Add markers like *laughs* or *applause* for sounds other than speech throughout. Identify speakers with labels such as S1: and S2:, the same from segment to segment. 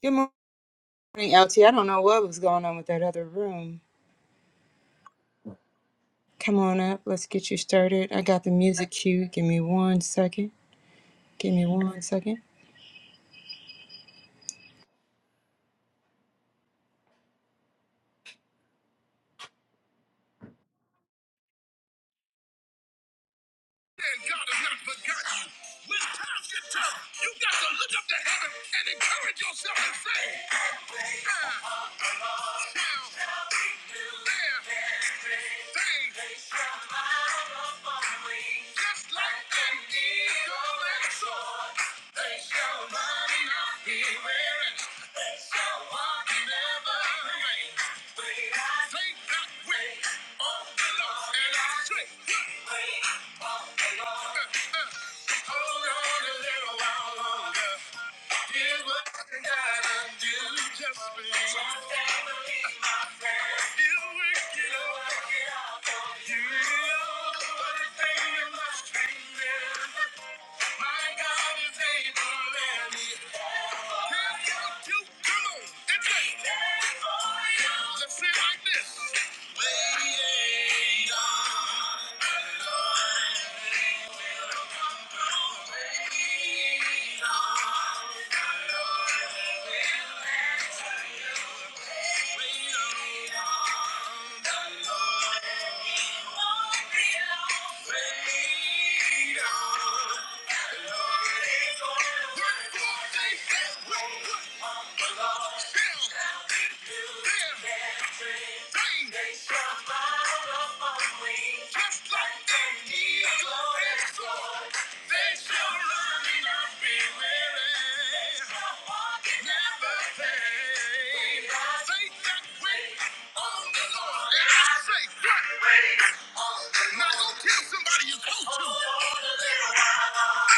S1: Good morning, LT. I don't know what was going on with that other room. Come on up. Let's get you started. I got the music cue. Give me one second. Give me one second. And God has not forgotten you. When times get tough, you got to look up to heaven and encourage yourself and say, I shall bear things just like an eagle and soar. They shall run and not be weary. They shall walk and never faint. Faint not wait on the Lord and our strength. Hold on a little while longer. Here's what you gotta do. Just believe. You will get up. You know everything you must be My God is able, and He Wait on. Now go tell somebody you're close to.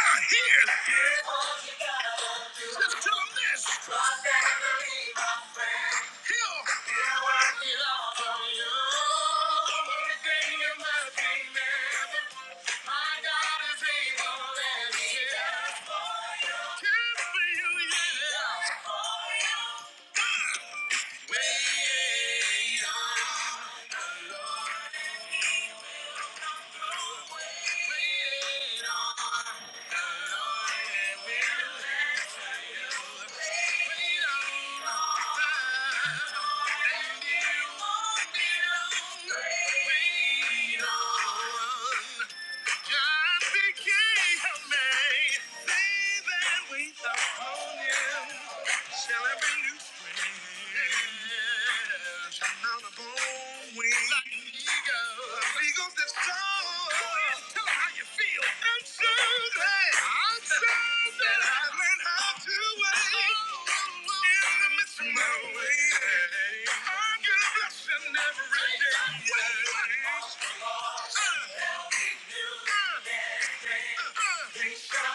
S1: I hear. Let's tell them this. My family, my friend. Here. What I belong from you. Everything you must be missing. My God is able and he does. Care for you, yeah. Wait on the Lord. Wait on the Lord and will wait on time. And it won't be long. Wait on. John became a man. They that wait upon him shall have a new strength. Shall mount upon wings like eagles. Like eagles that soar. Go ahead and tell 'em how you feel. I'm sure that I'm sure that I learned how to wait in the midst of my way. I get a blessing every day. Wait, wait, wait. Uh, uh. uh. Freedom.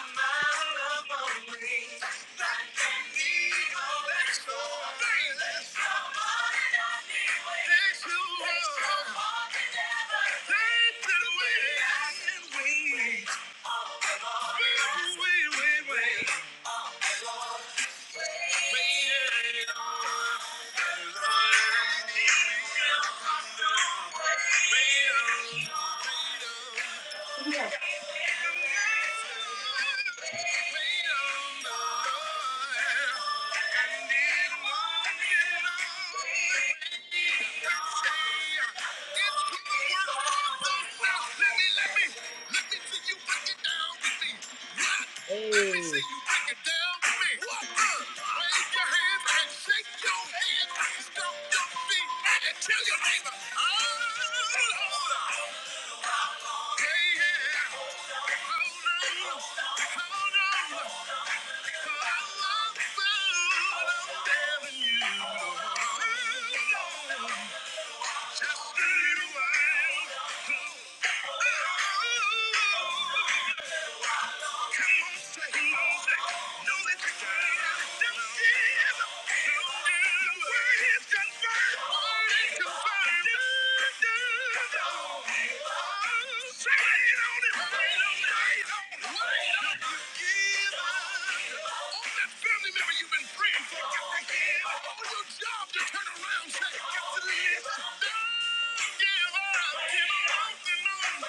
S1: Hey. Uh, tell your neighbor. Oh, Lord. Just a little while. Turn around, say, Give up, give up, give up.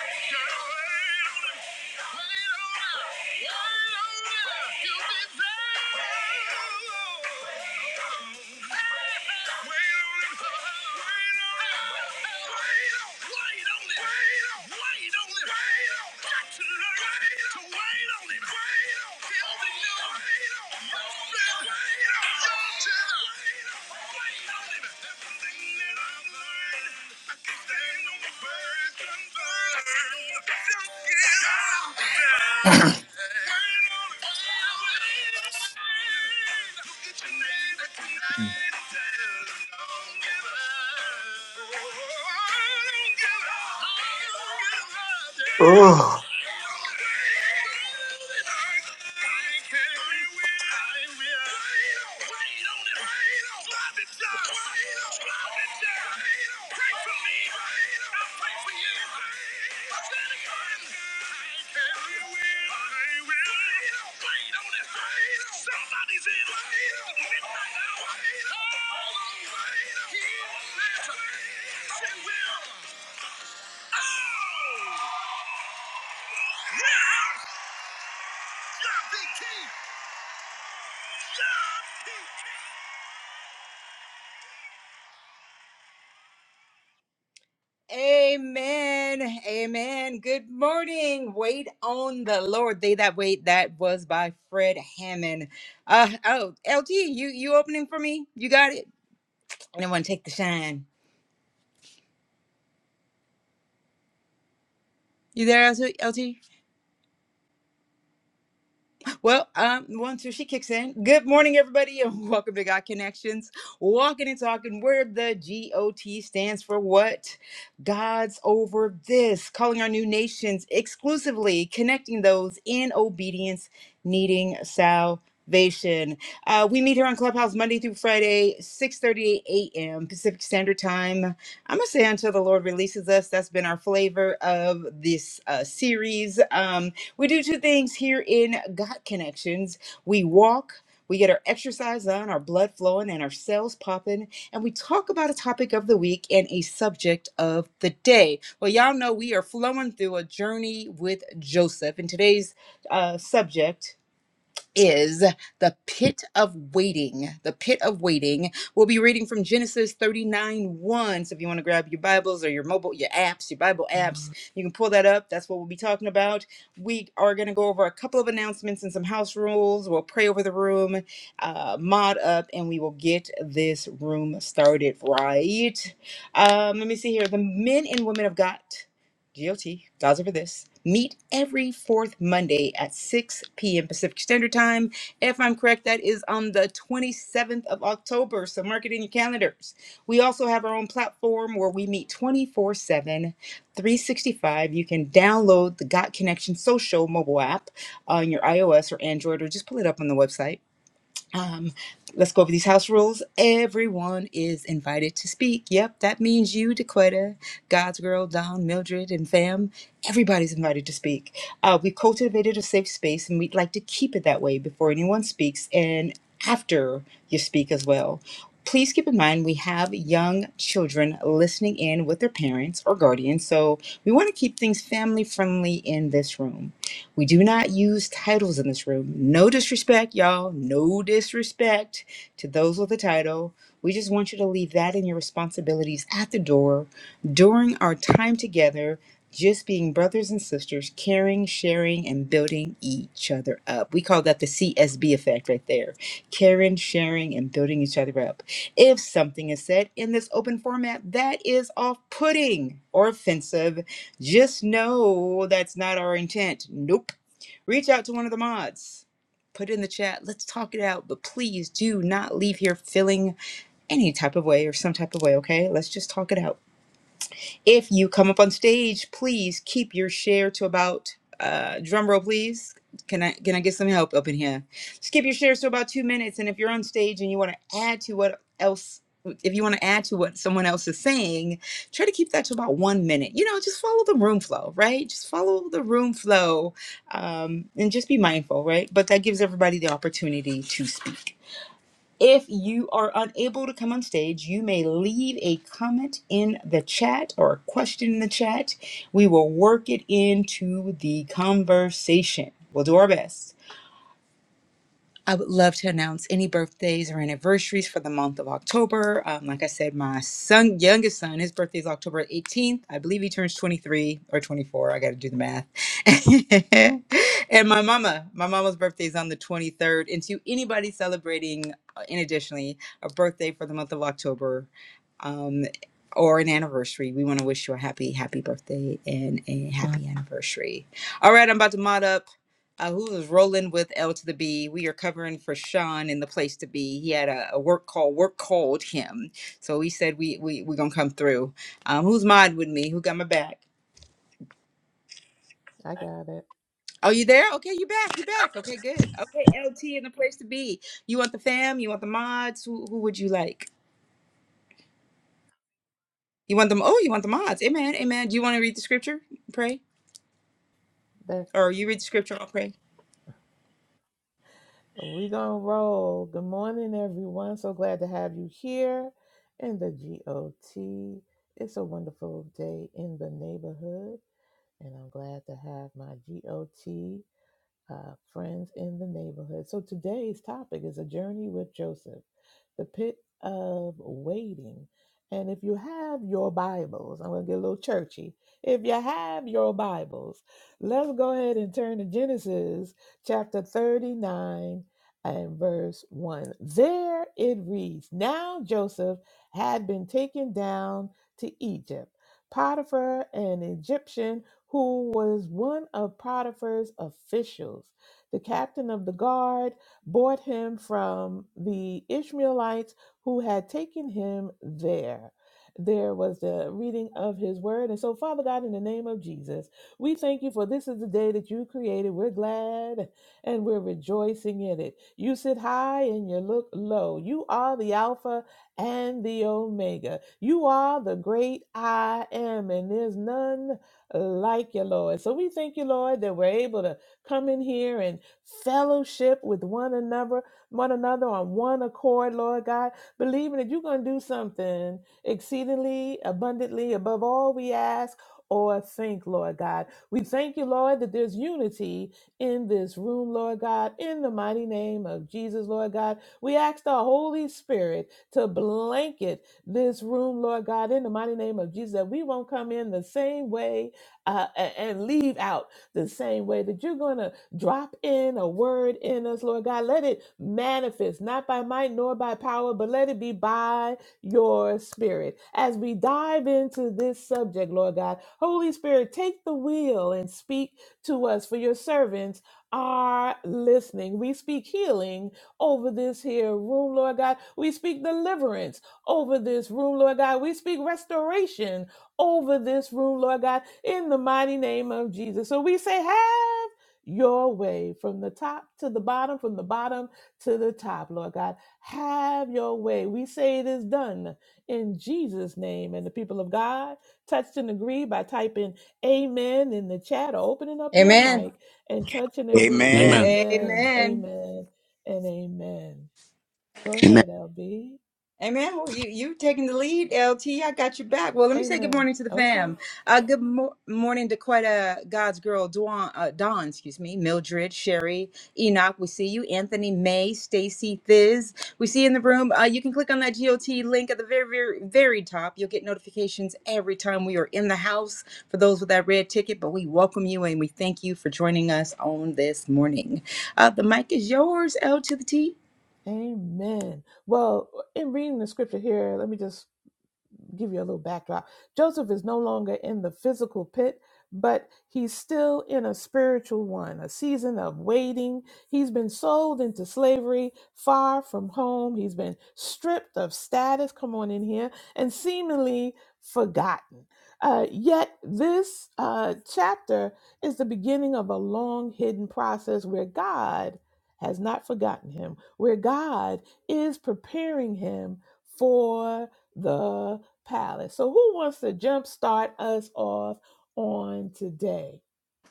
S1: Girl, ain't on it. Wait on it. Yeah. Somebody's in midnight hour. Hold on. He will. Oh! Now! Yeah, BT! Yeah! Amen. Amen. Good morning. Wait on the Lord. They that wait. That was by Fred Hammond. Uh oh, LT, you you opening for me? You got it. I don't want to take the shine. You there, LT? Well, um, one, two, she kicks in. Good morning, everybody, and *laughs* welcome to God Connections, walking and talking where the G O T stands for what? God's over this, calling our new nations exclusively, connecting those in obedience, needing salvation. Uh, we meet here on Clubhouse Monday through Friday, 6 a.m. Pacific Standard Time. I'm gonna say until the Lord releases us. That's been our flavor of this uh, series. Um, we do two things here in God Connections we walk. We get our exercise on, our blood flowing, and our cells popping, and we talk about a topic of the week and a subject of the day. Well, y'all know we are flowing through a journey with Joseph, and today's uh, subject is the pit of waiting. The pit of waiting. We'll be reading from Genesis 39 1. So if you want to grab your Bibles or your mobile, your apps, your Bible apps, you can pull that up. That's what we'll be talking about. We are going to go over a couple of announcements and some house rules. We'll pray over the room, uh, mod up, and we will get this room started right. Um, let me see here. The men and women of God. GOT, God's over this, meet every fourth Monday at 6 p.m. Pacific Standard Time. If I'm correct, that is on the 27th of October, so mark it in your calendars. We also have our own platform where we meet 24 7, 365. You can download the Got Connection Social mobile app on your iOS or Android, or just pull it up on the website. Um, let's go over these house rules. Everyone is invited to speak. Yep, that means you, Dequetta, God's Girl, Don, Mildred, and fam. Everybody's invited to speak. Uh, we cultivated a safe space, and we'd like to keep it that way before anyone speaks and after you speak as well. Please keep in mind we have young children listening in with their parents or guardians, so we want to keep things family friendly in this room. We do not use titles in this room. No disrespect, y'all. No disrespect to those with a title. We just want you to leave that and your responsibilities at the door during our time together, just being brothers and sisters, caring, sharing, and sharing and building each other up. We call that the CSB effect right there caring, sharing, and building each other up. If something is said in this open format that is off putting or offensive, just know that's not our intent. Nope. Reach out to one of the mods. Put it in the chat. Let's talk it out, but please do not leave here feeling any type of way or some type of way, okay? Let's just talk it out. If you come up on stage, please keep your share to about uh drum roll please. Can I can I get some help up in here? Just keep your shares to about two minutes. And if you're on stage and you want to add to what else if you want to add to what someone else is saying, try to keep that to about one minute. You know, just follow the room flow, right? Just follow the room flow um, and just be mindful, right? But that gives everybody the opportunity to speak. If you are unable to come on stage, you may leave a comment in the chat or a question in the chat. We will work it into the conversation. We'll do our best. I would love to announce any birthdays or anniversaries for the month of October. Um, like I said, my son, youngest son, his birthday is October 18th. I believe he turns 23 or 24. I got to do the math. *laughs* and my mama, my mama's birthday is on the 23rd. And to anybody celebrating, uh, in additionally, a birthday for the month of October, um, or an anniversary. We want to wish you a happy, happy birthday and a happy anniversary. All right, I'm about to mod up uh, who is rolling with L to the B. We are covering for Sean in the place to be. He had a, a work call. Work called him, so he said we we we gonna come through. Um, who's mod with me? Who got my back?
S2: I got it.
S1: Oh, you there? Okay, you back. You back. Okay, good. Okay, L T in the place to be. You want the fam? You want the mods? Who who would you like? You want them? Oh, you want the mods? Amen. Amen. Do you want to read the scripture? Pray,
S2: That
S1: or you read the scripture? I'll pray.
S2: we gonna roll. Good morning, everyone. So glad to have you here in the GOT. It's a wonderful day in the neighborhood, and I'm glad to have my GOT. uh, friends in the neighborhood. So today's topic is a journey with Joseph, the pit of waiting. And if you have your Bibles, I'm going to get a little churchy. If you have your Bibles, let's go ahead and turn to Genesis chapter 39 and verse 1. There it reads Now Joseph had been taken down to Egypt. Potiphar, an Egyptian who was one of Potiphar's officials. The captain of the guard bought him from the Ishmaelites who had taken him there. There was the reading of his word. And so, Father God, in the name of Jesus, we thank you for this is the day that you created. We're glad and we're rejoicing in it. You sit high and you look low. You are the Alpha and the Omega. You are the great I am, and there's none like you, Lord. So we thank you, Lord, that we're able to come in here and fellowship with one another, one another on one accord, Lord God, believing that you're going to do something exceedingly abundantly above all we ask or think, Lord God. We thank you, Lord, that there's unity in this room, Lord God, in the mighty name of Jesus, Lord God. We ask the Holy Spirit to blanket this room, Lord God, in the mighty name of Jesus, that we won't come in the same way uh, a- and leave out the same way that you're going to drop in a word in us, Lord God. Let it manifest, not by might nor by power, but let it be by your spirit. As we dive into this subject, Lord God, Holy Spirit, take the wheel and speak to us, for your servants are listening. We speak healing over this here room, Lord God. We speak deliverance over this room, Lord God. We speak restoration over this room, Lord God, in the mighty name of Jesus. So we say, have your way from the top to the bottom, from the bottom to the top, Lord God. Have your way. We say it is done in Jesus' name. And the people of God touched and agree by typing amen in the chat or opening up your
S1: Amen.
S2: mic and touch and agree.
S3: Amen.
S4: Amen.
S2: Amen,
S1: Amen.
S2: amen, and amen. Go
S5: Amen.
S2: ahead, LB.
S1: Amen. Well, you you taking the lead, LT. I got your back. Well, let me say good
S2: Amen.
S1: morning to the
S2: Okay.
S1: fam. Uh, good mo- morning to quite a God's girl, Dawn, uh, Dawn, excuse me, Mildred, Sherry, Enoch. We see you, Anthony, May, Stacy, Thiz. We see you in the room. Uh, you can click on that GOT link at the very, very, very top. You'll get notifications every time we are in the house for those with that red ticket. But we welcome you and we thank you for joining us on this morning. Uh, the mic is yours, L to the T.
S2: Amen. Well, in reading the scripture here, let me just give you a little backdrop. Joseph is no longer in the physical pit, but he's still in a spiritual one, a season of waiting. He's been sold into slavery, far from home. He's been stripped of status, come on in here, and seemingly forgotten. Uh, yet, this uh, chapter is the beginning of a long hidden process where God has not forgotten him, where God is preparing him for the Palace. So, who wants to jumpstart us off on today?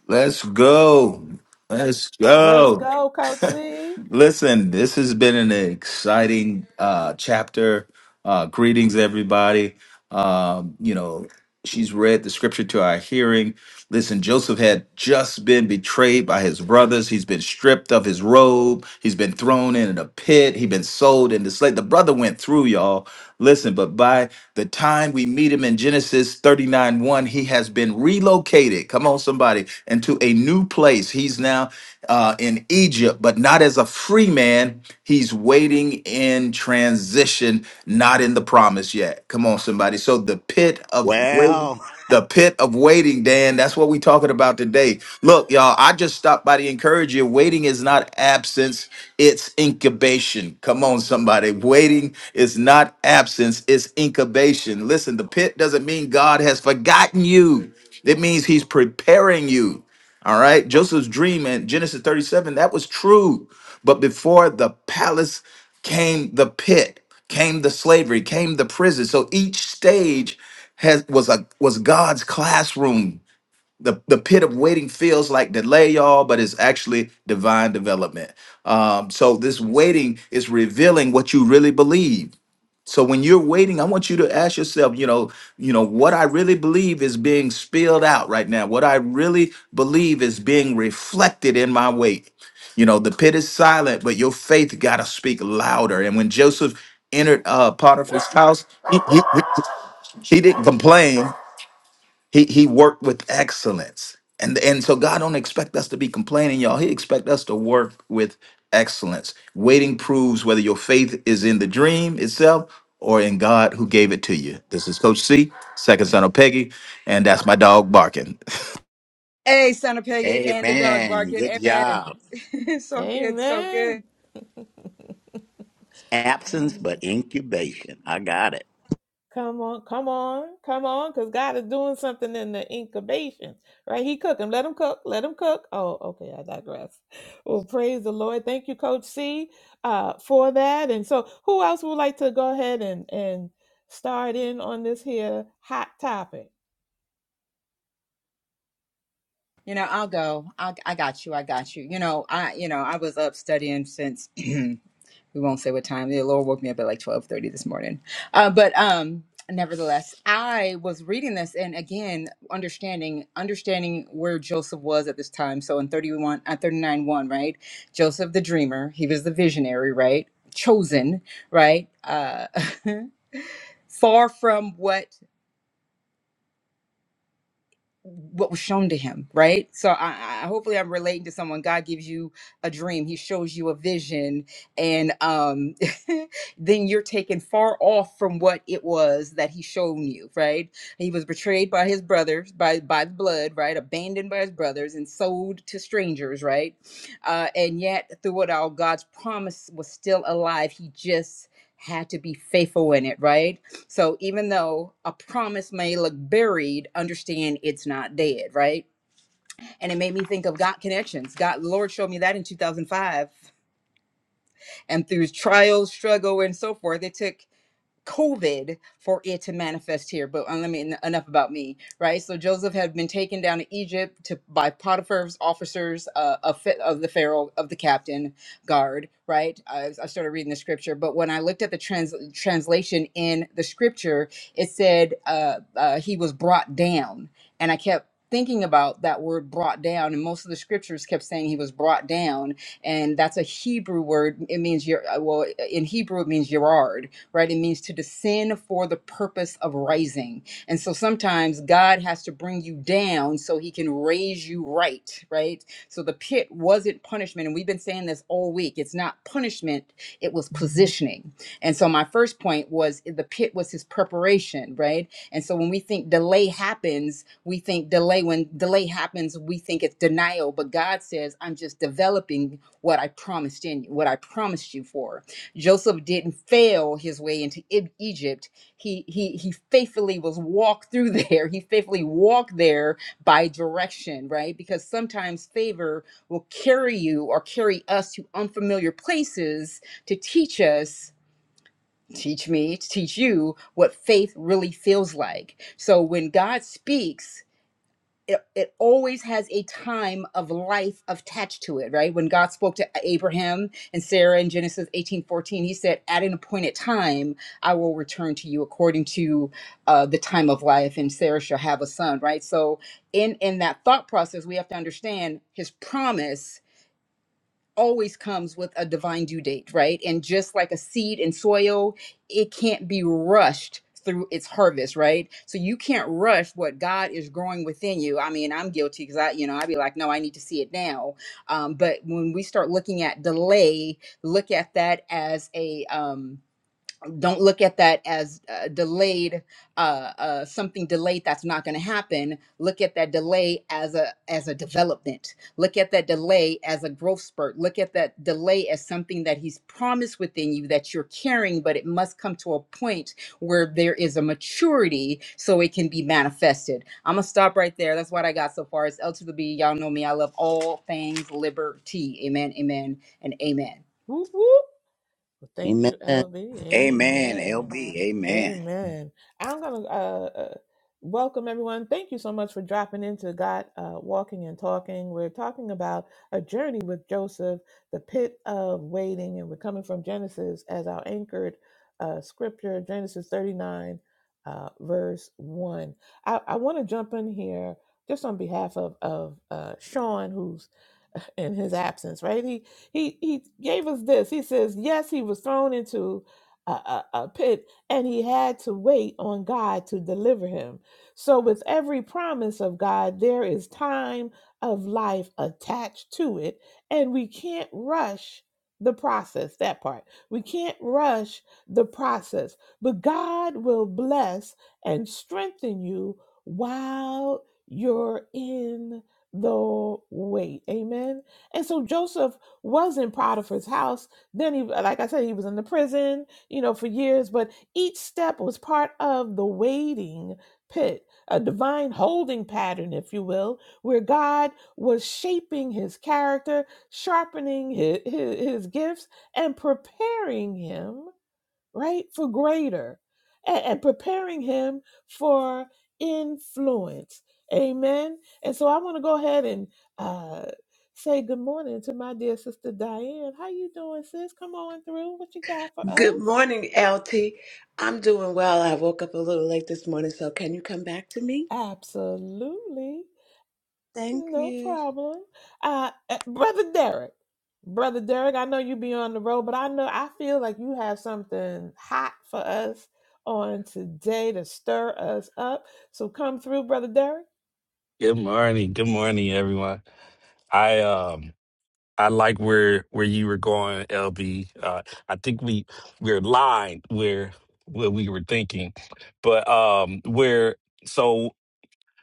S6: Let's go. Let's
S2: Let's
S6: go.
S2: go, Coach
S6: *laughs*
S2: C.
S6: Listen, this has been an exciting uh, chapter. Uh, greetings, everybody. Um, you know, she's read the scripture to our hearing. Listen, Joseph had just been betrayed by his brothers. He's been stripped of his robe. He's been thrown in a pit. He's been sold into slave. The brother went through, y'all. Listen, but by the time we meet him in Genesis 39 1, he has been relocated. Come on, somebody, into a new place. He's now uh, in Egypt, but not as a free man. He's waiting in transition, not in the promise yet. Come on, somebody. So the pit of waiting.
S4: Well,
S6: The pit of waiting, Dan. That's what we are talking about today. Look, y'all, I just stopped by to encourage you. Waiting is not absence, it's incubation. Come on, somebody. Waiting is not absence, it's incubation. Listen, the pit doesn't mean God has forgotten you. It means he's preparing you. All right. Joseph's dream in Genesis 37, that was true. But before the palace came the pit, came the slavery, came the prison. So each stage has was a was God's classroom. The, the pit of waiting feels like delay, y'all, but it's actually divine development. Um, so this waiting is revealing what you really believe. So when you're waiting, I want you to ask yourself, you know, you know what I really believe is being spilled out right now. What I really believe is being reflected in my wait. You know, the pit is silent, but your faith got to speak louder. And when Joseph entered uh, Potiphar's house, he, he, he didn't complain. He he worked with excellence. And and so God don't expect us to be complaining, y'all. He expect us to work with excellence. Waiting proves whether your faith is in the dream itself or in God who gave it to you. This is Coach C, second son of Peggy, and that's my dog barking. *laughs*
S1: Hey, Santa Peggy and the dog
S4: amen.
S1: barking.
S4: Good
S1: Amen.
S4: job.
S1: *laughs* so good, so good.
S2: Amen. *sighs*
S4: Absence
S2: Yeah.
S4: but incubation. I got it.
S2: Come on, come on, come on, because God is doing something in the incubation, right? He cooking. Let him cook. Let him cook. Oh, okay. I digress. Well, praise the Lord. Thank you, Coach C, uh, for that. And so, who else would like to go ahead and and start in on this here hot topic?
S1: You know, I'll go. I, I got you. I got you. You know, I you know I was up studying since *clears throat* we won't say what time. The Lord woke me up at like twelve thirty this morning. Uh, but um, nevertheless, I was reading this and again understanding understanding where Joseph was at this time. So in thirty one, uh, thirty nine one, right? Joseph the dreamer. He was the visionary, right? Chosen, right? Uh, *laughs* far from what what was shown to him, right? So I, I hopefully I'm relating to someone. God gives you a dream, he shows you a vision, and um *laughs* then you're taken far off from what it was that he shown you, right? He was betrayed by his brothers, by by the blood, right? Abandoned by his brothers and sold to strangers, right? Uh and yet through it all, God's promise was still alive. He just had to be faithful in it, right? So even though a promise may look buried, understand it's not dead, right? And it made me think of God connections. God, the Lord showed me that in 2005. And through trials, struggle, and so forth, it took COVID for it to manifest here. But uh, let me enough about me, right? So Joseph had been taken down to Egypt to by Potiphar's officers uh, of, Pha- of the Pharaoh of the captain guard, right? I, I started reading the scripture, but when I looked at the trans, translation in the scripture, it said uh, uh, he was brought down, and I kept thinking about that word brought down and most of the scriptures kept saying he was brought down and that's a hebrew word it means yer- uh, well in hebrew it means yerard right? It means to descend for the purpose of rising. And so sometimes God has to bring you down so he can raise you right, right? So the pit wasn't punishment. And we've been saying this all week it's not punishment, it was positioning. And so my first point was the pit was his preparation, right? And so when we think delay happens, we think delay. When delay happens, we think it's denial. But God says, I'm just developing what I promised in you, what I promised you for. Joseph didn't fail his way into E- Egypt. He he he faithfully was walked through *laughs* there. He faithfully walked there by direction, right? Because sometimes favor will carry you or carry us to unfamiliar places to teach us teach me to teach you what faith really feels like so when god speaks it, it always has a time of life attached to it, right? When God spoke to Abraham and Sarah in Genesis eighteen fourteen, he said, At an appointed time, I will return to you according to uh, the time of life, and Sarah shall have a son, right? So, in, in that thought process, we have to understand his promise always comes with a divine due date, right? And just like a seed in soil, it can't be rushed through its harvest, right? So you can't rush what God is growing within you. I mean, I'm guilty because I, you know, I'd be like, no, I need to see it now. Um, but when we start looking at delay, look at that as a um, don't look at that as uh, delayed uh, uh, something delayed that's not going to happen look at that delay as a as a development look at that delay as a growth spurt look at that delay as something that he's promised within you that you're carrying but it must come to a point where there is a maturity so it can be manifested i'm gonna stop right there that's what i got so far it's l to the b y'all know me i love all things liberty amen amen and amen
S2: Whoop, whoop. Well, thank
S5: Amen.
S2: you, LB.
S4: Amen,
S2: Amen.
S4: LB. Amen.
S2: Amen. I'm gonna uh, uh, welcome everyone. Thank you so much for dropping into God uh, Walking and Talking. We're talking about a journey with Joseph, the pit of waiting, and we're coming from Genesis as our anchored uh, scripture, Genesis 39, uh, verse one. I, I want to jump in here just on behalf of of uh, Sean, who's *laughs* in his absence, right? He he he gave us this. He says, yes, he was thrown into a, a, a pit and he had to wait on God to deliver him. So, with every promise of God, there is time of life attached to it, and we can't rush the process. That part. We can't rush the process, but God will bless and strengthen you while you're in the wait. Amen. And so Joseph was in Potiphar's house. Then he, like I said, he was in the prison, you know, for years, but each step was part of the waiting pit, a divine holding pattern, if you will, where God was shaping his character, sharpening his, his, his gifts, and preparing him, right, for greater and, and preparing him for influence. Amen. And so I want to go ahead and uh, say good morning to my dear sister Diane. How you doing, sis? Come on through. What you got for
S7: Good
S2: us?
S7: morning, LT. I'm doing well. I woke up a little late this morning, so can you come back to me?
S2: Absolutely.
S7: Thank
S2: No
S7: you.
S2: problem. Uh, uh, Brother Derek, Brother Derek, I know you be on the road, but I know I feel like you have something hot for us on today to stir us up. So come through, Brother Derek.
S3: Good morning. Good morning, everyone. I um I like where where you were going, LB. Uh I think we we're lined where where we were thinking. But um where so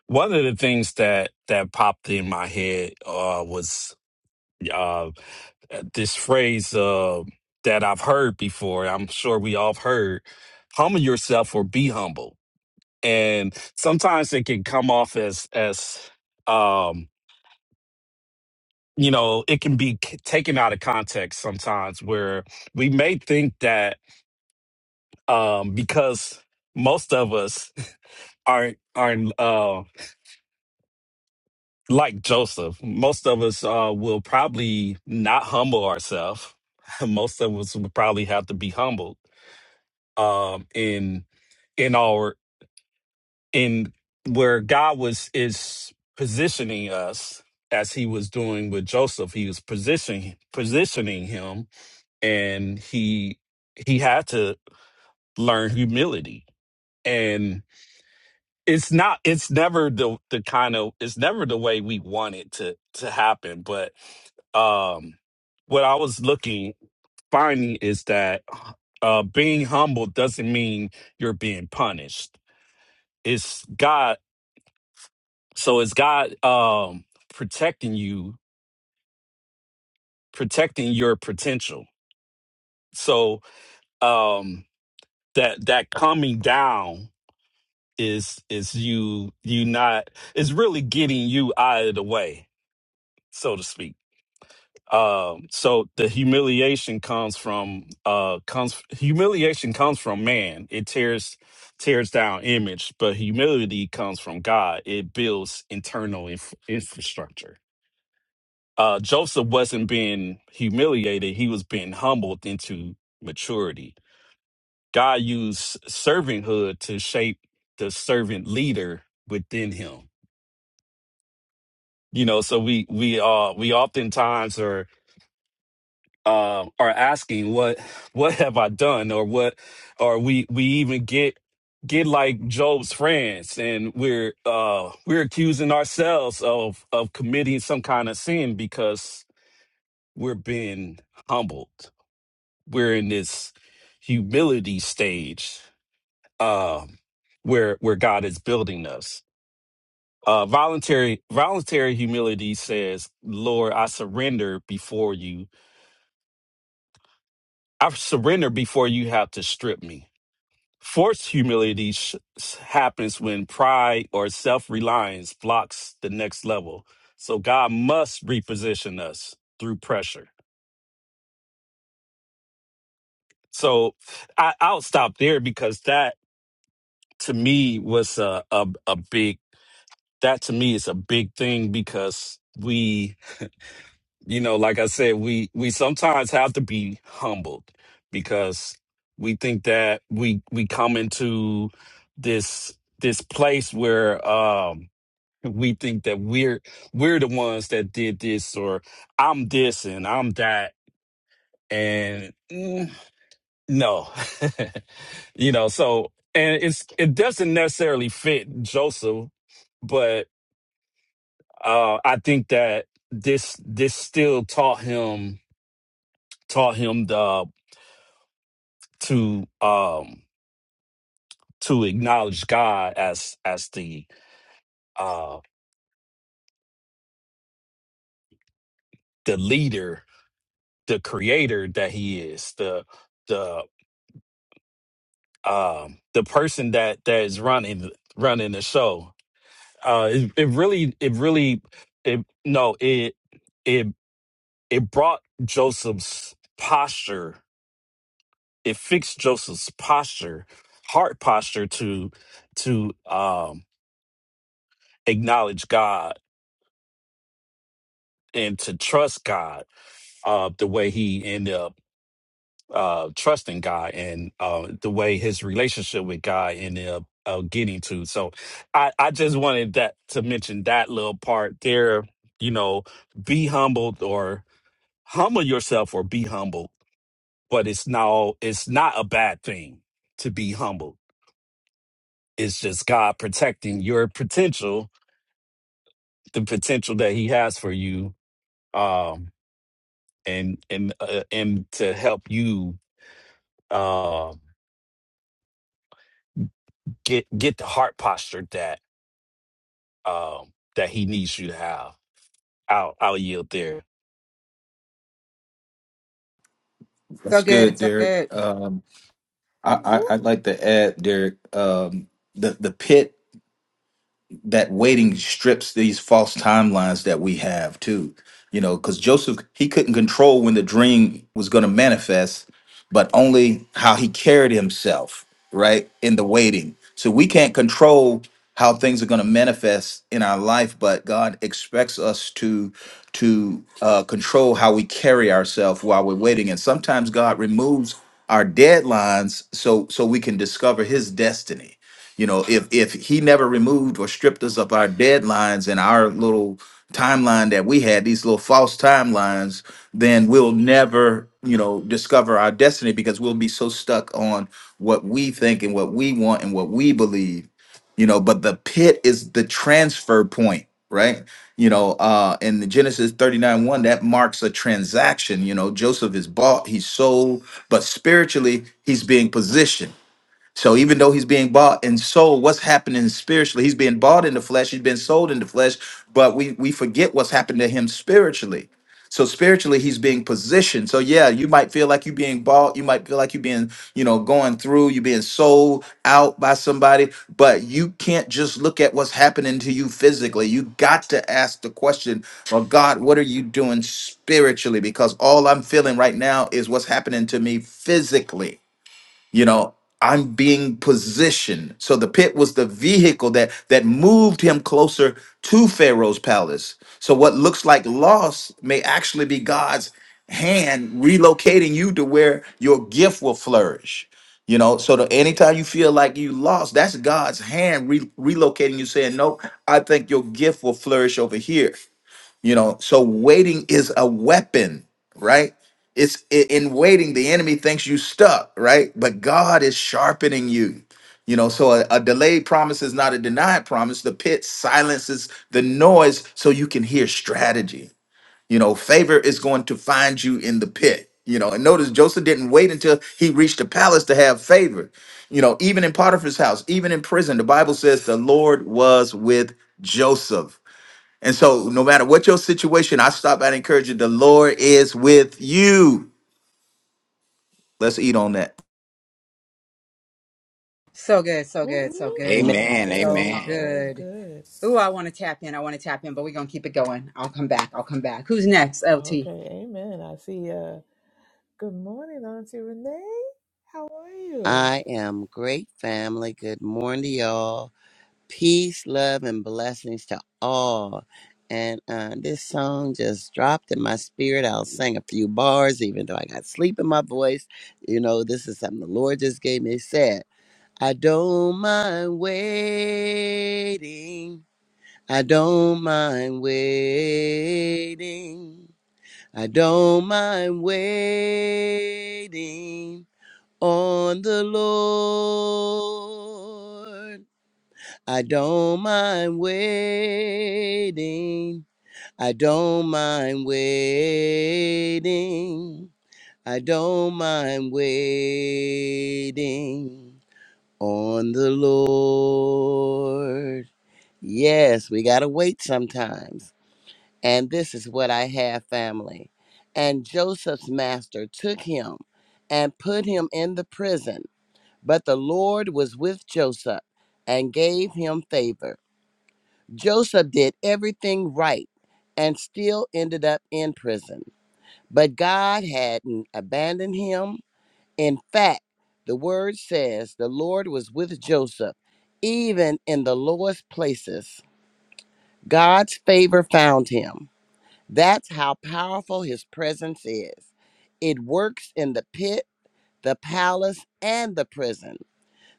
S3: one of the things that that popped in my head uh was uh this phrase uh that I've heard before. I'm sure we all have heard humble yourself or be humble. And sometimes it can come off as as um you know it can be c- taken out of context sometimes where we may think that um because most of us *laughs* aren't aren't uh like joseph most of us uh will probably not humble ourselves *laughs* most of us would probably have to be humbled um in in our in where god was is positioning us as he was doing with joseph he was positioning positioning him and he he had to learn humility and it's not it's never the the kind of it's never the way we want it to to happen but um what i was looking finding is that uh being humble doesn't mean you're being punished it's god so it's god um protecting you protecting your potential so um that that coming down is is you you not is really getting you out of the way so to speak um so the humiliation comes from uh comes humiliation comes from man it tears tears down image but humility comes from god it builds internal inf- infrastructure uh joseph wasn't being humiliated he was being humbled into maturity god used servanthood to shape the servant leader within him you know so we we uh we oftentimes are uh, are asking what *laughs* what have i done or what or we we even get get like job's friends and we're uh we're accusing ourselves of of committing some kind of sin because we're being humbled we're in this humility stage um where where god is building us uh voluntary voluntary humility says lord i surrender before you I surrender before you have to strip me. Forced humility sh- happens when pride or self reliance blocks the next level. So God must reposition us through pressure. So I, I'll stop there because that to me was a, a, a big, that to me is a big thing because we you know, like I said, we we sometimes have to be humbled because we think that we we come into this this place where um we think that we're we're the ones that did this or I'm this and I'm that and mm, no. *laughs* you know, so and it's it doesn't necessarily fit Joseph, but uh I think that this this still taught him taught him the to um to acknowledge God as as the uh the leader, the creator that he is, the the um the person that that is running running the show. Uh it, it really it really it no it it it brought Joseph's posture, it fixed Joseph's posture, heart posture to to um acknowledge God and to trust God uh, the way he ended up uh, trusting God and uh, the way his relationship with God ended up uh, getting to. So I, I just wanted that to mention that little part there. You know, be humbled or humble yourself or be humbled, but it's now it's not a bad thing to be humbled. It's just God protecting your potential, the potential that He has for you, um, and and uh, and to help you Um, get get the heart posture that um that he needs you to have. I'll I'll yield there.
S1: so
S6: That's good,
S1: good so
S6: Derek.
S1: good
S6: Um, I,
S2: Woo, woo,
S6: I I'd like to add, Derek, um, the the pit. that waiting strips these false timelines that we have too. You know, because Joseph he couldn't control when the dream was going to manifest, but only how he carried himself, right? In the waiting. So we can't control how things are going to manifest in our life, but God expects us to to uh, control how we carry ourselves while we're waiting. And sometimes God removes our deadlines so so we can discover His destiny you know, if if he never removed or stripped us of our deadlines and our little timeline that we had, these little false timelines, then we'll never, you know, discover our destiny because we'll be so stuck on what we think and what we want and what we believe. You know, but the pit is the transfer point, right? You know, uh in the Genesis 39 1, that marks a transaction. You know, Joseph is bought, he's sold, but spiritually he's being positioned so even though he's being bought and sold, what's happening spiritually? He's being bought in the flesh, he's been sold in the flesh, but we we forget what's happened to him spiritually. So spiritually, he's being positioned. So yeah, you might feel like you're being bought, you might feel like you're being, you know, going through, you're being sold out by somebody, but you can't just look at what's happening to you physically. You got to ask the question, well, God, what are you doing spiritually? Because all I'm feeling right now is what's happening to me physically you know i'm being positioned so the pit was the vehicle that that moved him closer to pharaoh's palace so what looks like loss may actually be god's hand relocating you to where your gift will flourish you know so the, anytime you feel like you lost that's god's hand re- relocating you saying nope i think your gift will flourish over here you know so waiting is a weapon right it's i- in waiting the enemy thinks you stuck right but god is sharpening you you know so a, a delayed promise is not a denied promise the pit silences the noise so you can hear strategy you know favor is going to find you in the pit you know and notice joseph didn't wait until he reached the palace to have favor you know even in potiphar's house even in prison the bible says the lord was with joseph and so, no matter what your situation, I stop at encouraging the Lord is with you. Let's eat on that.
S1: so good so
S2: woo,
S1: good so
S2: woo.
S1: good
S5: Amen.
S2: That was
S4: Amen.
S2: good.
S1: So
S4: Amen.
S2: That was
S1: good.
S2: good.
S1: Ooh, I want to tap in. I want to tap in, but we're going to keep it going. I'll come back. I'll come back. Who's next, LT?
S2: Okay, amen. I see. Uh, good morning, Auntie Renee. How are you?
S5: I am great family. Good morning to y'all. Peace, love, and blessings to all. And uh, this song just dropped in my spirit. I'll sing a few bars, even though I got sleep in my voice. You know, this is something the Lord just gave me. It said, I don't mind waiting. I don't mind waiting. I don't mind waiting. on the Lord. I don't mind waiting. I don't mind waiting. I don't mind waiting on the Lord. Yes, we got to wait sometimes. And this is what I have, family. And Joseph's master took him and put him in the prison but the Lord was with Joseph and gave him favor. Joseph did everything right and still ended up in prison. But God hadn't abandoned him. In fact, the word says the Lord was with Joseph, even in the lowest places. God's favor found him. That's how powerful his presence is. It works in the pit, the palace, and the prison.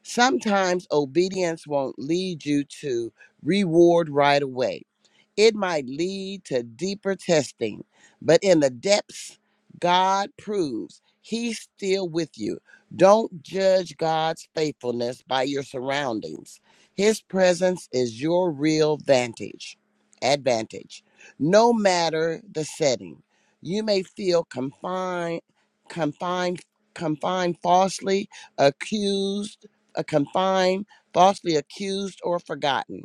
S5: Sometimes obedience won't lead you to reward right away. It might lead to deeper testing, but in the depths, God proves He's still with you. Don't judge God's faithfulness by your surroundings. His presence is your real vantage, advantage. No matter the setting, you may feel confined, confined, confined falsely, accused uh, confined, falsely accused, or forgotten.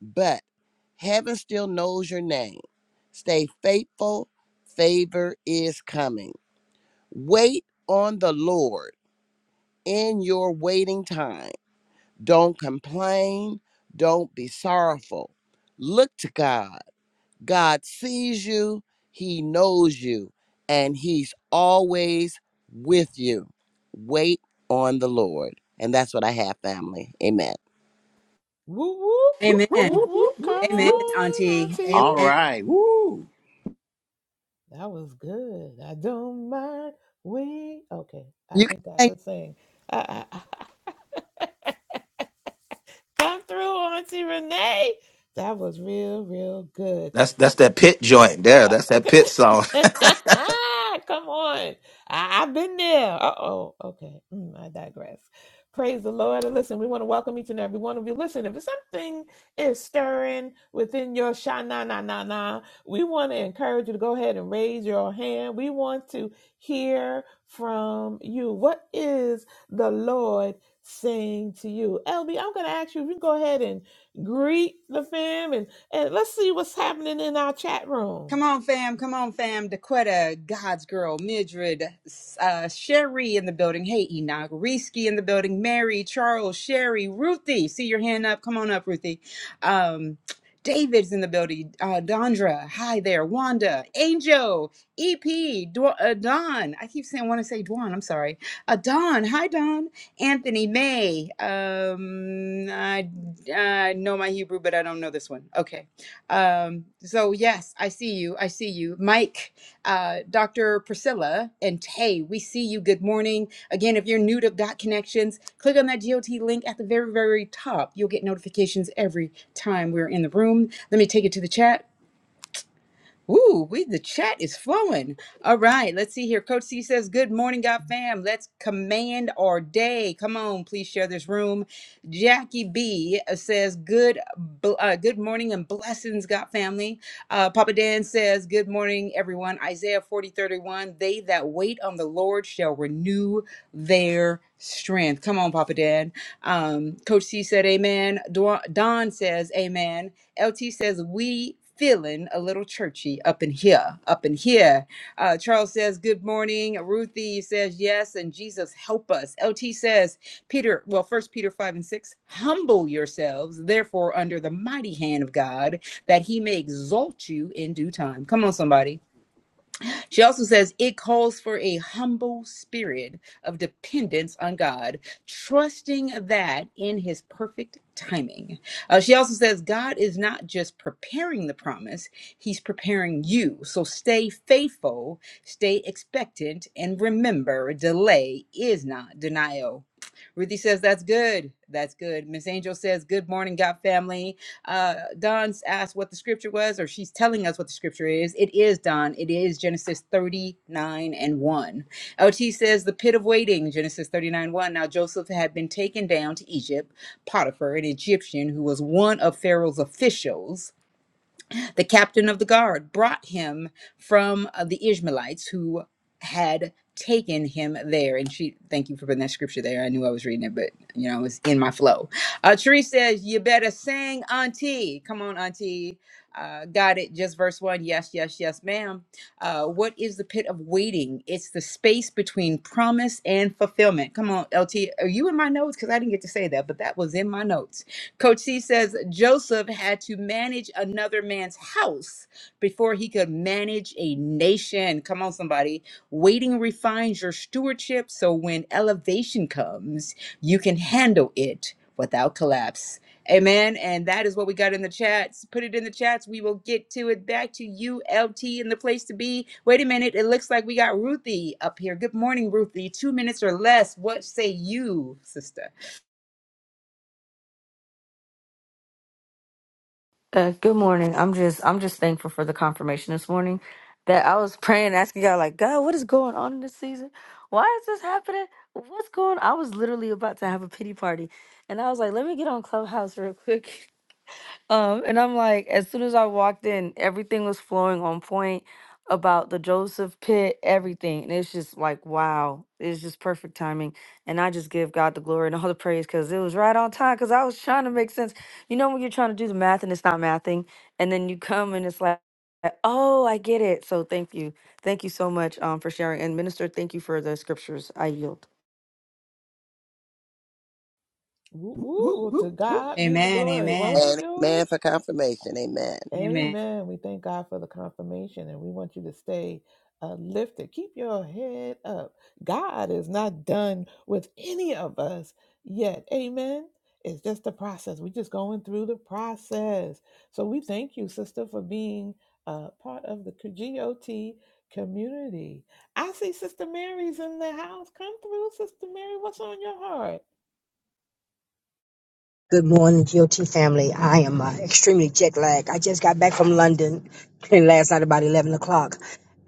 S5: But heaven still knows your name. Stay faithful. Favor is coming. Wait on the Lord in your waiting time. Don't complain. Don't be sorrowful. Look to God. God sees you, He knows you, and He's always with you. Wait on the Lord. And that's what I have, family. Amen.
S2: Whoop whoop
S1: Amen.
S2: whoop whoop. Come
S1: Amen,
S2: on,
S1: Auntie.
S2: Auntie.
S4: All
S1: Amen.
S4: right. Woo.
S2: That was good. I don't mind. We okay. I
S5: You can
S2: think I
S5: say
S2: could sing. I, I, I come through, Auntie Renee. That was real, real good.
S6: That's that's that pit joint there.
S2: Uh,
S6: That's that
S2: Okay.
S6: pit song.
S2: *laughs* Come on. I, have been there. Uh oh. Okay. Mm, I digress. Praise the Lord. And listen, we want to welcome each and every one of you. Listen, if something is stirring within your sha na na na na, we want to encourage you to go ahead and raise your hand. We want to hear from you. What is the Lord saying to you? LB, I'm going to ask you if you can go ahead and greet the fam and, and let's see what's happening in our chat room.
S1: Come on, fam. Come on, fam. Daquetta, God's girl, Midred, uh, Sherry in the building. Hey, Enoch. Risky in the building. Mary, Charles, Sherry, Ruthie. See your hand up. Come on up, Ruthie. Um, David's in the building. Uh, Dondra, hi there. Wanda, Angel, EP, Dw- uh, Don. I keep saying, want to say Dwan. I'm sorry. Uh, Don, hi, Don. Anthony, May. Um, I, I know my Hebrew, but I don't know this one. Okay. Um, so yes, I see you. I see you, Mike, uh, Dr. Priscilla, and Tay. We see you. Good morning. Again, if you're new to Got Connections, click on that GOT link at the very, very top. You'll get notifications every time we're in the room. Let me take it to the chat. Ooh, we the chat is flowing. All right, let's see here. Coach C says, "Good morning, God fam. Let's command our day. Come on, please share this room." Jackie B uh, says, "Good, bl- uh, good morning and blessings, God family." Uh, Papa Dan says, "Good morning, everyone." Isaiah forty thirty one. They that wait on the Lord shall renew their strength. Come on, Papa Dan. Um, Coach C said, "Amen." Dwa- Don says, "Amen." LT says, we feeling a little churchy up in here, up in here. Uh, Charles says, good morning. Ruthie says, yes, and Jesus help us. LT says, Peter, well, first Peter 5 and 6, humble yourselves, therefore, under the mighty hand of God, that he may exalt you in due time. Come on, somebody. She also says it calls for a humble spirit of dependence on God, trusting that in his perfect timing. Uh, she also says God is not just preparing the promise, he's preparing you. So stay faithful, stay expectant, and remember delay is not denial. Ruthie says, That's good. That's good. Miss Angel says, Good morning, God family. Uh, Don's asked what the scripture was, or she's telling us what the scripture is. It is Don. It is Genesis 39 and 1. LT says, The pit of waiting, Genesis 39 1. Now Joseph had been taken down to Egypt. Potiphar, an Egyptian who was one of Pharaoh's officials, the captain of the guard brought him from uh, the Ishmaelites who had taken him there. And she, thank you for putting that scripture there. I knew I was reading it, but you know, it was in my flow. Uh, Therese says, You better sing, Auntie. Come on, Auntie. Uh, got it. Just verse one. Yes, yes, yes, ma'am. Uh, what is the pit of waiting? It's the space between promise and fulfillment. Come on, LT. Are you in my notes? Because I didn't get to say that, but that was in my notes Coach C says Joseph had to manage another man's house before he could manage a nation. Come on, somebody. Waiting refines your stewardship so when elevation comes, you can handle it without collapse. Amen. And that is what we got in the chats. Put it in the chats. We will get to it back to you, LT, in the place to be. Wait a minute. It looks like we got Ruthie up here. Good morning, Ruthie. Two minutes or less. What say you, sister?
S8: Uh, good morning. I'm just I'm just thankful for the confirmation this morning that I was *laughs* praying, asking God, like, God, what is going on in this season? Why is this happening? What's going on? I was literally about to have a pity party. And I was like, let me get on Clubhouse real quick *laughs* Um, and I'm like, as soon as I walked in, everything was flowing on point about the Joseph pit, everything. And it's just like, wow, it's just perfect timing. And I just give God the glory and all the praise because it was right on time because I was trying to make sense. You know, when you're trying to do the math and it's not mathing, and then you come and it's like, oh, I get it. So thank you. Thank you so much um, for sharing. And, Minister, thank you for the scriptures. I yield.
S2: Woo, woo, woo. to God be the
S1: Amen.
S2: glory. Won't
S1: Amen.
S2: He
S5: and
S2: do
S5: amen for
S2: it?
S5: confirmation. Amen.
S1: Amen.
S2: Amen. We thank God for the confirmation and we want you to stay uh, lifted. Keep your head up. God is not done with any of us yet. Amen. It's just a process. We're just going through the process. So we thank you, sister, for being uh, part of the GOT community. I see Sister Mary's in the house. Come through, Sister Mary. What's on your heart?
S9: Good morning, GOT family. I am uh, extremely jet lagged. I just got back from London *laughs* last night about 11 o'clock.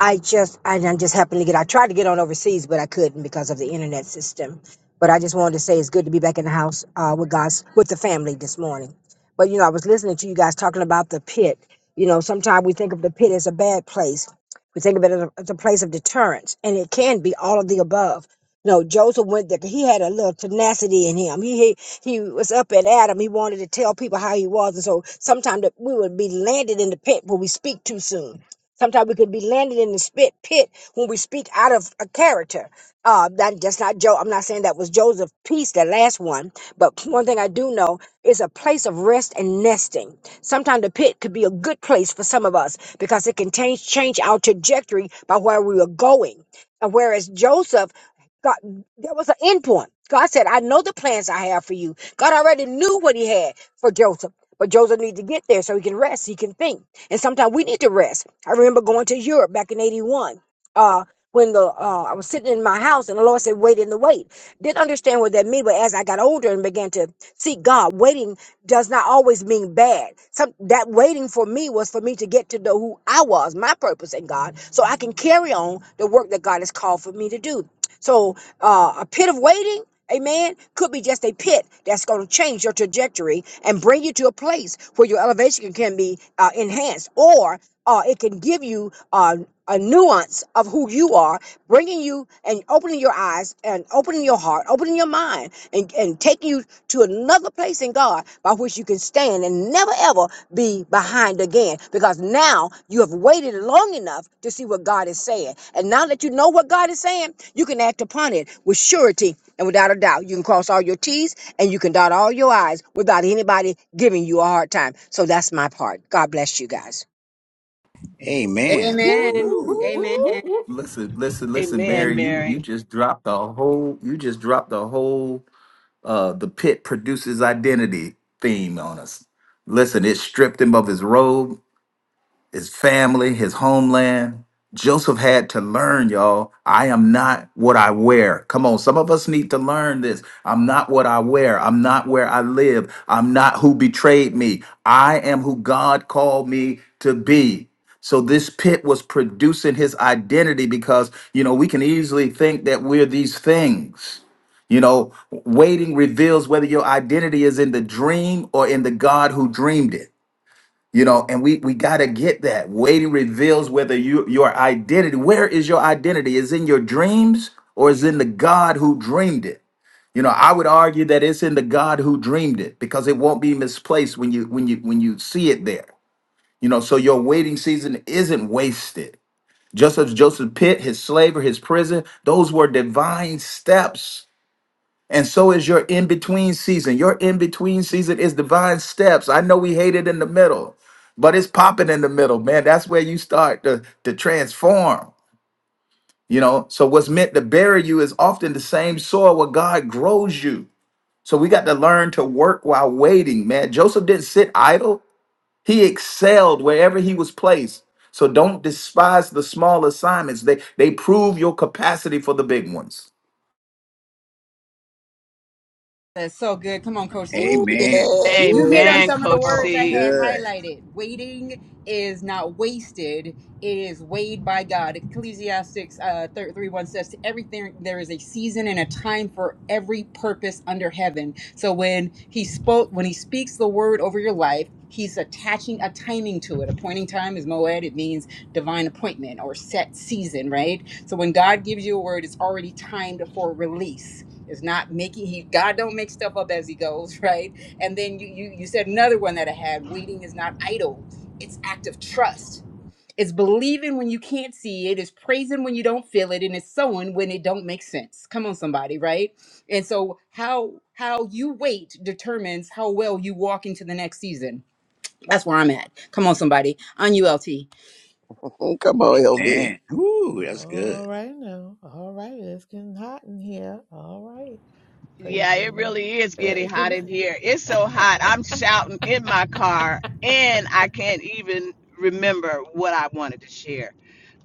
S9: I just, I done just happened to get, I tried to get on overseas, but I couldn't because of the internet system. But I just wanted to say it's good to be back in the house uh, with God's, with the family this morning. But, you know, I was listening to you guys talking about the pit. You know, sometimes we think of the pit as a bad place. We think of it as a, as a place of deterrence, and it can be all of the above no, Joseph went there. 'cause He had a little tenacity in him. He, he he was up at Adam. He wanted to tell people how he was, and so sometimes we would be landed in the pit when we speak too soon. Sometimes we could be landed in the spit pit when we speak out of a character. Uh, that that's not Joe. I'm not saying that was Joseph's piece, the last one. But *clears throat* one thing I do know is a place of rest and nesting. Sometimes the pit could be a good place for some of us because it can change change our trajectory by where we are going. And whereas Joseph God, there was an end point. God said, I know the plans I have for you. God already knew what he had for Joseph. But Joseph needed to get there so he can rest, he can think. And sometimes we need to rest. I remember going to Europe back in 81. Uh when the uh, I was sitting in my house and the Lord said, Wait in the wait. Didn't understand what that meant, but as I got older and began to seek God, waiting does not always mean bad. Some that waiting for me was for me to get to know who I was, my purpose in God, so I can carry on the work that God has called for me to do. So uh, a pit of waiting, amen, could be just a pit that's going to change your trajectory and bring you to a place where your elevation can be uh, enhanced, or uh, it can give you uh, a nuance of who you are, bringing you and opening your eyes and opening your heart, opening your mind, and, and taking you to another place in God by which you can stand and never ever be behind again because now you have waited long enough to see what God is saying. And now that you know what God is saying, you can act upon it with surety and without a doubt. You can cross all your T's and you can dot all your I's without anybody giving you a hard time. So that's my part. God bless you guys.
S4: Amen.
S2: Woo,
S1: Amen.
S2: woo, woo,
S4: Woo.
S1: Amen.
S2: woo.
S6: *laughs* listen, listen, listen,
S7: Amen,
S6: Mary. You you
S7: Mary.
S6: just dropped the whole. You just dropped the whole. Uh, the pit produces identity theme on us. Listen, it stripped him of his robe. his family, his homeland. Joseph had to learn, y'all. I am not what I wear. Come on, some of us need to learn this. I'm not what I wear. I'm not where I live. I'm not who betrayed me. I am who God called me to be. So this pit was producing his identity because, you know, we can easily think that we're these things. You know, waiting reveals whether your identity is in the dream or in the God who dreamed it. You know, and we we got to get that. Waiting reveals whether you your identity, where is your identity? Is in your dreams or is in the God who dreamed it? You know, I would argue that it's in the God who dreamed it because it won't be misplaced when you when you when you see it there. You know, so your waiting season isn't wasted. Just as Joseph Pitt, his slavery, his prison, those were divine steps and so is your in between season. Your in between season is divine steps. I know we hate it in the middle, but it's popping in the middle, man. That's where you start to, to transform, you know. So, what's meant to bury you is often the same soil where God grows you. So, we got to learn to work while waiting, man. Joseph didn't sit idle, he excelled wherever he was placed. So, don't despise the small assignments, they, they prove your capacity for the big ones.
S1: That's so good. Come on, Coach C.
S5: Ooh,
S1: You,
S4: Amen.
S5: yes, come
S1: you hit on
S4: Woo.
S7: Amen,
S1: some of the
S7: Coach
S5: on.
S1: words I
S7: C.
S1: had
S4: Good.
S1: highlighted. Waiting is not wasted, it is weighed by God. Ecclesiastics uh, 3, 3 1 says, To everything there is a season and a time for every purpose under heaven. So when he spoke, when he speaks the word over your life, He's attaching a timing to it. Appointing time is moed. It means divine appointment or set season, right? So when God gives you a word, it's already timed for release it's not making he God don't make stuff up as he goes, *laughs* right? And then you you you said another one that I had, waiting is not idle. It's act of trust. It's believing when you can't see it, it's praising when you don't feel it, and it's sowing when it don't make sense. Come on, somebody, right? And so how how you wait determines how well you walk into the next season. That's where I'm at. Come on, somebody. On ULT.
S5: *laughs* Come on, LB.
S4: Man. Woo. That's
S2: All
S4: good.
S2: right now. All right. It's getting hot in here. All right. Praise
S7: Yeah,
S2: the
S7: it
S2: Lord.
S7: really is
S2: Uh,
S7: getting
S2: It's
S7: hot
S2: getting
S7: in
S2: *laughs*
S7: here. It's so hot. I'm shouting in my car, and I even remember what I wanted to share.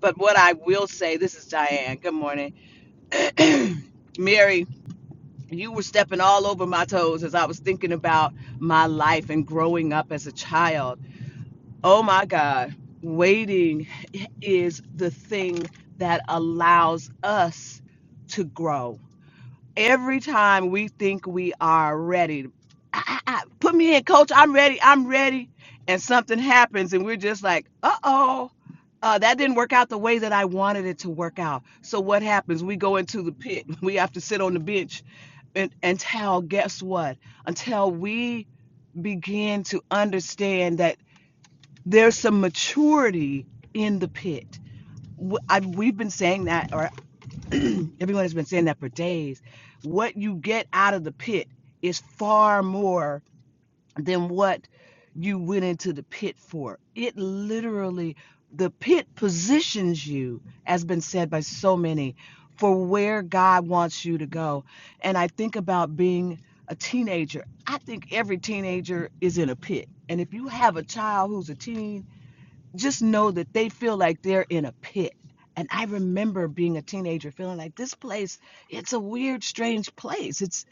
S7: But what I will say, this is Diane. Good morning. Mary, you were stepping all over my toes as I was thinking about my life and growing up as a child. Oh my God. Waiting is the thing that allows us to grow. Every time we think we are ready, I, I, I- put me in, coach, I'm ready, I'm ready. And something happens, and we're just like, uh oh, uh, that didn't work out the way that I wanted it to work out. So what happens? We go into the pit, *laughs* we have to sit on the bench and, until, guess what? Until we begin to understand that there's some maturity in the pit. W- I've, we've been saying that, or *clears throat* everyone has been saying that for days. What you get out of the pit is far more than what you went into the pit for. It literally, the pit positions you, as been said by so many, for where God wants you to go. And I think about being a teenager. I think every teenager is in a pit. And if you have a child who's a teen, just know that they feel like they're in a pit. And I remember being a teenager feeling like this place, it's a weird, strange place. It's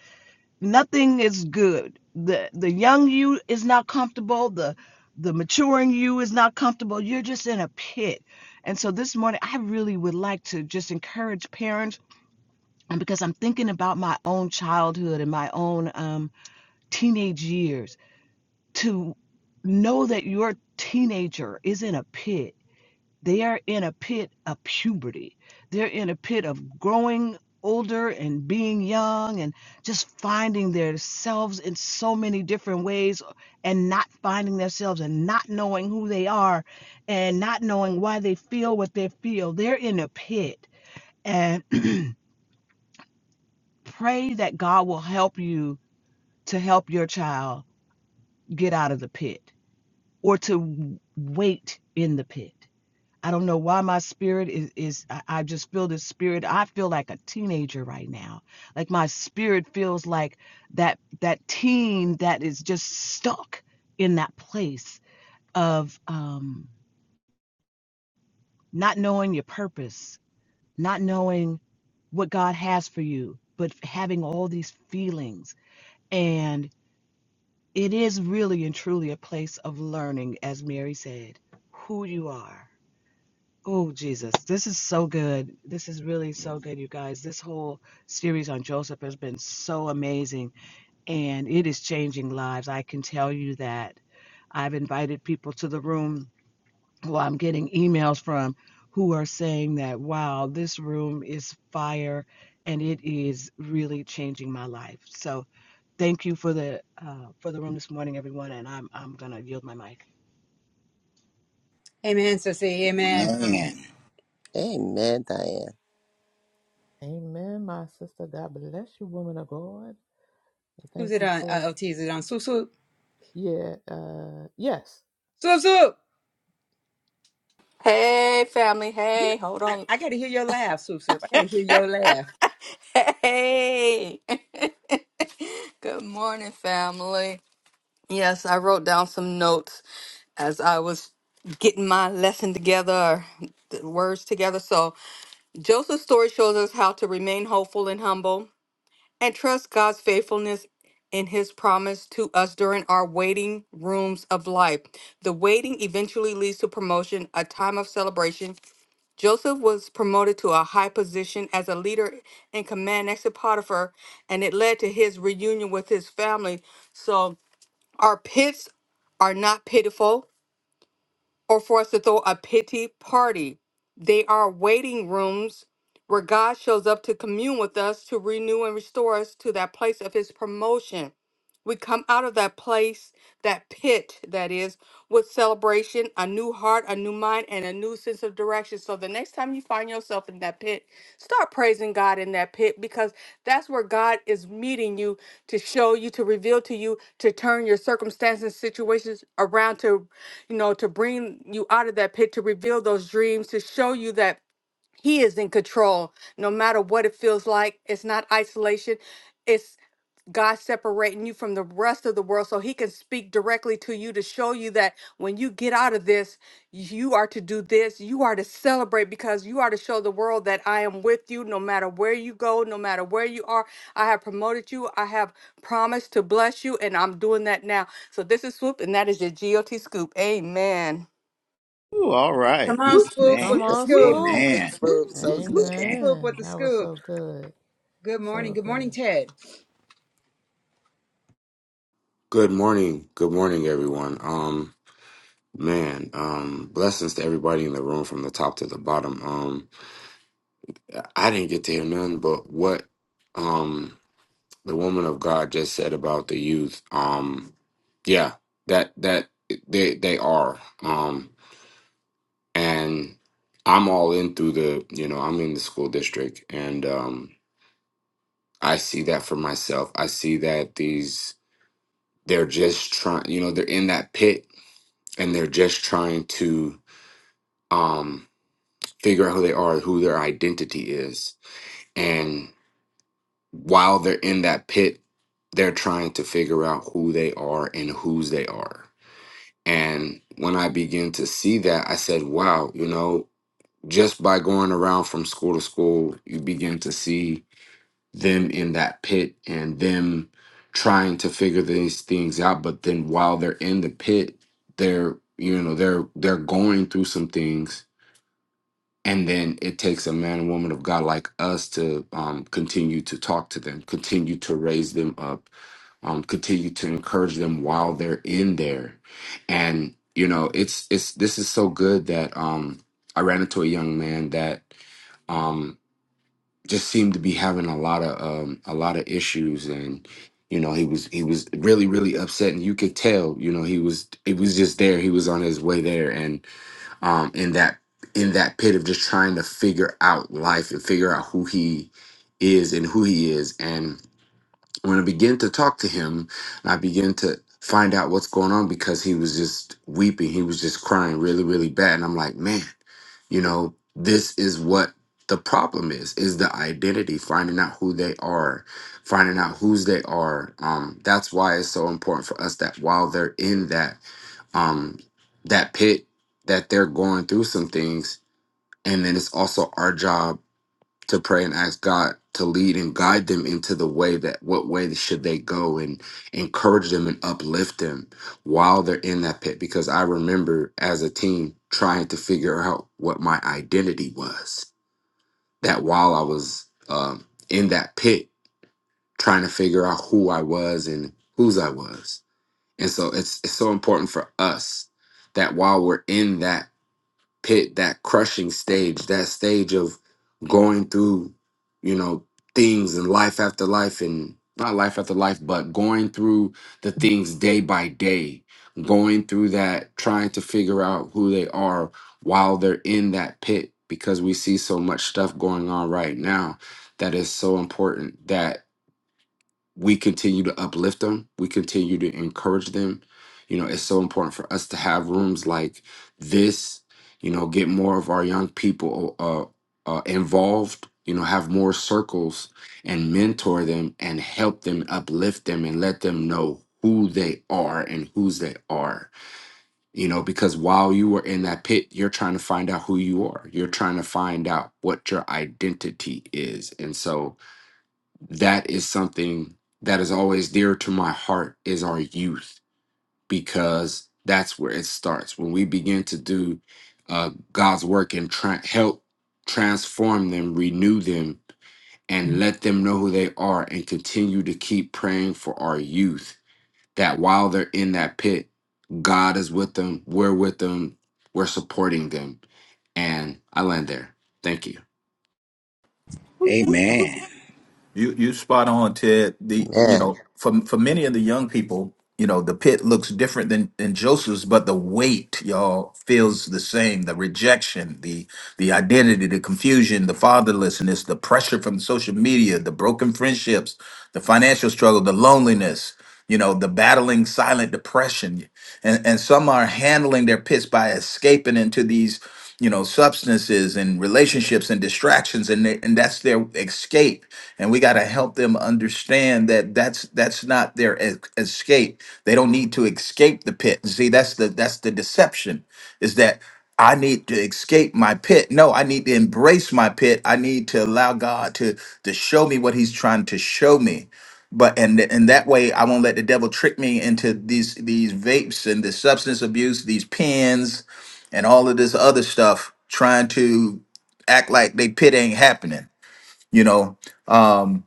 S7: nothing is good. The the young you is not comfortable. The the maturing you is not comfortable. You're just in a pit. And so this morning I really would like to just encourage parents and because I'm thinking about my own childhood and my own um, teenage years to know that your teenager is in a pit they are in a pit of puberty. They're in a pit of growing older and being young and just finding themselves in so many different ways and not finding themselves and not knowing who they are and not knowing why they feel what they feel. They're in a pit. And *clears throat* pray that God will help you to help your child get out of the pit or to wait in the pit. I don't know why my spirit is is I, I just feel this spirit. I feel like a teenager right now. Like my spirit feels like that that teen that is just stuck in that place of um not knowing your purpose, not knowing what God has for you, but having all these feelings. And it is really and truly a place of learning, as Mary said, who you are Oh, Jesus, this is so good. This is really so good, you guys. This whole series on Joseph has been so amazing and it is changing lives. I can tell you that. I've invited people to the room who I'm getting emails from who are saying that, wow, this room is fire and it is really changing my life. So thank you for the uh, for the room this morning, everyone. And I'm, I'm going to yield my mic.
S1: Amen, sissy. Amen.
S4: Man.
S5: Amen, Diane.
S2: Amen, my sister. God bless you, woman of God. I
S1: Who's
S2: Thank
S1: it
S2: you
S1: on?
S2: for
S1: Uh, LT, is it on? Swoop, swoop.
S2: yeah, uh yes.
S1: Swoop, swoop.
S10: Hey, family. Hey, hold
S1: I,
S10: on.
S1: I gotta hear your laugh, Swoop Swoop. I gotta hear your laugh.
S10: *laughs* hey. *laughs* Good morning, family. Yes, I wrote down some notes as I was getting my lesson together, the words together. So, Joseph's story shows us how to remain hopeful and humble and trust God's faithfulness in his promise to us during our waiting rooms of life. The waiting eventually leads to promotion, a time of celebration, Joseph was promoted to a high position as a leader in command next to Potiphar, and it led to his reunion with his family. So our pits are not pitiful or for us to throw a pity party. They are waiting rooms where God shows up to commune with us, to renew and restore us to that place of His promotion. We come out of that place, that pit, that is, with celebration, a new heart, a new mind, and a new sense of direction. So the next time you find yourself in that pit, start praising God in that pit because that's where God is meeting you to show you, to reveal to you, to turn your circumstances, situations around, to you know, to bring you out of that pit, to reveal those dreams, to show you that He is in control. No matter what it feels like, it's not isolation. God separating you from the rest of the world so he can speak directly to you to show you that when you get out of this, you are to do this. You are to celebrate because you are to show the world that I am with you no matter where you go, no matter where you are. I have promoted you. I have promised to bless you, and I'm doing that now. So this is Swoop, and that is your GOT Scoop. Amen.
S4: Woo. All right.
S1: Come on,
S2: Well,
S1: Swoop
S4: Man.
S2: Come
S1: with the
S2: on,
S5: Amen,
S1: scoop.
S2: swoop.
S4: Amen.
S5: Boob, so good.
S4: Man.
S1: Swoop with
S2: Amen.
S1: the
S2: That was
S1: scoop.
S2: so good.
S1: Good morning.
S2: So
S1: Good morning,
S2: good.
S1: Ted.
S11: Good morning. Good morning, everyone. Um, man, um, blessings to everybody in the room from the top to the bottom. Um, I didn't get to hear none, but what, um, the woman of God just said about the youth. Um, yeah, that that they they are. Um, and I'm all in through the, you know, I'm in the school district, and um, I see that for myself. I see that these they're just trying, you know, they're in that pit and they're just trying to um, figure out who they are, who their identity is. And while they're in that pit, they're trying to figure out who they are and whose they are. And when I began to see that, I said, wow, you know, just by going around from school to school, you begin to see them in that pit and them trying to figure these things out. But then while they're in the pit, they're, you know, they're they're going through some things and then it takes a man and woman of God like us to um, continue to talk to them, continue to raise them up, um, continue to encourage them while they're in there. And you know, it's it's this is so good that um, I ran into a young man that um, just seemed to be having a lot of um, a lot of issues, and you know, he was he was really really upset, and you could tell, you know, he was it was just there, he was on his way there, um, in that in that pit of just trying to figure out life and figure out who he is and who he is. And when I begin to talk to him, I begin to find out what's going on because he was just weeping. He was just crying really, really bad. And I'm like, man, you know, this is what the problem is, is the identity, finding out who they are, finding out whose they are. Um, that's why it's so important for us that while they're in that um that pit, that they're going through some things. And then it's also our job to pray and ask God to lead and guide them into the way that what way should they go and encourage them and uplift them while they're in that pit because I remember as a teen trying to figure out what my identity was that while I was um, in that pit trying to figure out who I was and whose I was and so it's it's so important for us that while we're in that pit, that crushing stage, that stage of going through, you know, things and life after life and not life after life, but going through the things day by day, going through that, trying to figure out who they are while they're in that pit because we see so much stuff going on right now that is so important that we continue to uplift them we continue to encourage them you know it's so important for us to have rooms like this you know get more of our young people uh, uh involved you know have more circles and mentor them and help them uplift them and let them know who they are and whose they are you know because while you were in that pit you're trying to find out who you are you're trying to find out what your identity is and so that is something that is always dear to my heart is our youth because that's where it starts when we begin to do uh, god's work and tra- help transform them renew them and let them know who they are and continue to keep praying for our youth that while they're in that pit god is with them we're with them we're supporting them and i land there thank you
S4: Amen.
S6: You you spot on, Ted. The you
S5: Amen.
S6: know, for for many of the young people, you know, the pit looks different than than Joseph's, but the weight, y'all, feels the same. The rejection, the the identity, the confusion, the fatherlessness, the pressure from social media, the broken friendships, the financial struggle, the loneliness you know, the battling silent depression. And, and some are handling their pits by escaping into these, you know, substances and relationships and distractions, and, they, and that's their escape. And we got to help them understand that that's that's not their e- escape. They don't need to escape the pit. See, that's the that's the deception is that I need to escape my pit. No, I need to embrace my pit. I need to allow God to to show me what He's trying to show me but and th- and that way I won't let the devil trick me into these these vapes and this substance abuse, these pens, and all of this other stuff, trying to act like they pit ain't happening, you know. Um,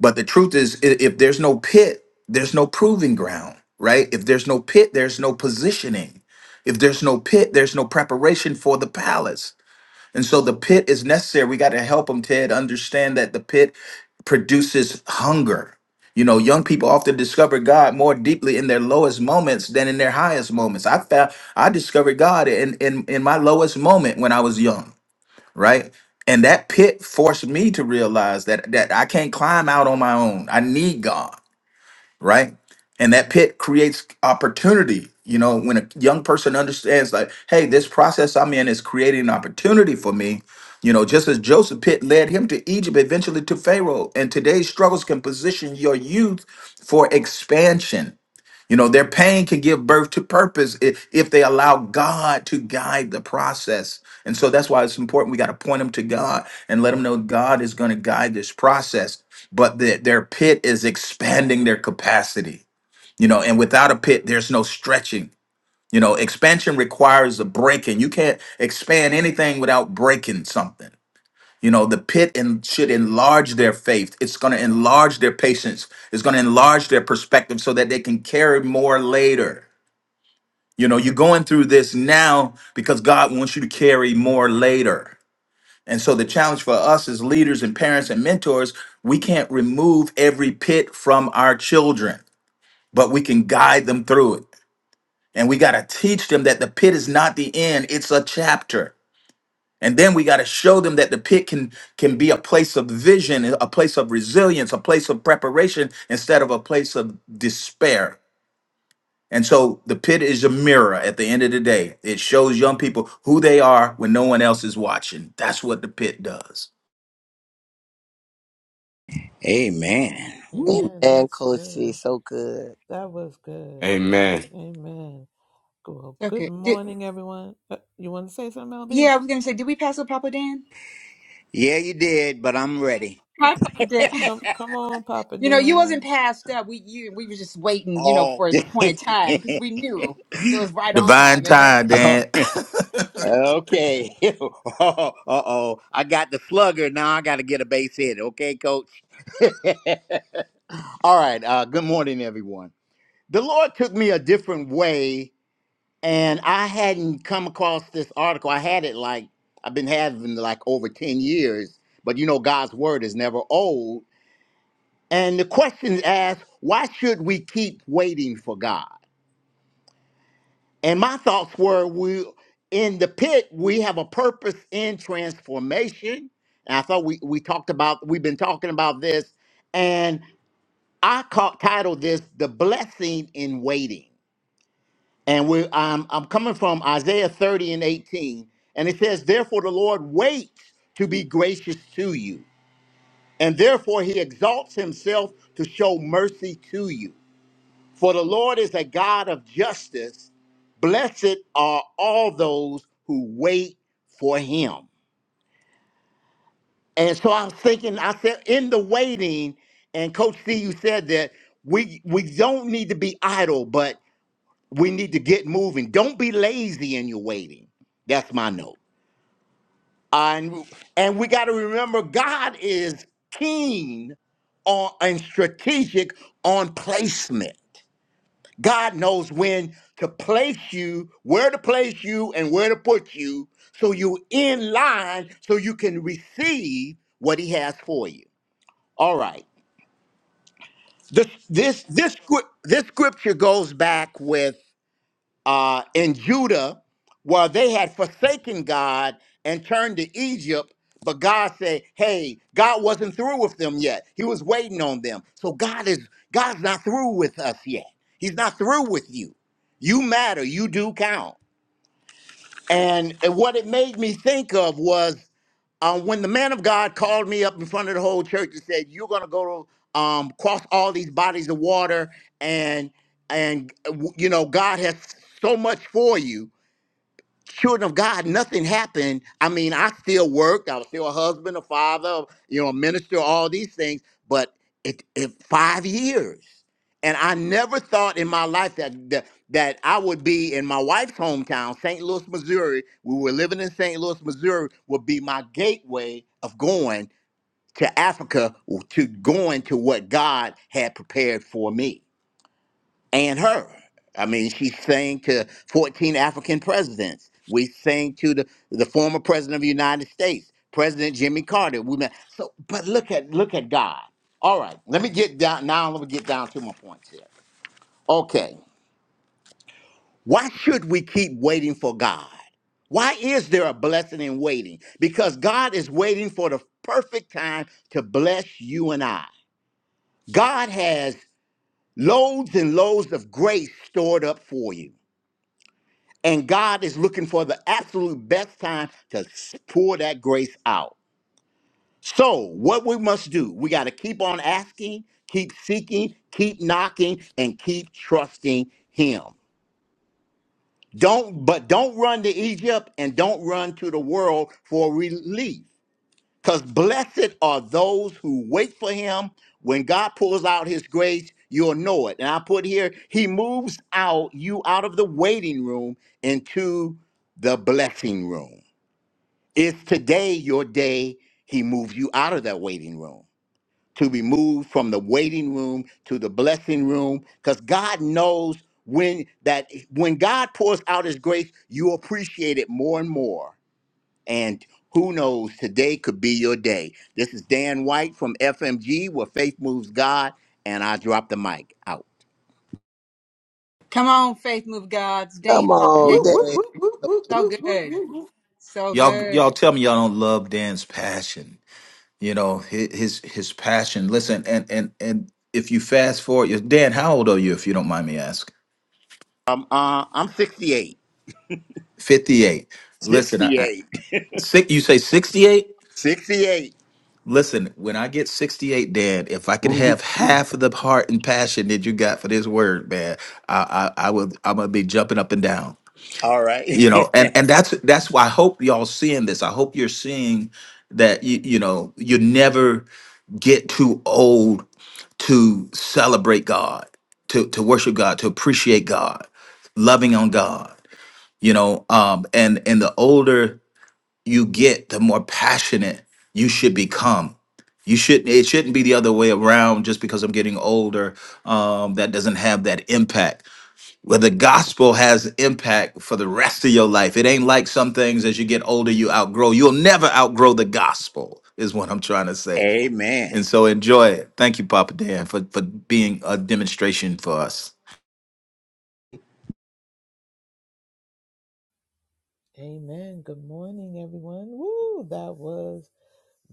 S6: but the truth is, i- if there's no pit, there's no proving ground, right? If there's no pit, there's no positioning. If there's no pit, there's no preparation for the palace. And so the pit is necessary. We got to help them, Ted, understand that the pit produces hunger. You know, young people often discover God more deeply in their lowest moments than in their highest moments. I found I discovered God in in, in my lowest moment when I was young, right? And that pit forced me to realize that that I can't climb out on my own. I need God right? And that pit creates opportunity. You know, when a young person understands, like, hey, this process I'm in is creating an opportunity for me, you know, just as Joseph pit led him to Egypt, eventually to Pharaoh. And today's struggles can position your youth for expansion you know, their pain can give birth to purpose i- if they allow God to guide the process. And so that's why it's important. We got to point them to God and let them know God is going to guide this process. But that their pit is expanding their capacity. You know, and without a pit, there's no stretching. You know, expansion requires a breaking. You can't expand anything without breaking something. You know, the pit and should enlarge their faith. It's going to enlarge their patience. It's going to enlarge their perspective so that they can carry more later. You know, you're going through this now because God wants you to carry more later. And so the challenge for us as leaders and parents and mentors, we can't remove every pit from our children, but we can guide them through it. And we got to teach them that the pit is not the end, it's a chapter. And then we got to show them that the pit can can be a place of vision, a place of resilience, a place of preparation instead of a place of despair. And so the pit is a mirror at the end of the day. It shows young people who they are when no one else is watching. That's what the pit does.
S4: Amen. Woo.
S2: Amen.
S5: Amen,
S2: That's
S5: Coach C,
S2: good.
S5: so good.
S2: That was good.
S11: amen
S2: Amen. Well, good
S1: Okay. Did,
S2: morning, everyone. Uh, You want to say something, LB?
S1: yeah, I was gonna say, did we pass with Papa Dan?
S4: Yeah, you did, but I'm ready.
S1: Hi, Papa Dan.
S2: Come,
S1: *laughs*
S2: come on, Papa
S1: you know, you
S2: Dan.
S1: wasn't passed up. We you we were just waiting, you know,
S4: Oh,
S1: for
S4: *laughs*
S1: an appointed time because we knew it was right on
S6: Divine
S1: time, amen.
S6: time,
S4: oh,
S6: Dan. *laughs*
S4: okay. *laughs* uh oh. I got the slugger. Now I got to get a base hit. Okay, coach. *laughs* All right. Uh, good morning, everyone. The Lord took me a different way, and I hadn't come across this article. I had it like, I've been having like over 10 years, but you know, God's word is never old. And the question is asked why should we keep waiting for God? And my thoughts were we in the pit, we have a purpose in transformation. And I thought we, we talked about, we've been talking about this. And I caught titled this The Blessing in Waiting. And we um, I'm coming from Isaiah 30 and 18. And it says, Therefore the Lord waits to be gracious to you. And therefore he exalts himself to show mercy to you. For the Lord is a God of justice. Blessed are all those who wait for him. And so I was thinking, I said, in the waiting, and Coach C, you said that we we don't need to be idle, but we need to get moving. Don't be lazy in your waiting. That's my note. And and we got to remember, God is keen on and strategic on placement. God knows when to place you, where to place you, and where to put you so you're in line so you can receive what he has for you. All right. This this this scr- this scripture goes back with uh, in Judah, where they had forsaken God and turned to Egypt. But God said, "Hey, God wasn't through with them yet. He was waiting on them. So God is God's not through with us yet. He's not through with you. You matter. You do count." And, and what it made me think of was um, when the man of God called me up in front of the whole church and said, "You're going to go to um, cross all these bodies of water, and and uh, w- you know God has so much for you." children of God, nothing happened. I mean, I still worked. I was still a husband, a father, you know, a minister, all these things. But it, it five years, and I never thought in my life that, that that I would be in my wife's hometown, St. Louis, Missouri. We were living in St. Louis, Missouri. Would be my gateway of going to Africa to going to what God had prepared for me and her. I mean, she sang to 14 African presidents. We sang to the, the former president of the United States, President Jimmy Carter. We met. So, but look at look at God. All right, let me get down now. Let me get down to my points here. Okay, why should we keep waiting for God? Why is there a blessing in waiting? Because God is waiting for the perfect time to bless you and I. God has loads and loads of grace stored up for you. And God is looking for the absolute best time to pour that grace out. So, what we must do, we got to keep on asking, keep seeking, keep knocking, and keep trusting Him. Don't, but don't run to Egypt and don't run to the world for relief. Because blessed are those who wait for Him. When God pulls out His grace, you'll know it. And I put here, He moves out you out of the waiting room into the blessing room. Is today your day he moves you out of that waiting room? To be moved from the waiting room to the blessing room because God knows when that when God pours out his grace, you appreciate it more and more. And who knows, today could be your day. This is Dan White from FMG where faith moves God and I drop the mic out.
S1: Come on, faith move gods. Dan,
S5: Come
S1: Papa
S5: on,
S1: Dan.
S6: Woo, woo,
S5: Dave.
S6: woo, woo, woo,
S1: So
S6: woo, woo,
S1: good.
S6: woo, woo.
S1: So
S6: Y'all
S1: good.
S6: y'all tell me y'all don't love Dan's passion. you know hi- his his passion listen and and and if you fast forward you dan how old are you if you don't mind me asking
S4: Um uh, I'm 68.
S6: 58 listen I, I,
S4: 68.
S6: six, you say 68
S4: 68.
S6: listen when i get 68 dan if i could have
S4: *laughs*
S6: half of the heart and passion that you got for this word man i i, I would i'm gonna be jumping up and down
S4: All
S6: you
S4: right.
S6: know and and that's that's why i hope y'all seeing this i hope you're seeing that you, you know you never get too old to celebrate god to to worship god to appreciate god loving on god you know um and and the older you get the more passionate you should become you shouldn't it shouldn't be the other way around just because i'm getting older um that doesn't have that impact well, the gospel has impact for the rest of your life. It ain't like some things as you get older, you outgrow. You'll never outgrow the gospel, is what I'm trying to
S4: *laughs*
S6: say.
S4: Amen.
S6: And so enjoy it. Thank you, Papa Dan, for, for being a demonstration for us.
S2: Amen. Good morning, everyone. Woo, that was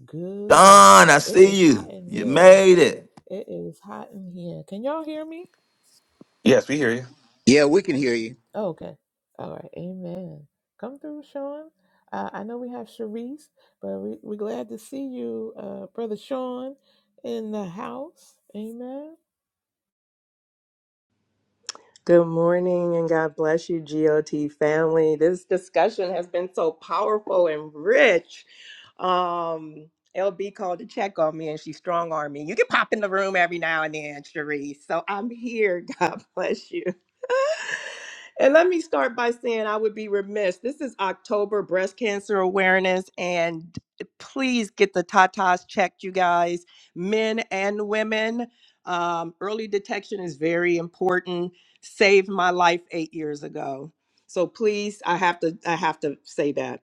S2: good.
S6: Don, I
S2: It
S6: see
S2: is hot
S6: you.
S2: in
S6: You
S2: here.
S6: made it.
S2: It is hot in here. Can y'all hear me?
S12: Yes, we hear you.
S4: Yeah, we can hear you.
S2: Oh, okay. All right. Amen. Come through, Sean. Uh, I know we have Sharice, but we, we're glad to see you, uh, Brother Sean, in the house. Amen.
S13: Good morning and God bless you, GOT family. This discussion has been so powerful and rich. Um, LB called to check on me and she strong armed me. You can pop in the room every now and then, Cherise. So I'm here. *laughs* God bless you. And let me start by saying I would be remiss. This is October Breast Cancer Awareness, and please get the tatas checked, you guys, men and women. Um, early detection is very important saved my life eight years ago. So please, I have to, I have to say that.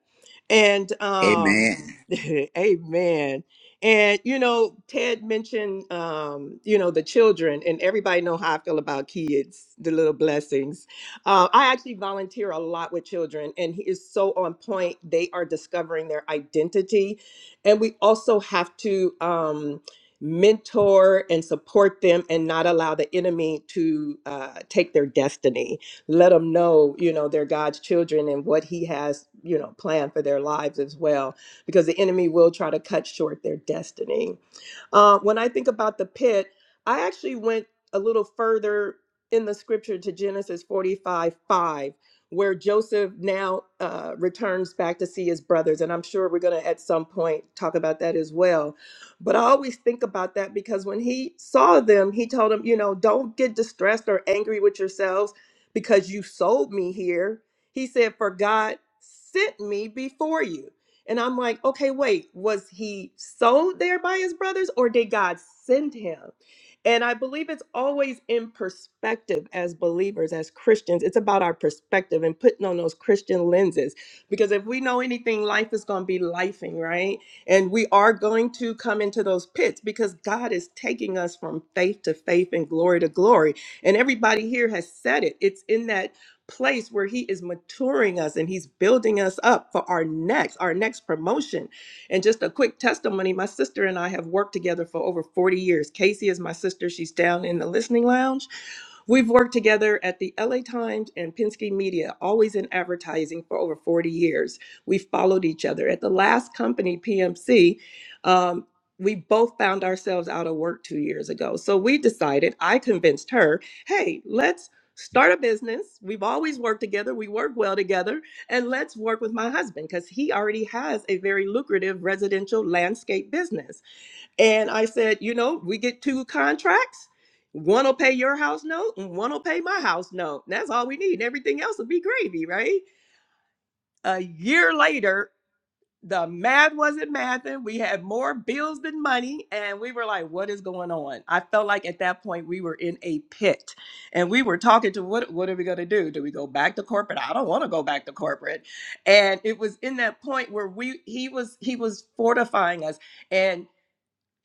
S13: And um,
S4: Amen.
S13: *laughs* amen. And you know, Ted mentioned um, you know, the children, and everybody know how I feel about kids, the little blessings. Uh, I actually volunteer a lot with children, and he is so on point. They are discovering their identity, and we also have to. Um, mentor and support them and not allow the enemy to uh, take their destiny let them know you know they're god's children and what he has you know planned for their lives as well because the enemy will try to cut short their destiny uh, when i think about the pit i actually went a little further in the scripture to genesis 45 5 where joseph now uh, returns back to see his brothers and i'm sure we're going to at some point talk about that as well but I always think about that because when he saw them, he told them, you know, don't get distressed or angry with yourselves because you sold me here. He said, for God sent me before you. And I'm like, okay, wait, was he sold there by his brothers or did God send him? And I believe it's always in perspective as believers, as Christians. It's about our perspective and putting on those Christian lenses. Because if we know anything, life is going to be lifing, right? And we are going to come into those pits because God is taking us from faith to faith and glory to glory. And everybody here has said it. It's in that place where He is maturing us and He's building us up for our next, our next promotion. And just a quick testimony my sister and I have worked together for over 40 years. Casey is my sister, she's down in the listening lounge. We've worked together at the LA Times and Penske Media, always in advertising for over 40 years we followed each other. At the last company, PMC, um, we both found ourselves out of work two years ago. So we decided, I convinced her, hey, let's start a business. We've always worked together, we work well together, and let's work with my husband because he already has a very lucrative residential landscape business. And I said, you know, we get two contracts. One will pay your house note and one will pay my house note. That's all we need. Everything else will be gravy, right? a year later the math wasn't mathing. We had more bills than money, and we were like, "What is going on?" I felt like at that point we were in a pit, and we were talking to what What are we going to do? Do we go back to corporate? I don't want to go back to corporate. And it was in that point where we he was he was fortifying us, and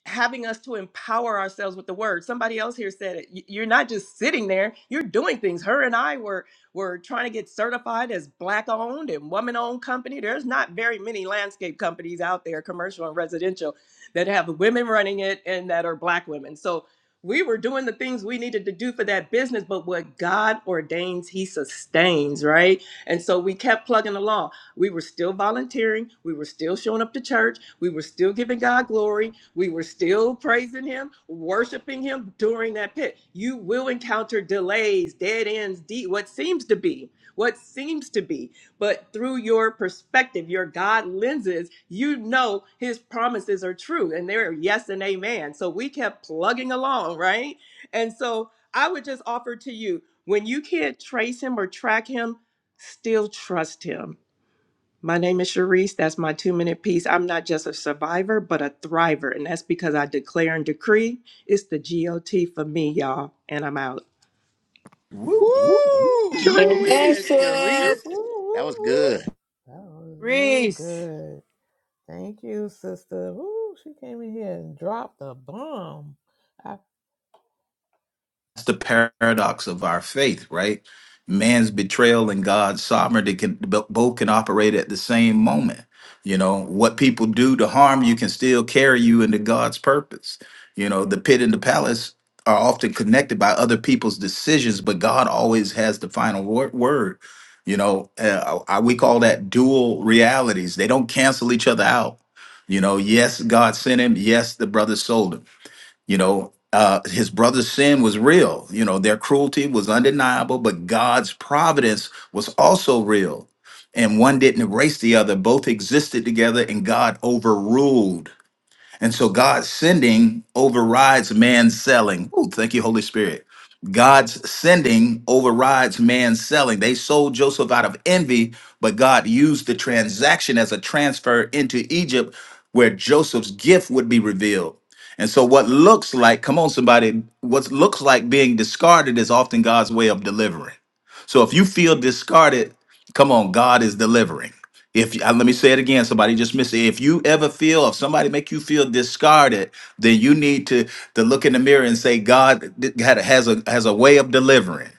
S13: having us to empower ourselves with the word. Somebody else here said it. Y- You're not just sitting there, you're doing things. Her and I were were trying to get certified as black owned and woman owned company. There's not very many landscape companies out there, commercial and residential, that have women running it and that are black women. So we were doing the things we needed to do for that business, but what God ordains, He sustains, right? And so we kept plugging along. We were still volunteering. We were still showing up to church. We were still giving God glory. We were still praising Him, worshiping Him during that pit. You will encounter delays, dead ends, de- what seems to be, what seems to be. But through your perspective, your God lenses, you know His promises are true and they're yes and amen. So we kept plugging along, right? And so I would just offer to you when you can't trace Him or track Him, still trust Him my name is Sharice. That's my two minute piece. I'm not just a survivor, but a thriver. And that's because I declare and decree it's the GOT for me, y'all. And I'm out.
S6: Woo, woo, woo,
S4: Woo! Go
S12: Cherie.
S10: Amen,
S4: ahead,
S6: woo.
S4: Cherie.
S2: Woo,
S10: sis.
S2: woo,
S4: That
S2: woo,
S4: was good.
S2: woo. That was real
S1: Reese.
S2: good. Thank you, sister. Woo, she came in here and dropped a bomb. I,
S6: that's the paradox of our faith, right? Man's betrayal and God's sovereignty can bo- both can operate at the same moment. You know, what people do to harm you can still carry you into God's purpose. You know, the pit and the palace are often connected by other people's decisions, but God always has the final wor- word. You know, uh, I, we call that dual realities. They don't cancel each other out. You know, yes, God sent him. Yes, the brother sold him you know, uh, his brother's sin was real. You know, their cruelty was undeniable, but God's providence was also real. And one didn't erase the other, both existed together, and God overruled and so God's sending overrides man's selling. Ooh, thank you, Holy Spirit. God's sending overrides man's selling. They sold Joseph out of envy, but God used the transaction as a transfer into Egypt where Joseph's gift would be revealed. And so what looks like, come on, somebody, what looks like being discarded is often God's way of delivering. So if you feel discarded, come on, God is delivering. If uh, let me say it again, somebody just missed it. If you ever feel, if somebody make you feel discarded, then you need to to look in the mirror and say, God th- had a- has a has a way of delivering.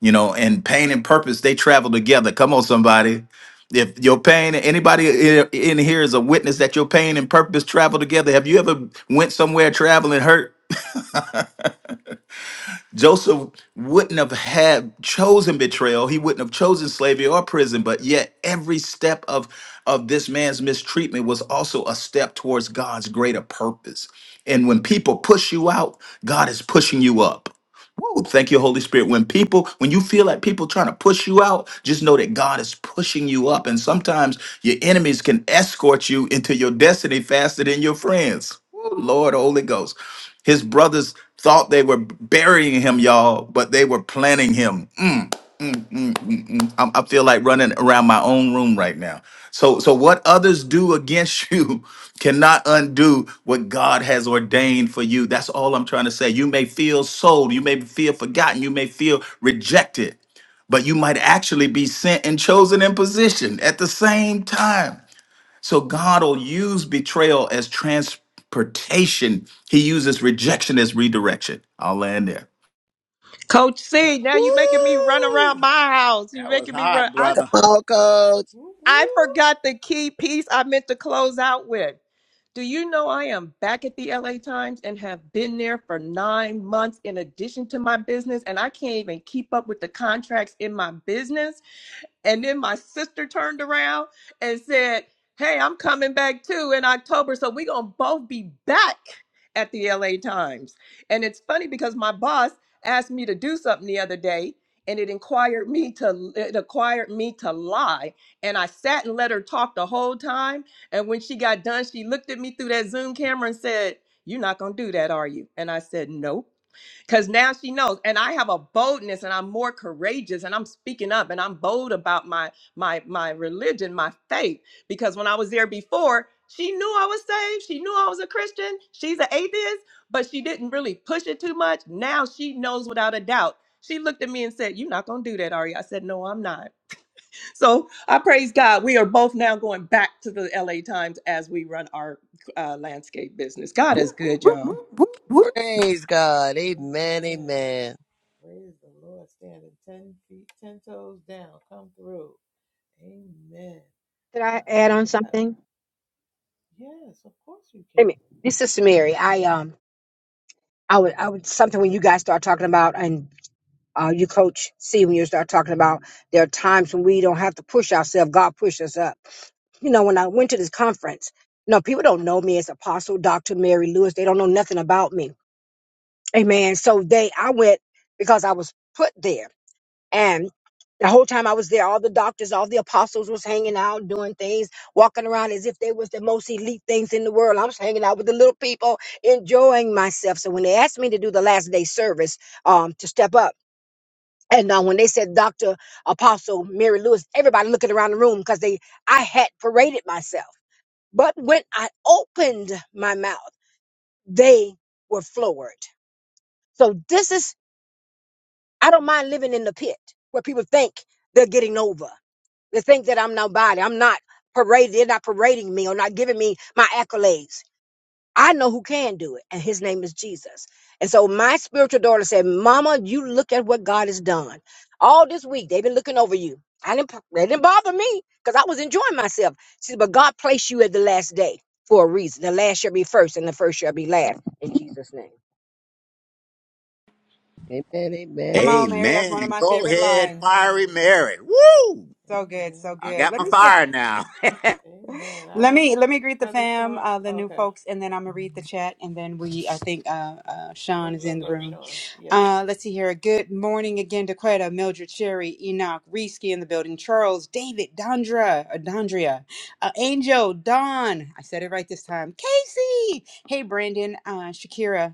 S6: You know, and pain and purpose they travel together. Come on, somebody. If your pain, anybody i- in here is a witness that your pain and purpose travel together. Have you ever went somewhere traveling hurt? Joseph wouldn't have had chosen betrayal. He wouldn't have chosen slavery or prison, but yet every step of, of this man's mistreatment was also a step towards God's greater purpose. And when people push you out, God is pushing you up. Woo, thank you, Holy Spirit. When people, when you feel like people trying to push you out, just know that God is pushing you up. And sometimes your enemies can escort you into your destiny faster than your friends. Woo, Lord, Holy Ghost. His brothers thought they were burying him, y'all, but they were planning him. Mm-mm-mm. I'm, I feel like running around my own room right now. So, so what others do against you *laughs* cannot undo what God has ordained for you. That's all I'm trying to say. You may feel sold, you may feel forgotten, you may feel rejected, but you might actually be sent and chosen in position at the same time. So God will use betrayal as transportation. He uses rejection as redirection. I'll land there.
S13: Coach C, now you making me run
S4: Woo!
S13: around my house. you
S4: That was
S13: making me run.
S4: hot,
S13: I,
S5: Come
S4: brother.
S5: on, Coach.
S2: woo,
S13: I
S2: woo.
S13: forgot the key piece I meant to close out with. Do you know I am back at the LA Times and have been there for nine months in addition to my business? And I can't even keep up with the contracts in my business. And then my sister turned around and said, Hey, I'm coming back too in October. So we're going to both be back at the LA Times. And it's funny because my boss asked me to do something the other day and it inquired me to it acquired me to lie and i sat and let her talk the whole time and when she got done she looked at me through that zoom camera and said you're not going to do that are you and i said nope because now she knows. And I have a boldness and I'm more courageous and I'm speaking up and I'm bold about my my my religion, my faith. Because when I was there before, she knew I was saved. She knew I was a Christian. She's an atheist, but she didn't really push it too much. Now she knows without a doubt. She looked at me and said, You're not gonna do that, are you? I said, No, I'm not. So I praise God. We are both now going back to the LA Times as we run our uh, landscape business. God is good, y'all.
S5: Praise God. Amen,
S2: Amen.
S5: amen.
S2: Praise the Lord. Standing 10 feet, 10 toes down. Come through. Amen.
S9: Could
S2: Uh,
S9: I add on
S2: uh,
S9: something?
S2: yes, of course you
S9: Wait
S2: can.
S9: a This is Mary. I um I would I would something when you guys start talking about and uh, you coach C when you start talking about there are times when we don't have to push ourselves. God pushed us up. You know, when I went to this conference, no, people don't know me as Apostle Dr. Mary Lewis. They don't know nothing about me. Amen. So they, I went because I was put there. And the whole time I was there, all the doctors, all the apostles was hanging out, doing things, walking around as if they was the most elite things in the world. I was hanging out with the little people, enjoying myself. So when they asked me to do the last day service, um, to step up, and uh, when they said Dr. Apostle Mary Lewis, everybody looking around the room because they I had paraded myself. But when I opened my mouth, they were floored. So this is I don't mind living in the pit where people think they're getting over. They think that I'm nobody. I'm not paraded. They're not parading me or not giving me my accolades. I know who can do it, and his name is Jesus. And so my spiritual daughter said, Mama, you look at what God has done. All this week, they've been looking over you. I didn't, they didn't bother me because I was enjoying myself. She said, But God placed you at the last day for a reason. The last shall be first, and the first shall be last in Jesus' name.
S5: Amen,
S1: Come
S5: amen.
S1: on, Mary. That's one of
S4: Amen.
S1: my
S4: Go
S1: favorite
S4: ahead,
S1: lines.
S4: fiery
S2: Amen.
S4: Mary. Woo!
S1: So good, so
S2: Amen.
S4: I
S1: good.
S2: Praise
S4: got
S1: Let
S2: the
S4: my
S1: me say.
S2: Lord.
S4: fire now.
S2: Amen. I
S1: Let
S2: want
S1: me let me greet the
S2: Brother
S1: fam,
S2: Sean.
S1: uh, the new
S2: Okay.
S1: folks, and then I'm gonna read the chat, and then we I think uh, uh,
S2: We'll
S1: Sean is
S2: go to
S1: in the
S2: Brother
S1: room.
S2: Sean. Yes.
S1: Uh, let's see here. Good morning again to Quetta, Mildred, Sherry, Enoch, Risky in the building, Charles, David, Dondra, uh, Dondria, uh, Angel, Don. I said it right this time. Casey. Hey, Brandon, uh, Shakira.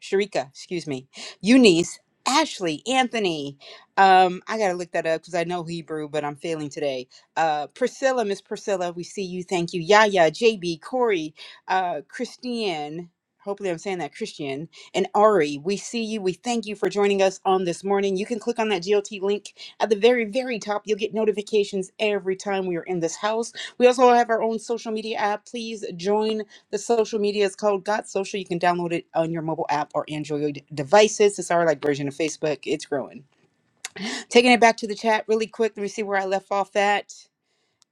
S1: Sharika, excuse me, Eunice, Ashley, Anthony. Um, I gotta look that up because I know Hebrew, but I'm failing today. Uh, Priscilla, Miss Priscilla, we see you. Thank you. Yaya, JB, Corey, uh, Christiane. Hopefully, I'm saying that Christian and Ari. We see you. We thank you for joining us on this morning. You can click on that GLT link at the very, very top. You'll get notifications every time we are in this house. We also have our own social media app. Please join the social media is called Got Social. You can download it on your mobile app or Android devices. It's our like version of Facebook. It's growing. Taking it back to the chat really quick. Let me see where I left off at.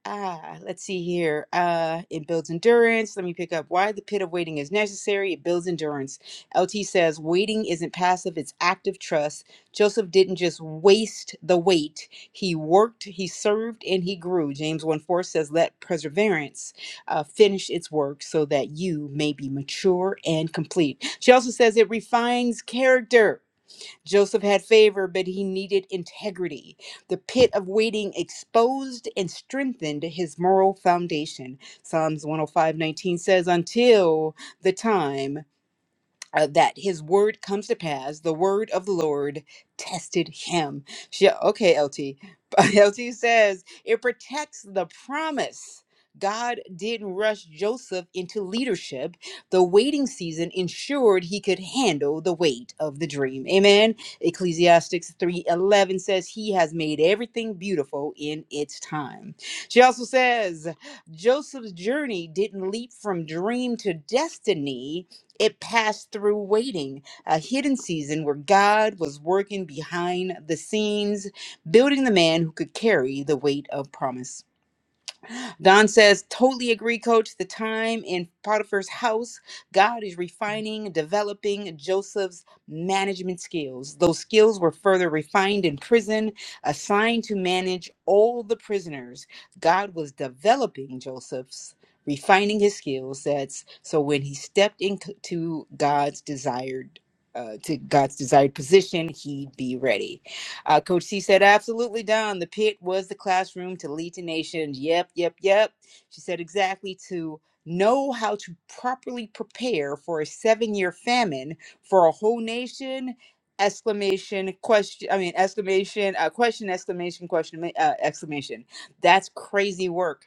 S1: Ah, let's see here. Uh, it builds endurance. Let me pick up why the pit of waiting is necessary. It builds endurance. LT says waiting isn't passive, it's active trust. Joseph didn't just waste the wait. He worked, he served, and he grew. James 1 4 says, Let perseverance uh, finish its work so that you may be mature and complete. She also says it refines character. Joseph had favor, but he needed integrity. The pit of waiting exposed and strengthened his moral foundation. Psalms 105 19 says, Until the time uh, that his word comes to pass. The word of the Lord tested him. She, okay, LT. LT *laughs* says it protects the promise. God didn't rush Joseph into leadership. The waiting season ensured he could handle the weight of the dream. Amen. Ecclesiastes 3:11 says he has made everything beautiful in its time. She also says Joseph's journey didn't leap from dream to destiny it passed through waiting, a hidden season where God was working behind the scenes, building the man who could carry the weight of promise. Don says, totally agree, coach. The time in Potiphar's house, God is refining, developing Joseph's management skills. Those skills were further refined in prison, assigned to manage all the prisoners. God was developing Joseph's, refining his skill sets. So when he stepped into God's desired uh, to God's desired position, he'd be ready. Uh, Coach C said, absolutely, Don. The pit was the classroom to lead to nations. Yep, yep, yep. She said, exactly to know how to properly prepare for a seven year famine for a whole nation. Exclamation, question, I mean, exclamation, uh, question, exclamation, question, uh, exclamation. That's crazy work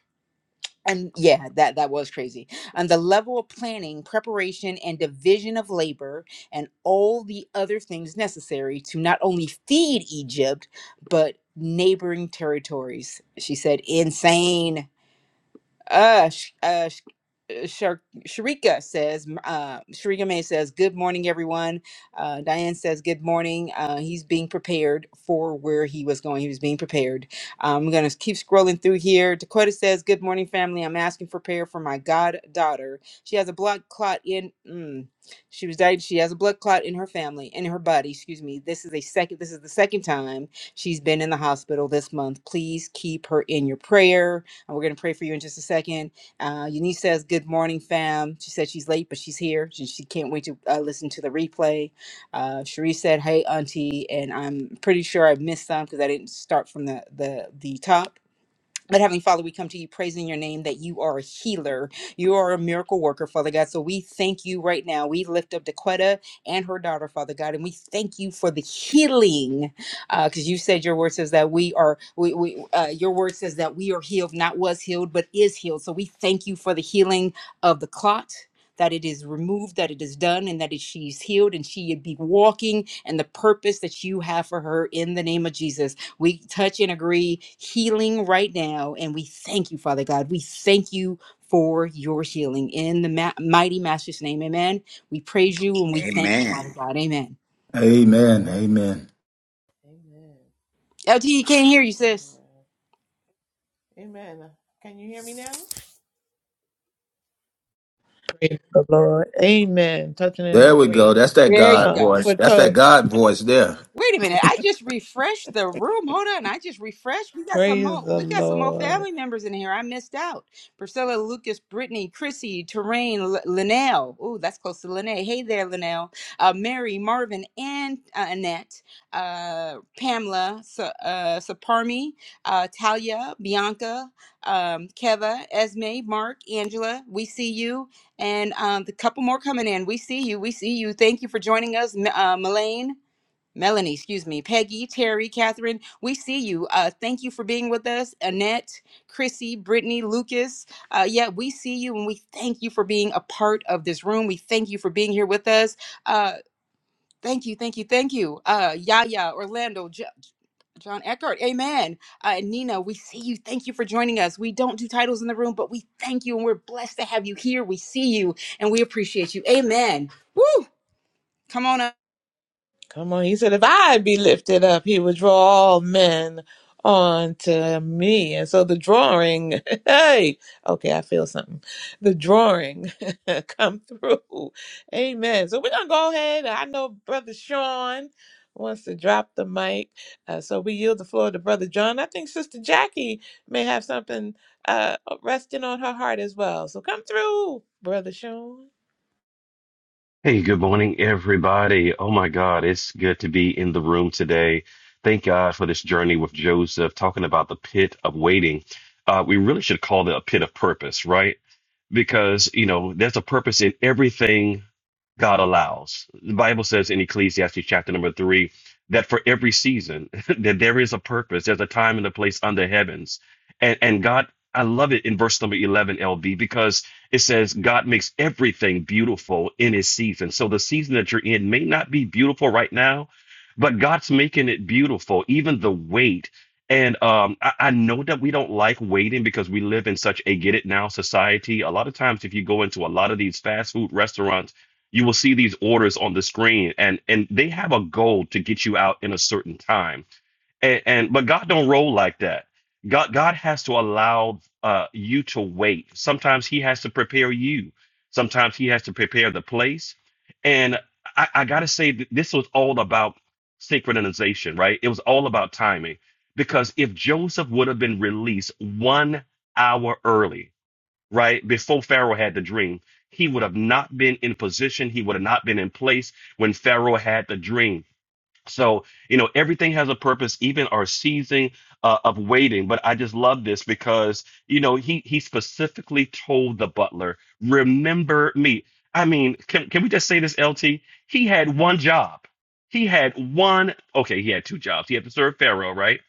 S1: and yeah that that was crazy and the level of planning preparation and division of labor and all the other things necessary to not only feed egypt but neighboring territories she said insane uh, sh- uh Shar- Sharika says, uh, Sharika May says, Good morning, everyone. Uh, Diane says, Good morning. Uh, he's being prepared for where he was going. He was being prepared. I'm going to keep scrolling through here. Dakota says, Good morning, family. I'm asking for prayer for my goddaughter. She has a blood clot in. Mm, she was died. She has a blood clot in her family, in her body. Excuse me. This is a second. This is the second time she's been in the hospital this month. Please keep her in your prayer. And we're going to pray for you in just a second. Uh, Eunice says, Good morning, fam. She said she's late, but she's here. She, she can't wait to uh, listen to the replay. Uh, Cherie said, Hey, auntie. And I'm pretty sure I missed some because I didn't start from the, the, the top. But Heavenly Father, we come to you praising your name that you are a healer. You are a miracle worker, Father God. So we thank you right now. We lift up Dequetta and her daughter, Father God, and we thank you for the healing. Because you said your word says that we are, we, we uh, your word says that we are healed, not was healed, but is healed. So we thank you for the healing of the clot. That it is removed, that it is done, and that it, she's healed, and she would be walking and the purpose that you have for her in the name of Jesus. We touch and agree healing right now. And we thank you, Father God. We thank you for your healing in the ma- mighty Master's name. Amen. We praise you and we thank you, Father
S4: Amen.
S1: God. Amen.
S6: Amen. Amen.
S2: Amen.
S1: LT, you can't hear you, sis.
S2: Amen. Amen. Can you hear me now? Praise the Lord. Amen. Touching and
S6: There we go.
S2: agreeing.
S6: That's that
S1: There you
S6: God
S2: Uh,
S1: go.
S6: voice.
S2: for
S6: That's that
S2: toe.
S6: God voice there.
S1: Wait a minute. I just refreshed the room. Hold on. I just refreshed. We got some
S2: Praise
S1: more
S2: the
S1: we got some more
S2: Lord.
S1: family members in here. I missed out. Priscilla, Lucas, Brittany, Chrissy, Terrain, L- Linnell. Ooh, that's close to Linnell. Hey there, Linnell. Uh, Mary, Marvin, and uh, Annette. Uh, Pamela, Sa- uh, Saparmi, uh, Talia, Bianca, um, Keva, Esme, Mark, Angela. We see you. And um, the couple more coming in. We see you. We see you. Thank you for joining us, M- uh, Melaine. Melanie, excuse me, Peggy, Terry, Catherine, we see you. Uh, thank you for being with us. Annette, Chrissy, Brittany, Lucas. Uh, yeah, we see you and we thank you for being a part of this room. We thank you for being here with us. Uh, thank you, thank you, thank you. Uh, Yaya, Orlando, jo- John Eckhart, amen. Uh, Nina, we see you. Thank you for joining us. We don't do titles in the room, but we thank you and we're blessed to have you here. We see you and we appreciate you. Amen. Woo! Come on up.
S2: Come on, he said, if I be lifted up, he would draw all men onto me. And so the drawing, *laughs* hey, okay, I feel something. The drawing *laughs* come through. Amen. So we're going to go ahead. I know Brother Sean wants to drop the mic. Uh, so we yield the floor to Brother John. I think Sister Jackie may have something uh, resting on her heart as well. So come through, Brother Sean.
S12: Hey, good morning, everybody. Oh my God, it's good to be in the room today. Thank God for this journey with Joseph, talking about the pit of waiting. Uh, we really should call it a pit of purpose, right? Because, you know, there's a purpose in everything God allows. The Bible says in Ecclesiastes chapter number three that for every season *laughs* that there is a purpose, there's a time and a place under heavens. And and God, I love it in verse number eleven, LB, because it says God makes everything beautiful in his season. So the season that you're in may not be beautiful right now, but God's making it beautiful, even the wait. And um, I, I know that we don't like waiting because we live in such a get it now society. A lot of times, if you go into a lot of these fast food restaurants, you will see these orders on the screen and and they have a goal to get you out in a certain time and, and but god don't roll like that god god has to allow uh you to wait sometimes he has to prepare you sometimes he has to prepare the place and i, I gotta say that this was all about synchronization right it was all about timing because if joseph would have been released one hour early right? Before Pharaoh had the dream, he would have not been in position. He would have not been in place when Pharaoh had the dream so, you know, everything has a purpose, even our season uh, of waiting. But I just love this because, you know, he he specifically told the butler, "Remember me." I mean, can can we just say this, LT? He had one job. He had one. Okay, he had two jobs. He had to serve Pharaoh, right?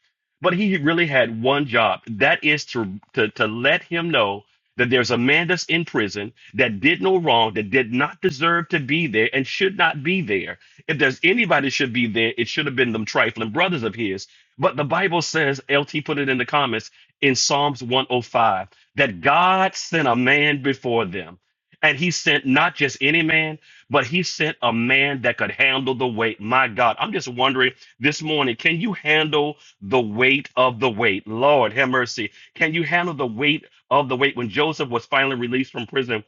S12: But he really had one job. That is to to to let him know that there's a man that's in prison that did no wrong, that did not deserve to be there, and should not be there if there's anybody should be there, it should have been them trifling brothers of his. But the Bible says, LT put it in the comments in Psalms 105, that God sent a man before them. And he sent not just any man, but he sent a man that could handle the weight. My God, I'm just wondering this morning, can you handle the weight of the weight? Lord, have mercy. Can you handle the weight of the weight when Joseph was finally released from prison?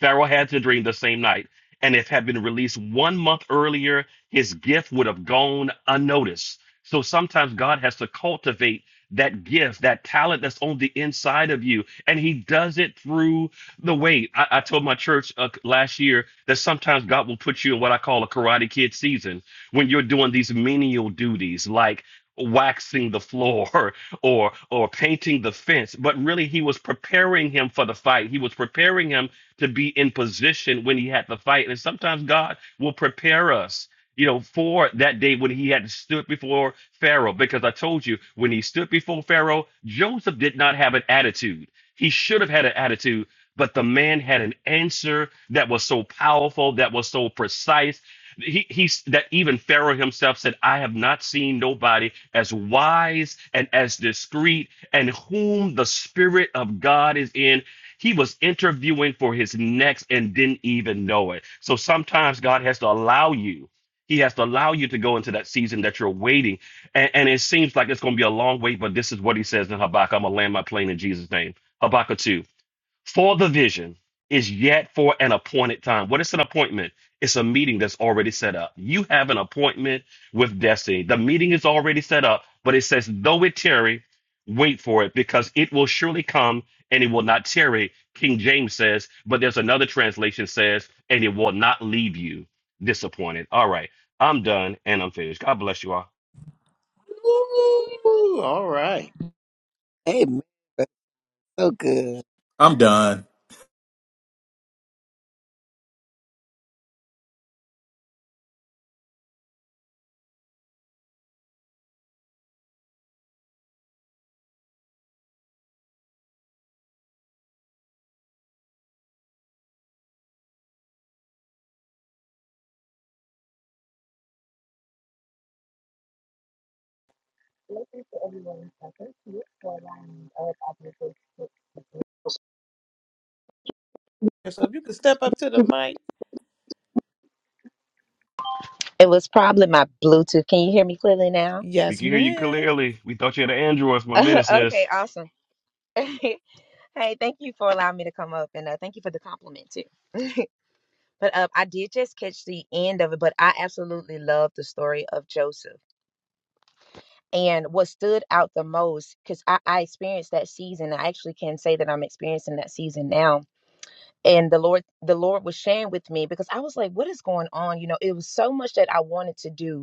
S12: Pharaoh had the dream the same night, and if had been released one month earlier, his gift would have gone unnoticed. So sometimes God has to cultivate that gift, that talent that's on the inside of you, and He does it through the way. I, I told my church uh, last year that sometimes God will put you in what I call a Karate Kid season when you're doing these menial duties like waxing the floor *laughs* or or painting the fence but really he was preparing him for the fight he was preparing him to be in position when he had to fight. And sometimes God will prepare us, you know, for that day when he had stood before Pharaoh. Because I told you, when he stood before Pharaoh, Joseph did not have an attitude. He should have had an attitude, but the man had an answer that was so powerful, that was so precise. He, he's that even Pharaoh himself said, I have not seen nobody as wise and as discreet and whom the Spirit of God is in he was interviewing for his next and didn't even know it. So sometimes God has to allow you. He has to allow you to go into that season that you're waiting. And, and it seems like it's going to be a long wait, but this is what he says in Habakkuk. I'm going to land my plane in Jesus' name. Habakkuk 2. For the vision is yet for an appointed time. What is an appointment? It's a meeting that's already set up. You have an appointment with destiny. The meeting is already set up, but it says, though it tarry, wait for it because it will surely come and it will not tarry. King James says, but there's another translation says, and it will not leave you disappointed. All right, I'm done and I'm finished. God bless you all.
S4: Woo! All right.
S5: Amen. That's so good.
S6: I'm done.
S14: Blessings to everyone for allowing me up. I do this.
S2: So if you could step up to the mic.
S14: It was probably my Bluetooth. Can you hear me clearly now?
S12: We
S2: Yes,
S12: can hear you
S2: ma'am.
S12: clearly. We thought you had an Android for
S14: *laughs*
S12: a minute, sis.
S14: okay, awesome. *laughs* hey, thank you for allowing me to come up and uh, thank you for the compliment too. But uh, I did just catch the end of it, but I absolutely love the story of Joseph. And what stood out the most, because I, I experienced that season, I actually can say that I'm experiencing that season now. And the Lord, the Lord was sharing with me because I was like, "What is going on?" You know, it was so much that I wanted to do,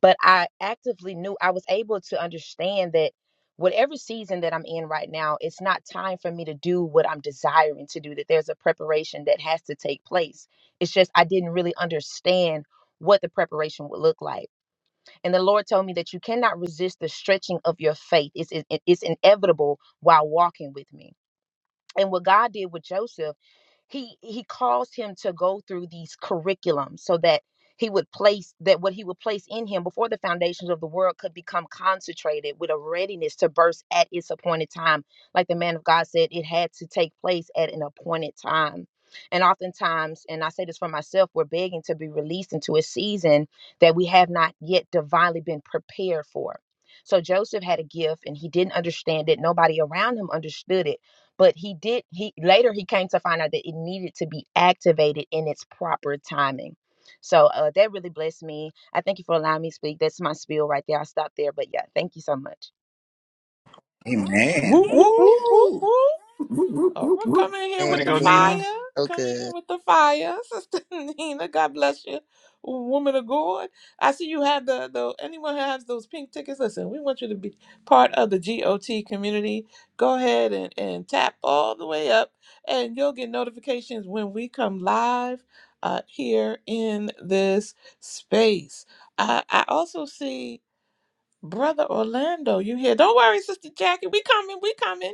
S14: but I actively knew I was able to understand that whatever season that I'm in right now, it's not time for me to do what I'm desiring to do, that there's a preparation that has to take place. It's just I didn't really understand what the preparation would look like. And the Lord told me that you cannot resist the stretching of your faith. It's, it- it's inevitable while walking with me. And what God did with Joseph he he caused him to go through these curriculums so that he would place that what he would place in him before the foundations of the world could become concentrated with a readiness to burst at its appointed time like the man of god said it had to take place at an appointed time and oftentimes and i say this for myself we're begging to be released into a season that we have not yet divinely been prepared for so joseph had a gift and he didn't understand it nobody around him understood it but he did he later he came to find out that it needed to be activated in its proper timing so uh, that really blessed me i thank you for allowing me to speak that's my spiel right there i stopped there but yeah thank you so much
S4: Amen.
S2: Whoop, whoop, whoop, whoop,
S4: Woo!
S2: whoop. Oprah, come in here with
S12: Ready to
S2: the
S5: Amen,
S12: go,
S5: Nina.
S12: Nina?
S2: fire.
S5: So
S2: Come in here
S5: good.
S2: with the fire, *laughs* Sister Nina. God bless you, woman of God. I see you have the, the anyone who has those pink tickets. Listen, we want you to be part of the GOT community. Go ahead and, and tap all the way up, and you'll get notifications when we come live uh, here in this space. I, I also see. Brother Orlando, you here? Don't worry, Sister Jackie. We coming. We coming.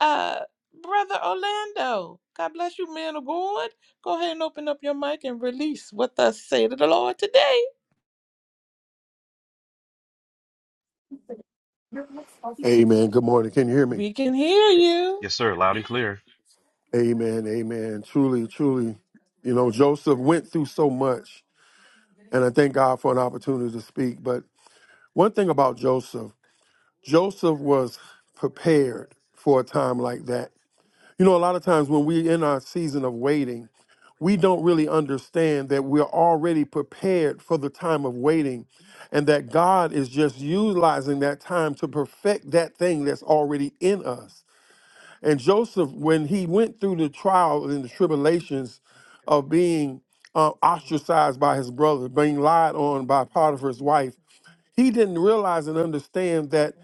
S2: Uh, Brother Orlando, God bless you, man of God. Go ahead and open up your mic and release what thus say to the Lord today.
S15: Amen. Good morning. Can you hear me?
S2: We can hear you.
S12: Yes, sir. Loud and clear.
S15: Amen. Amen. Truly, truly, you know, Joseph went through so much, and I thank God for an opportunity to speak. But one thing about Joseph, Joseph was prepared for a time like that. You know, a lot of times when we're in our season of waiting, we don't really understand that we're already prepared for the time of waiting and that God is just utilizing that time to perfect that thing that's already in us. And Joseph, when he went through the trial and the tribulations of being uh, ostracized by his brother, being lied on by Potiphar's wife, he didn't realize and understand that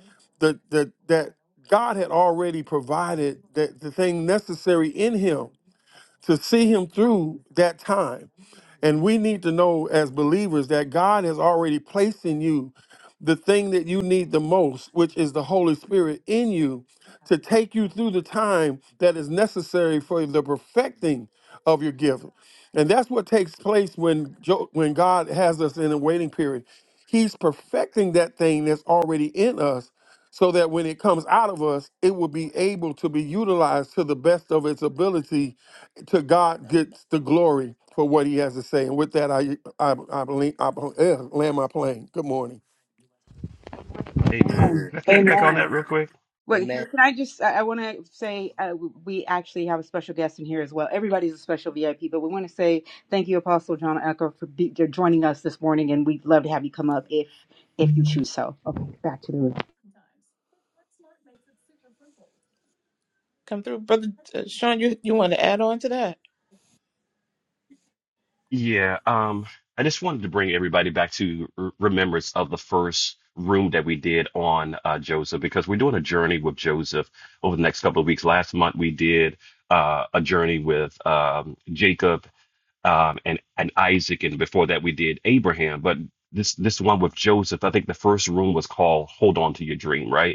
S15: the, the, that God had already provided that the thing necessary in him to see him through that time. And we need to know as believers that God has already placed in you the thing that you need the most, which is the Holy Spirit in you to take you through the time that is necessary for the perfecting of your gift. And that's what takes place when Jo- when God has us in a waiting period. He's perfecting that thing that's already in us so that when it comes out of us, it will be able to be utilized to the best of its ability to God gets the glory for what he has to say. And with that, I, I, I, I, I land my plane. Good morning.
S12: Amen. Can I piggyback on
S1: Amen.
S12: that real quick?
S1: Wait, can
S5: Amen.
S1: can I just? I, I want to say uh, w- we actually have a special guest in here as well. Everybody's a special VIP, but we want to say thank you, Apostle John Echo, for be, for joining us this morning, and we'd love to have you come up if if you choose so. Okay, back to the room.
S2: Come through, Brother uh, Sean. You you want to add on to that?
S12: Yeah. Um, I just wanted to bring everybody back to r- remembrance of the first room that we did on uh, Joseph because we're doing a journey with Joseph over the next couple of weeks. Last month we did uh, a journey with um, Jacob um, and and Isaac, and before that we did Abraham. But this this one with Joseph, I think the first room was called "Hold On to Your Dream," right?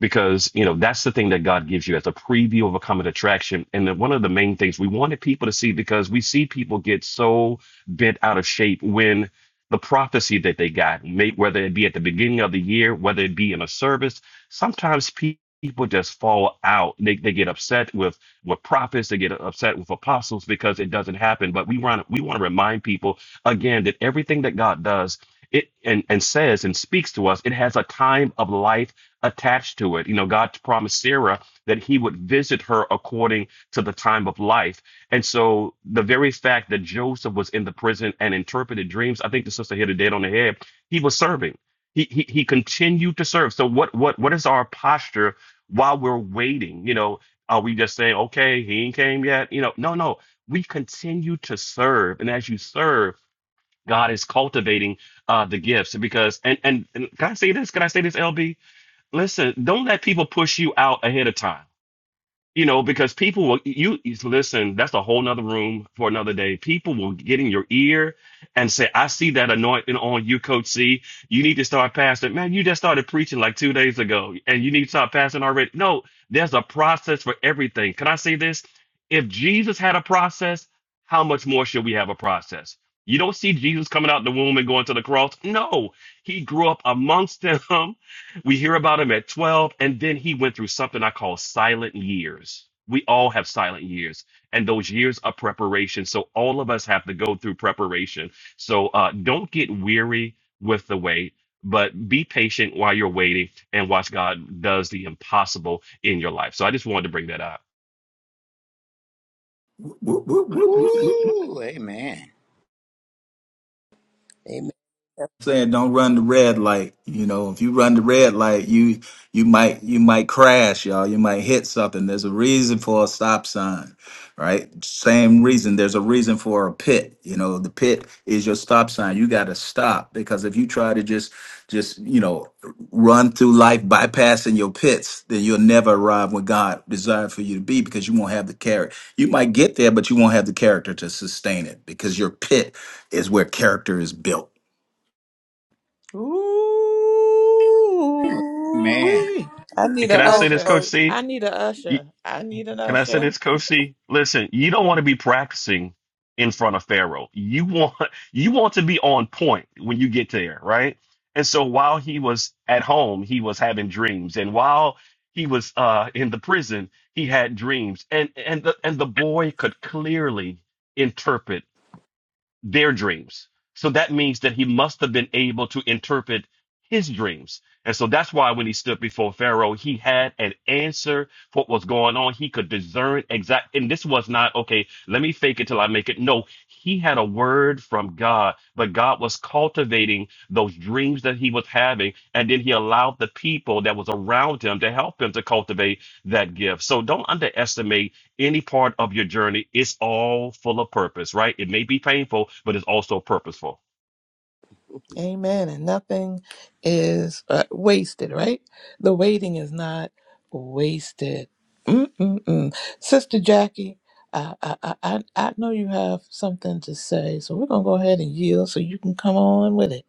S12: because you know that's the thing that God gives you as a preview of a coming attraction. And then one of the main things we wanted people to see because we see people get so bent out of shape when the prophecy that they got, may, whether it be at the beginning of the year, whether it be in a service, sometimes pe- people just fall out. They they get upset with with prophets, they get upset with apostles because it doesn't happen. But we want we want to remind people again that everything that God does. It and, and says and speaks to us, it has a time of life attached to it. You know, God promised Sarah that he would visit her according to the time of life. And so the very fact that Joseph was in the prison and interpreted dreams, I think the sister hit a dead on the head. He was serving. He, he he continued to serve. So what what what is our posture while we're waiting? You know, are we just saying, okay, he ain't came yet? You know, no, no. We continue to serve. And as you serve, God is cultivating uh the gifts because and and, and can I say this? Can I say this, LB? listen, don't let people push you out ahead of time. You know, because people will you you- listen, that's a whole nother room for another day. People will get in your ear and say, I see that anointing on you, Coach C. You need to start passing. Man, you just started preaching like two days ago and you need to start passing already. No, there's a process for everything. Can I say this? If Jesus had a process, how much more should we have a process? You don't see Jesus coming out the womb and going to the cross. No, he grew up amongst them *laughs* We hear about him at 12, and then he went through something I call silent years. We all have silent years, and those years are preparation. So all of us have to go through preparation. So uh, don't get weary with the wait, but be patient while you're waiting and watch God does the impossible in your life. So I just wanted to bring that up.
S4: Woo! Amen.
S5: Amen.
S6: saying don't run the red light. You know, if you run the red light, you you might you might crash, y'all. You might hit something. There's a reason for a stop sign, right? Same reason. There's a reason for a pit. You know, the pit is your stop sign. You got to stop because if you try to just just you know run through life bypassing your pits, then you'll never arrive where God desired for you to be because you won't have the character. You might get there, but you won't have the character to sustain it because your pit is where character is built
S2: Ooh,
S4: Amen.
S2: I
S12: And
S2: need a
S12: can
S5: Come
S12: I say
S5: on,
S12: this,
S2: usher.
S12: Coach
S5: Coach.
S12: C?
S2: I need a usher. I need an
S12: Can I say
S2: usher.
S12: this, Kosi? Listen, you don't want to be practicing in front of Pharaoh. You want *laughs* you want to be on point when you get there, right? And so while he was at home, he was having dreams, and while he was uh, in the prison, he had dreams, and and the and the boy could clearly interpret their dreams. So that means that he must have been able to interpret his dreams. And so that's why when he stood before Pharaoh, he had an answer for what was going on. He could discern exact. And this was not, okay, let me fake it till I make it. No, he had a word from God, but God was cultivating those dreams that he was having. And then he allowed the people that was around him to help him to cultivate that gift. So don't underestimate any part of your journey, it's all full of purpose, right? It may be painful, but it's also purposeful.
S2: Amen. And nothing is uh, wasted, right? The waiting is not wasted. Mm-mm-mm. Sister Jackie, I, I, I, I I know you have something to say, so we're going to go ahead and yield so you can come on with it.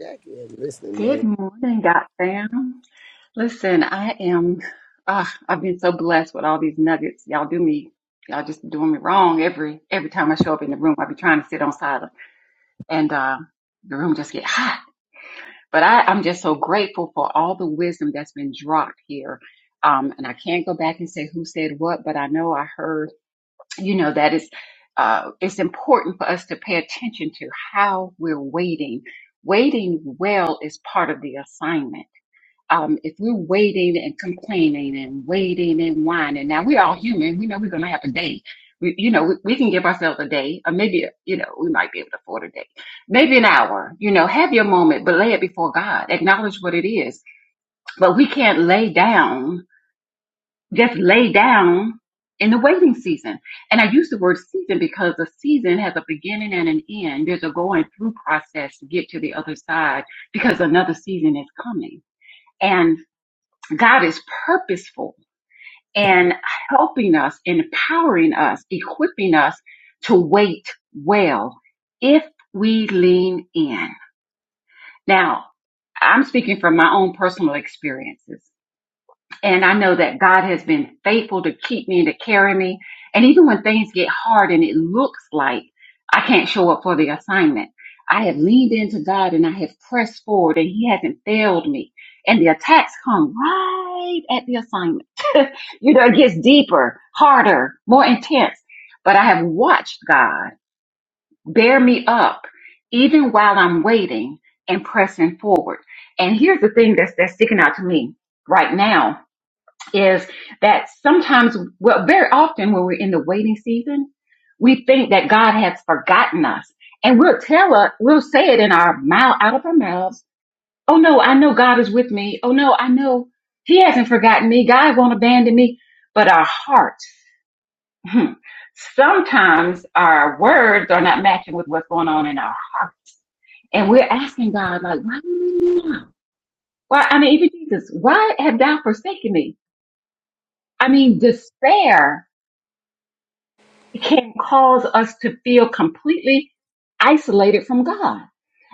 S5: Jackie is listening
S16: Good
S5: mode.
S16: morning, God fam. Listen, I am, ah, I've been so blessed with all these nuggets. Y'all do me, y'all just doing me wrong every every time I show up in the room. I be trying to sit on silent, and uh, the room just get hot. But I, I'm just so grateful for all the wisdom that's been dropped here. Um, and I can't go back and say who said what, but I know I heard, you know, that is, uh, it's important for us to pay attention to how we're waiting. Waiting well is part of the assignment um, if we're waiting and complaining and waiting and whining, now we're all human. We know we're going to have a day. We, you know, we, we can give ourselves a day, or maybe, you know, we might be able to afford a day, maybe an hour. You know, have your moment, but lay it before God. Acknowledge what it is. But we can't lay down, just lay down in the waiting season. And I use the word season because a season has a beginning and an end. There's a going through process to get to the other side because another season is coming. and. God is purposeful and helping us, empowering us, equipping us to wait well if we lean in. Now, I'm speaking from my own personal experiences. And I know that God has been faithful to keep me and to carry me. And even when things get hard and it looks like I can't show up for the assignment, I have leaned into God and I have pressed forward and He hasn't failed me. And the attacks come right at the assignment You know, it gets deeper, harder, more intense. But I have watched God bear me up even while I'm waiting and pressing forward. And here's the thing that's, that's sticking out to me right now is that sometimes, well, very often when we're in the waiting season, we think that God has forgotten us and we'll tell us, we'll say it in our mouth, out of our mouths. Oh no, I know God is with me. Oh no, I know he hasn't forgotten me. God won't abandon me. But our heart Hmm. sometimes our words are not matching with what's going on in our hearts. And we're asking God, like, why do you leave me now? Why, I mean, even Jesus, why have thou forsaken me? I mean, despair can cause us to feel completely isolated from God.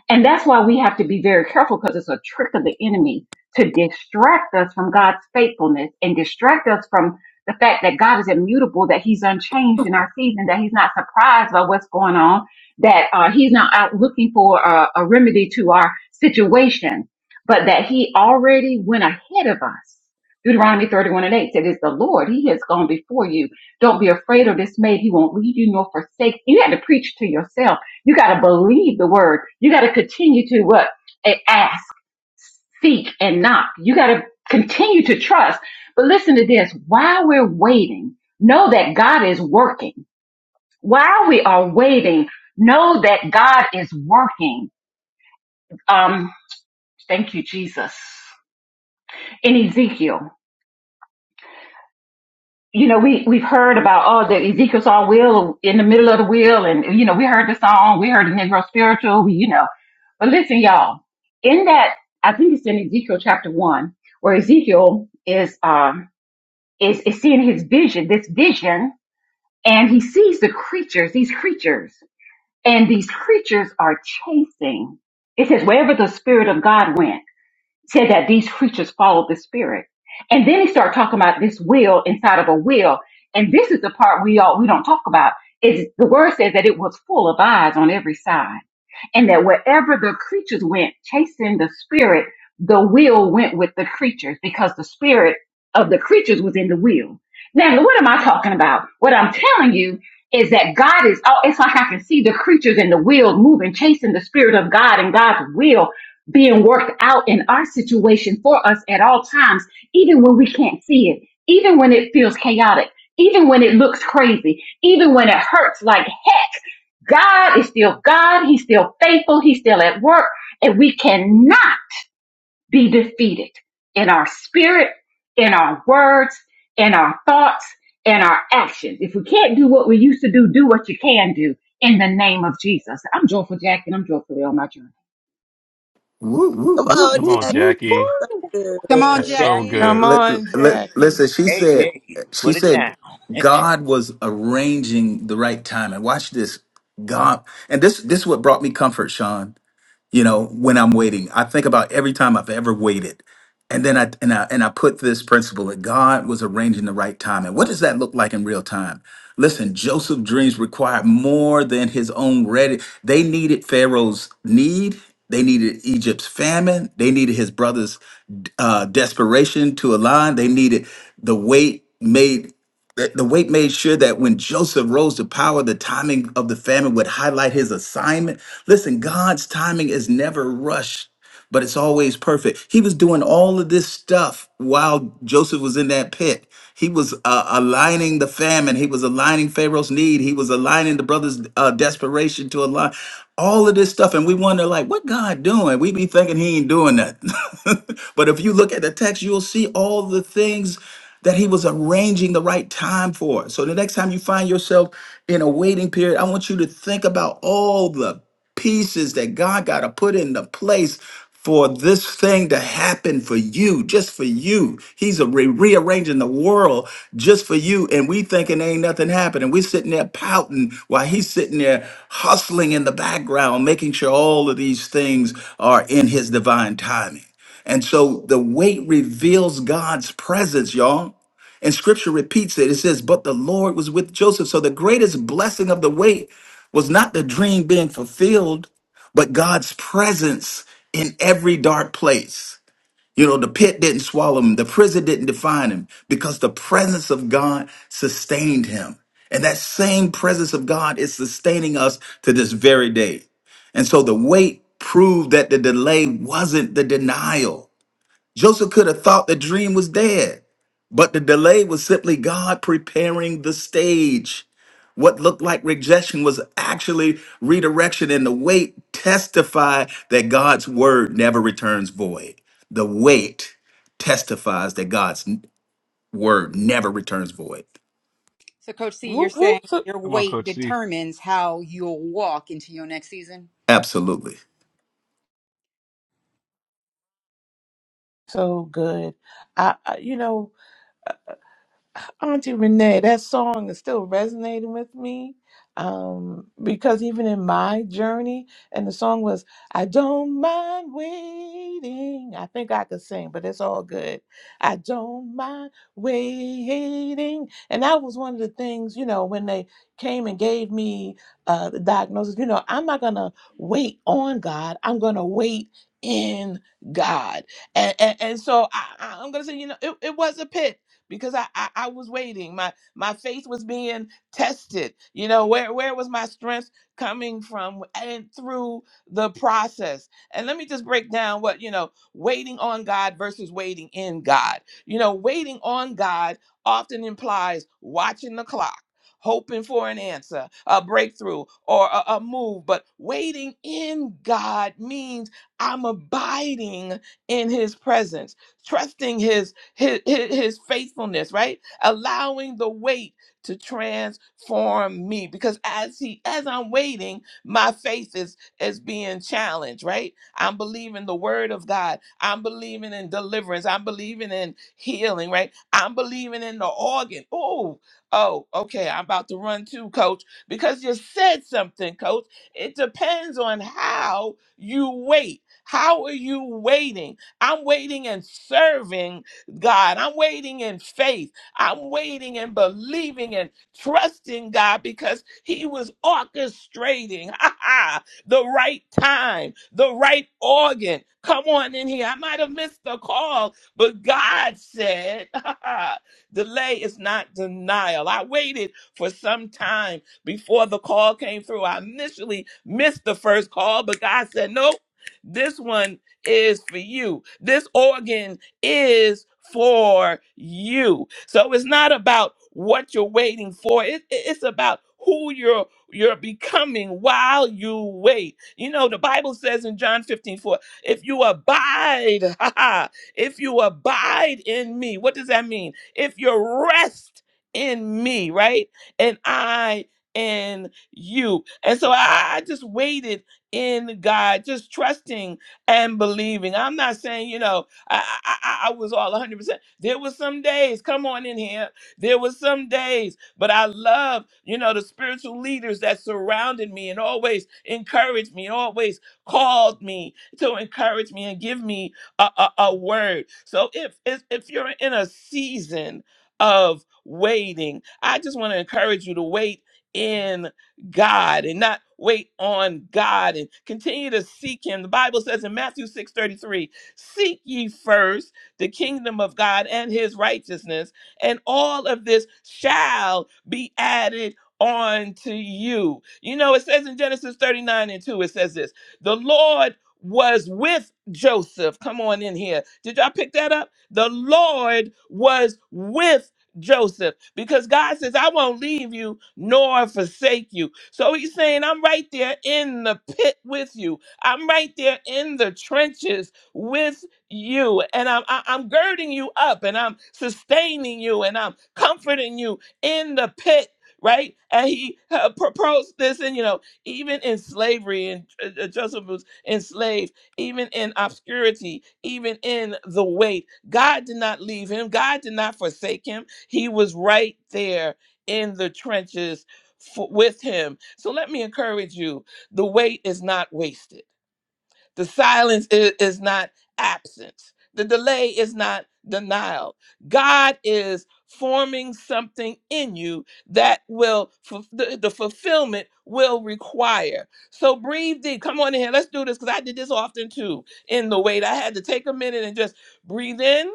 S16: And that's why we have to be very careful because it's a trick of the enemy to distract us from God's faithfulness and distract us from the fact that God is immutable, that he's unchanged in our season, that he's not surprised by what's going on, that uh, he's not out looking for a, a remedy to our situation, but that he already went ahead of us. Deuteronomy 31 and 8 said, It's the Lord. He has gone before you. Don't be afraid or dismayed. He won't leave you nor forsake. You You had to preach to yourself you got to believe the word. You got to continue to what? A- Ask, seek, and knock. You got to continue to trust. But listen to this. While we're waiting, know that God is working. While we are waiting, know that God is working. Um, thank you, Jesus. In Ezekiel, you know, we, we've heard about, oh, that Ezekiel saw a wheel in the middle of the wheel. And, you know, we heard the song, we heard the Negro spiritual, we, you know, But listen, y'all, in that, I think it's in Ezekiel chapter one, where Ezekiel is, um, is, is seeing his vision, this vision, and he sees the creatures, these creatures, and these creatures are chasing. It says, wherever the spirit of God went said that these creatures followed the spirit. And then he started talking about this will inside of a will. And this is the part we all we don't talk about. Is the word says that it was full of eyes on every side. And that wherever the creatures went, chasing the spirit, the will went with the creatures because the spirit of the creatures was in the will. Now, what am I talking about? What I'm telling you is that God is, oh, it's like I can see the creatures in the will moving, chasing the spirit of God and God's will being worked out in our situation for us at all times, even when we can't see it, even when it feels chaotic, even when it looks crazy, even when it hurts like heck. God is still God. He's still faithful. He's still at work and we cannot be defeated in our spirit, in our words, in our thoughts, in our actions. If we can't do what we used to do, do what you can do in the name of Jesus. I'm joyful, Jackie. and I'm joyfully on my journey.
S6: Whoop, whoop,
S5: Come
S6: whoop,
S5: on,
S12: Come
S6: whoop,
S12: on,
S6: whoop.
S12: Jackie.
S1: Come
S5: Jackie.
S1: on,
S12: That's so
S1: Jackie.
S4: Jackie,
S2: Come
S12: good.
S6: Li-
S2: on,
S6: li-
S2: Jackie.
S6: Listen, she said,
S4: AJ,
S6: she
S4: put it
S6: said,
S4: down.
S6: God was arranging the right time. And watch this, God, and this, this is what brought me comfort, Sean you know when i'm waiting i think about every time i've ever waited and then i and i and i put this principle that god was arranging the right time and what does that look like in real time listen joseph's dreams required more than his own ready they needed pharaoh's need they needed egypt's famine they needed his brother's uh, desperation to align they needed the weight made the, the wait made sure that when Joseph rose to power, the timing of the famine would highlight his assignment. Listen, God's timing is never rushed, but it's always perfect. He was doing all of this stuff while Joseph was in that pit. He was uh, aligning the famine. He was aligning Pharaoh's need. He was aligning the brothers' uh, desperation to align all of this stuff. And we wonder, like, what God doing? We be thinking he ain't doing nothing. *laughs* but if you look at the text, you'll see all the things that he was arranging the right time for. So the next time you find yourself in a waiting period, I want you to think about all the pieces that God got to put into place for this thing to happen for you, just for you. He's a re- rearranging the world just for you, and we thinking ain't nothing happening. We're sitting there pouting while he's sitting there hustling in the background, making sure all of these things are in his divine timing. And so the weight reveals God's presence, y'all. And scripture repeats it. It says, But the Lord was with Joseph. So the greatest blessing of the weight was not the dream being fulfilled, but God's presence in every dark place. You know, the pit didn't swallow him, the prison didn't define him because the presence of God sustained him. And that same presence of God is sustaining us to this very day. And so the wait proved that the delay wasn't the denial. Joseph could have thought the dream was dead, but the delay was simply God preparing the stage. What looked like rejection was actually redirection, and the wait testified that God's word never returns void. The wait testifies that God's n- word never returns void.
S1: So, Coach C, you're
S2: Whoop, whoop.
S1: saying
S2: So,
S1: your
S12: Come on,
S1: weight
S12: Coach C.
S1: determines how you'll walk into your next season?
S6: Absolutely.
S2: so good. I, I, you know, Auntie Renee, that song is still resonating with me um, because even in my journey, and the song was, I don't mind waiting. I think I could sing, but it's all good. I don't mind waiting. And that was one of the things, you know, when they came and gave me uh, the diagnosis, you know, I'm not going to wait on God, I'm going to wait in God. And, and, and so I, I- I'm going to say, you know, it, it was a pit because I, I I was waiting. My my faith was being tested. You know where where was my strength coming from and through the process. And let me just break down what you know waiting on God versus waiting in God. You know waiting on God often implies watching the clock. Hoping for an answer, a breakthrough, or a, a move, but waiting in God means I'm abiding in His presence, trusting His his, his, his faithfulness, right? Allowing the wait to transform me because as he as I'm waiting, my faith is is being challenged, right? I'm believing the word of God. I'm believing in deliverance. I'm believing in healing, right? I'm believing in the organ. Oh, oh, okay. I'm about to run too, coach, because you said something, coach. It depends on how you wait. How are you waiting? I'm waiting and serving God. I'm waiting in faith. I'm waiting and believing and trusting God because He was orchestrating *laughs* the right time, the right organ. Come on in here. I might have missed the call, but God said, *laughs* delay is not denial. I waited for some time before the call came through. I initially missed the first call, but God said, nope, this one is for you. This organ is for you. So it's not about what you're waiting for. It, it- it's about who you're you're becoming while you wait. You know, the Bible says in John 15 4, if you abide, *laughs* ha, ha, if you abide in me, what does that mean? If you rest in me, right? And I in you. And so I, I just waited in God, just trusting and believing. I'm not saying, you know, I, I, I was all 100%. There was some days, come on in here. There was some days, but I love, you know, the spiritual leaders that surrounded me and always encouraged me, always called me to encourage me and give me a, a, a word. So if, if if you're in a season of waiting, I just want to encourage you to wait in God and not wait on God and continue to seek him. The Bible says in Matthew 6:33. Seek ye first the kingdom of God and his righteousness, and all of this shall be added unto you. You know, it says in Genesis 39 and 2, it says this the Lord was with Joseph. Come on in here. Did y'all pick that up? The Lord was with Joseph because God says, I won't leave you nor forsake you. So he's saying, I'm right there in the pit with you. I'm right there in the trenches with you. And I'm, I- I'm girding you up and I'm sustaining you and I'm comforting you in the pit. Right, and he uh, proposed this, and you know, even in slavery, and uh, uh, Joseph was enslaved, even in obscurity, even in the weight, God did not leave him. God did not forsake him. He was right there in the trenches for, with him. So let me encourage you: the weight is not wasted the silence i- is not absence. The delay is not denial. God is forming something in you that will, fu- the, the fulfillment will require. So breathe deep. Come on in here. Let's do this because I did this often too in the wait. I had to take a minute and just breathe in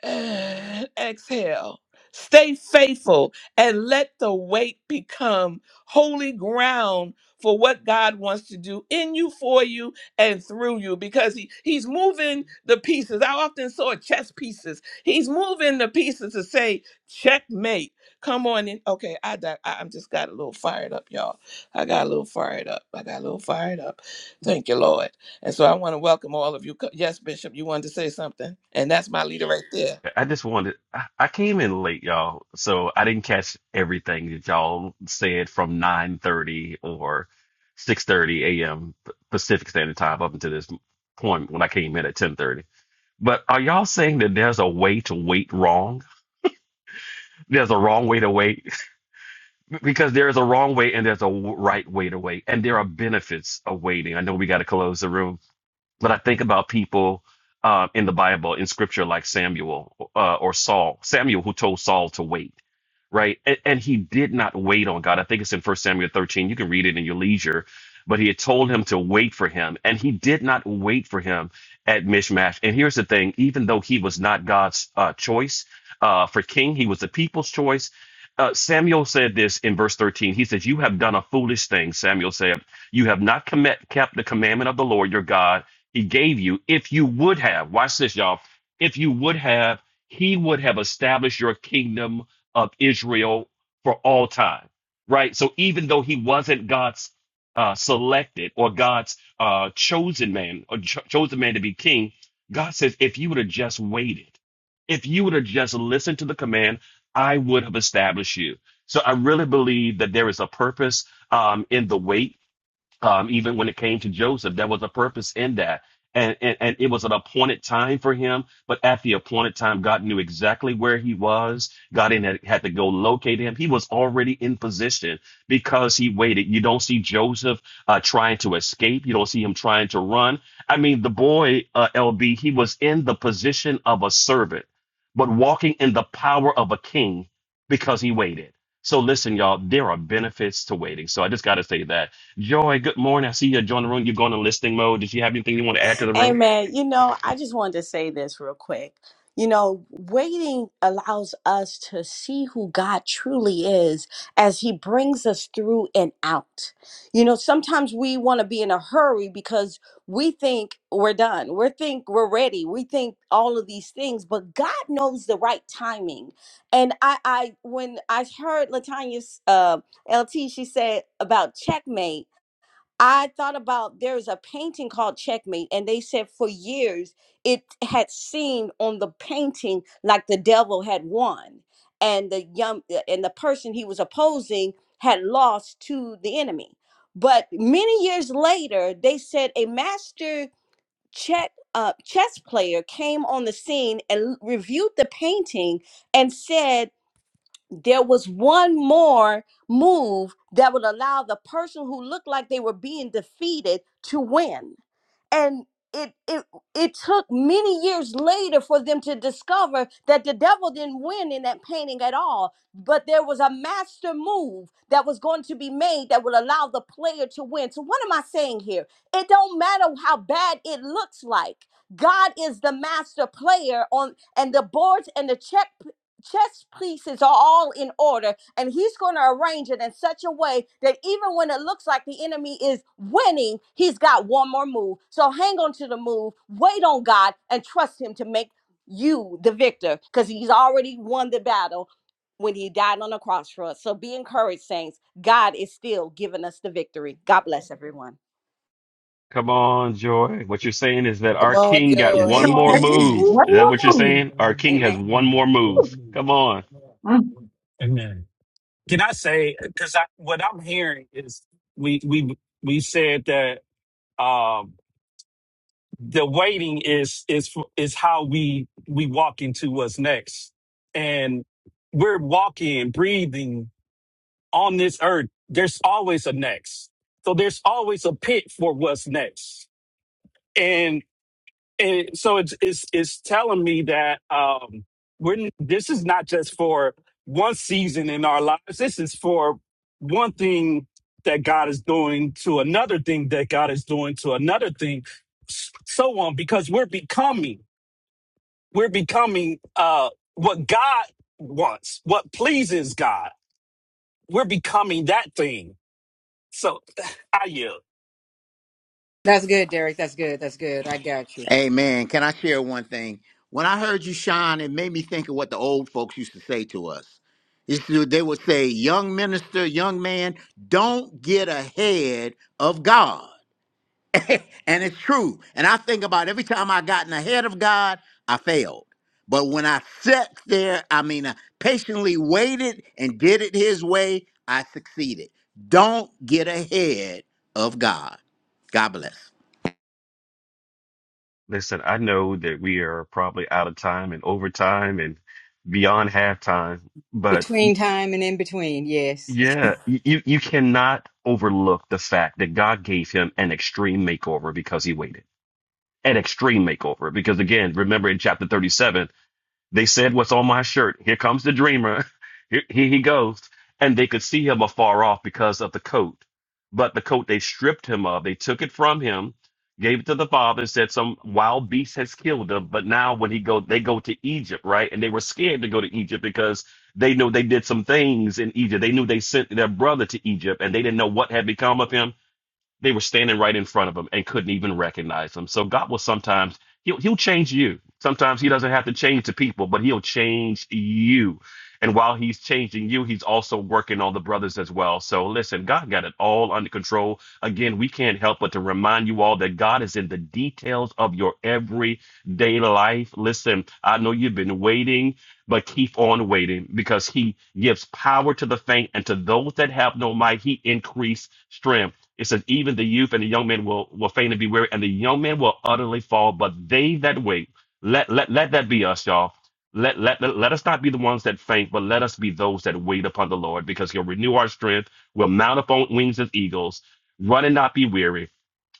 S2: *sighs* Exhale. Stay faithful and let the weight become holy ground for what God wants to do in you, for you, and through you because he, He's moving the pieces. I often saw chess pieces. He's moving the pieces to say, checkmate. Come on in. Okay, I, di- I I'm just got a little fired up, y'all. I got a little fired up. I got a little fired up. Thank you, Lord. And so I want to welcome all of you. Co- Yes, Bishop, you wanted to say something? And that's my leader right there.
S12: I just wanted, I, I came in late, y'all, so I didn't catch everything that y'all said from 9:30 or 6:30 a.m. Pacific Standard Time up until this point when I came in at 10:30. But are y'all saying that there's a way to wait wrong? There's a wrong way to wait. because there is a wrong way and there's a w- right way to wait, and there are benefits of waiting. I know we got to close the room, but I think about people uh, in the Bible, in Scripture, like Samuel uh, or Saul. Samuel, who told Saul to wait, right? And, and he did not wait on God. I think it's in First Samuel 13. You can read it in your leisure. But he had told him to wait for him, and he did not wait for him at Mishmash. And here's the thing: even though he was not God's uh, choice uh, for king, he was the people's choice. Uh, Samuel said this in verse 13. He says, "You have done a foolish thing." Samuel said, "You have not commit, kept the commandment of the Lord your God." he gave you, if you would have, watch this, y'all, if you would have, he would have established your kingdom of Israel for all time, right? So even though he wasn't God's uh, selected or God's uh, chosen man, or cho- chosen man to be king, God says, if you would have just waited, if you would have just listened to the command, I would have established you. So I really believe that there is a purpose um, in the wait um, even when it came to Joseph, there was a purpose in that. And, and, and it was an appointed time for him. But at the appointed time, God knew exactly where he was. God in had, had to go locate him. He was already in position because he waited. You don't see Joseph uh, trying to escape. You don't see him trying to run. I mean, the boy, uh, LB, he was in the position of a servant, but walking in the power of a king because he waited. So listen, y'all, there are benefits to waiting. So I just got to say that Joy, good morning. I see you join the room. You've gone in listening mode. Did you have anything you want to add to the room? Come on, Joy. What you're saying is that
S5: Come
S12: our
S5: on,
S12: king
S16: Look
S12: got
S16: at
S5: Joy.
S12: one
S3: Yes.
S12: more
S2: Whoop,
S16: George,
S2: whoop,
S4: Amen.
S12: move.
S2: whoop,
S16: one
S12: Is that what
S2: whoop.
S12: you're
S16: more move.
S12: saying? Our king has one more
S16: Whew.
S12: move. Come on.
S16: Mm.
S3: Amen. Can I say because I, what I'm hearing is we we we said that um, the waiting is is is how we we walk into what's next, and we're walking, breathing on this earth, there's always a next. So there's always a pit for what's next. And, and so it's, it's, it's telling me that, um, we're, n- this is not just for one season in our lives. This is for one thing that God is doing to another thing that God is doing to another thing, s- so on, because we're becoming, we're becoming, uh, what God wants, what pleases God. We're becoming that thing So *sighs* I yell,
S1: That's good, Derek. That's good. That's good. I got you.
S4: Hey man, Can I share one thing? When I heard you, Sean, it made me think of what the old folks used to say to us. Used to- They would say, young minister, young man, don't get ahead of God. *laughs* And it's true. And I think about every time I gotten ahead of God, I failed. But when I sat there, I mean, I patiently waited and did it his way, I succeeded. Don't get ahead of God. God bless.
S12: Listen, I know that we are probably out of time and overtime and beyond halftime, but y-
S1: Between time and in between, yes. *laughs*
S12: yeah, y- you, you cannot overlook the fact that God gave him an extreme makeover because he waited. An extreme makeover. Because again, remember in chapter 37, They said, What's on my shirt? Here comes the dreamer. *laughs* Here, here he goes. And they could see him afar off because of the coat. But the coat they stripped him of, they took it from him, gave it to the father, and said some wild beast has killed him. But now when he go, they go to Egypt, right? And they were scared to go to Egypt because they know they did some things in Egypt. They knew they sent their brother to Egypt and they didn't know what had become of him they were standing right in front of him and couldn't even recognize him. So God will sometimes he'll he'll change you. Sometimes he doesn't have to change the people, but he'll change you. And while he's changing you, he's also working on the brothers as well. So listen, God got it all under control. Again, we can't help but to remind you all that God is in the details of your everyday life. Listen, I know you've been waiting, but keep on waiting because he gives power to the faint and to those that have no might, he increased strength. It says, even the youth and the young men will, will faint and be weary, and the young men will utterly fall, but they that wait, let, let, let that be us, y'all. Let, let, let, let us not be the ones that faint, but let us be those that wait upon the Lord, because he'll renew our strength. We'll mount up on wings as eagles, run and not be weary,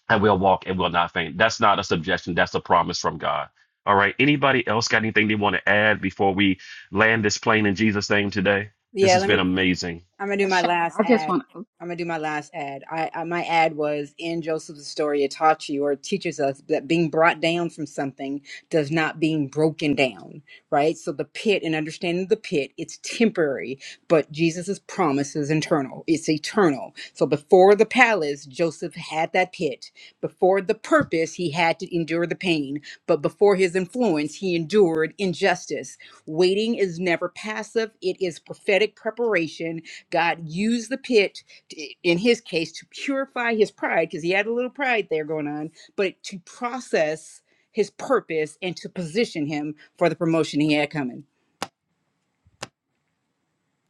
S12: and we'll walk and will not faint. That's not a suggestion, that's a promise from God. All right. Anybody else got anything they want to add before we land this plane in Jesus' name today? This
S1: Yeah,
S12: has
S1: let
S12: been
S1: me
S12: amazing.
S1: I'm gonna do
S16: Uh,
S1: my
S16: Sean,
S1: last
S16: I just
S1: ad.
S16: want to,
S1: I'm gonna do my last ad. I, I my ad was in Joseph's story. It taught you or teaches us that being brought down from something does not being broken down, right? So the pit and understanding the pit, it's temporary, but Jesus' promise is internal. It's eternal. So before the palace, Joseph had that pit. Before the purpose, he had to endure the pain. But before his influence, he endured injustice. Waiting is never passive. It is prophetic preparation God used the pit, to, in his case, to purify his pride, because he had a little pride there going on, but to process his purpose and to position him for the promotion he had coming.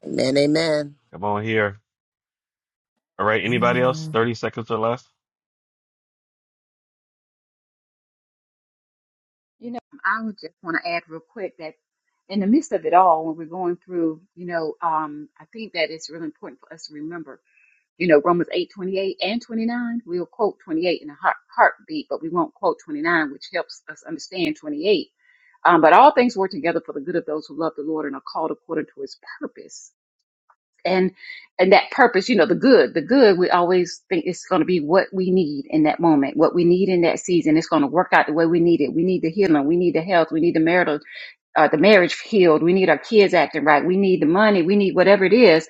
S5: Amen, amen.
S12: Come on here. All right. Anybody else?
S2: Amen.
S12: 30 seconds or less.
S16: you know, I would just want to add real quick that in the midst of it all, when we're going through, you know, um, I think that it's really important for us to remember, you know, Romans 8:28 and 29. We'll quote 28 in a heart, heartbeat, but we won't quote 29, which helps us understand 28. Um, but all things work together for the good of those who love the Lord and are called according to his purpose. and and that purpose you know the good the good we always think it's going to be what we need in that moment what we need in that season it's going to work out the way we need it we need the healing we need the health we need the marital uh, the marriage healed we need our kids acting right we need the money we need whatever it is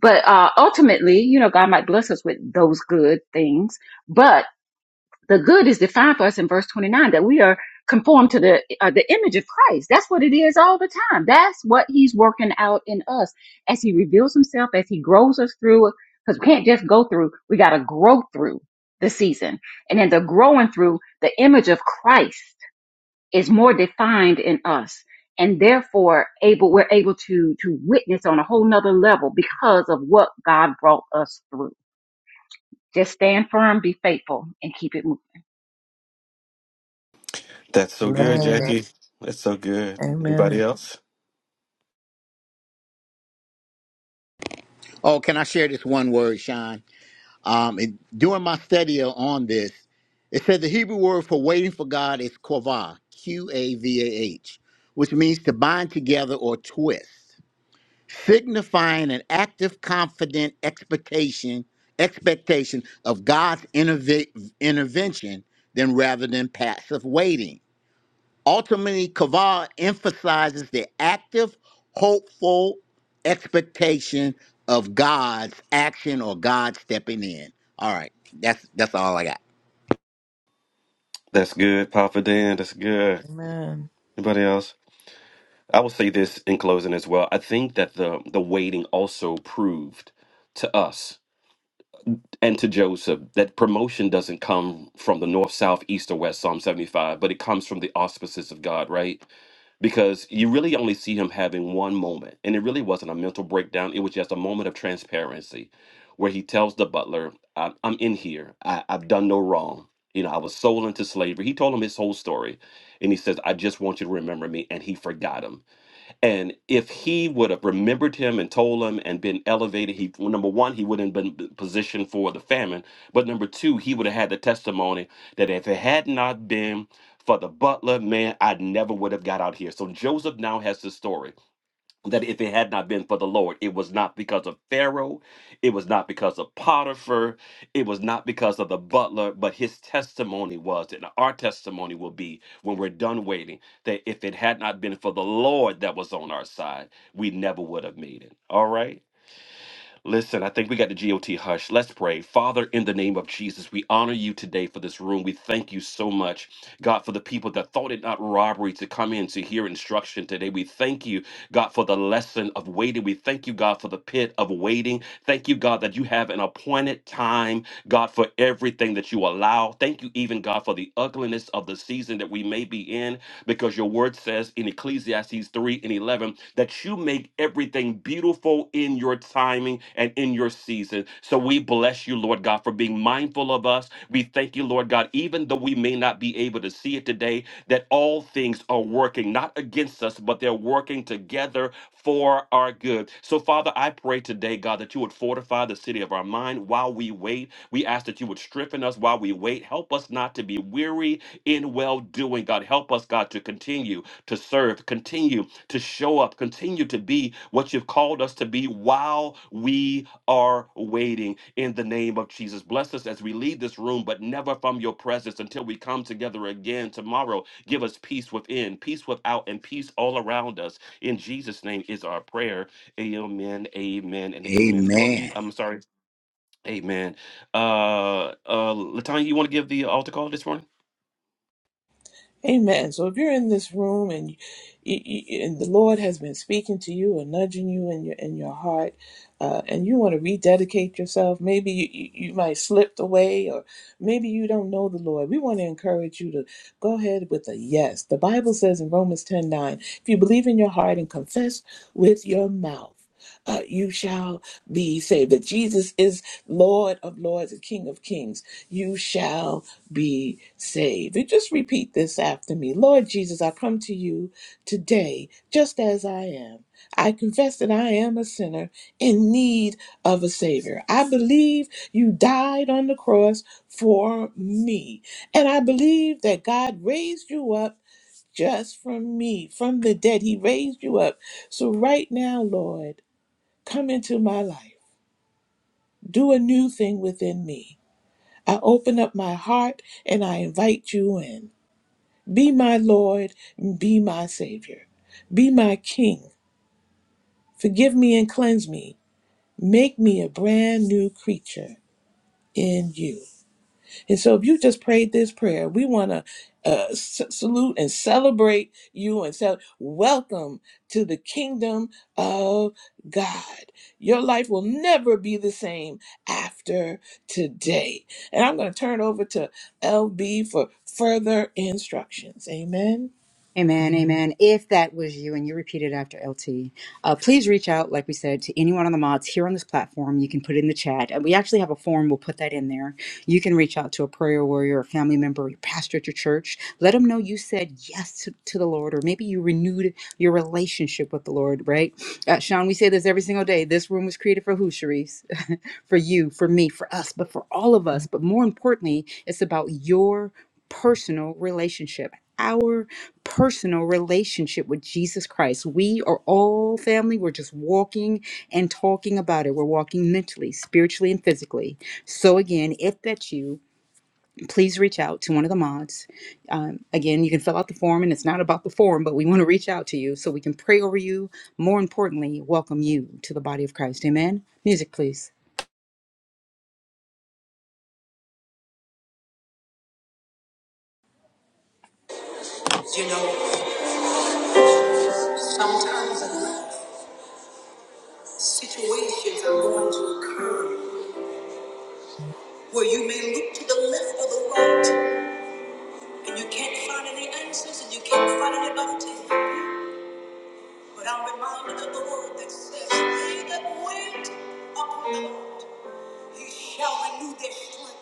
S16: but uh ultimately you know god might bless us with those good things but the good is defined for us in verse 29 that we are conformed to the uh, the image of Christ. That's what it is all the time. That's what he's working out in us as he reveals himself as he grows us through cuz we can't just go through. We got to grow through the season. And in the growing through the image of Christ is more defined in us and therefore able we're able to to witness on a whole nother level because of what God brought us through. Just stand firm, be faithful and keep it
S12: That's so
S5: Amen,
S12: good,
S2: Amen.
S5: amen.
S12: Jackie. That's so good. Anybody
S2: Amen.
S12: else?
S4: Oh, can I share this one word, Sean? Um, and during my study on this, it said the Hebrew word for waiting for God is kovah, Q A V A H, which means to bind together or twist, signifying an active, confident expectation expectation of God's interve- intervention, than rather than passive waiting. Ultimately, Kaval emphasizes the active, hopeful expectation of God's action or God stepping in. All right, that's that's all I got.
S12: That's good, Papa Dan. That's good.
S2: Amen.
S12: Anybody else? I will say this in closing as well. I think that the the waiting also proved to us and to Joseph that promotion doesn't come from the north, south, east, or west, Psalm 75, but it comes from the auspices of God, right? because you really only see him having one moment. And it really wasn't a mental breakdown, it was just a moment of transparency where he tells the butler, I- I'm in here, I- I've done no wrong. You know, I was sold into slavery. He told him his whole story. And he says, I just want you to remember me. And he forgot him and if he would have remembered him and told him and been elevated, he well, number one, he wouldn't have been positioned for the famine. But number two, he would have had the testimony that if it had not been for the butler, man, I never would have got out here. So Joseph now has the story that if it had not been for the Lord, it was not because of Pharaoh, it was not because of Potiphar, it was not because of the butler, but his testimony was only will be when we're done that for the Lord, we never robbery to come in to hear instruction today. We thank you, God, for the lesson of thank God, thank you of season that we may be in, because your word says in Ecclesiastes 3 and 11 that you make everything beautiful in your timing and in your season. What God forbid us, we against us, but they're working together for our good. So, Father, I pray today, God, that you would fortify the city of our mind while we wait. We ask that you would strengthen us while we wait. Help us not to be weary in well doing, God. Help us, God, to continue to serve, continue to show up, continue to be what you've called us to be while we are waiting in the name of Jesus. Bless us as we leave this room, but never from your presence until we come together again tomorrow. Give us peace within, peace without, and peace all around us. In Jesus' name is our prayer. Amen, amen, and amen.
S4: Amen.
S12: LB, I'm sorry. Amen. Uh, uh, Latanya, you want to give the altar call this morning?
S2: Amen. So if you're in this room and you, you, you- and the Lord has been speaking to you or nudging you in your in your heart, uh, and you want to rededicate yourself, maybe you, you you might slipped away, or maybe you don't know the Lord. We want to encourage you to go ahead with a yes. The Bible says in Romans ten nine, if you believe in your heart and confess with your mouth. Uh, you shall be saved. That Jesus is Lord of Lords and King of Kings. You shall be saved. And just repeat this after me Lord Jesus, I come to you today just as I am. I confess that I am a sinner in need of a Savior. I believe you died on the cross for me. And I believe that God raised you up just from me, from the dead. He raised you up. So, right now, Lord, come into my life. Do a new thing within me. I open up my heart and I invite you in. Be my Lord, be my Savior. Be my King. Forgive me and cleanse me. Make me a brand new creature in you. And so, if you just prayed this prayer, we want to uh, s- salute and celebrate you and say, Welcome to the kingdom of God. Your life will never be the same after today. And I'm going to turn over to LB for further instructions. Amen.
S1: Amen, amen. If that was you and you repeated after LT, uh, please reach out, like we said, to any one of the mods here on this platform. You can put it in the chat. And we actually have a form, we'll put that in there. You can reach out to a prayer warrior, a family member, your pastor at your church. Let them know you said yes to, to the Lord, or maybe you renewed your relationship with the Lord, right? Uh, Sean, we say this every single day. This room was created for who, Sharice? *laughs* for you, for me, for us, but for all of us. But more importantly, it's about your personal relationship our personal relationship with Jesus Christ. We are all family. We're just walking and talking about it. We're walking mentally, spiritually, and physically. So, again, if that's you, please reach out to one of the mods. Um, again, you can fill out the form, and it's not about the form, but we want to reach out to you so we can pray over you. More importantly, welcome you to the body of Christ. Amen. Music, please.
S2: You know. Sometimes situations are going to occur where you may look to the left or the right and you can't find any answers and you can't find anybody to help you. But I'm reminded of the word that says, They that wait upon the Lord, he shall renew their strength.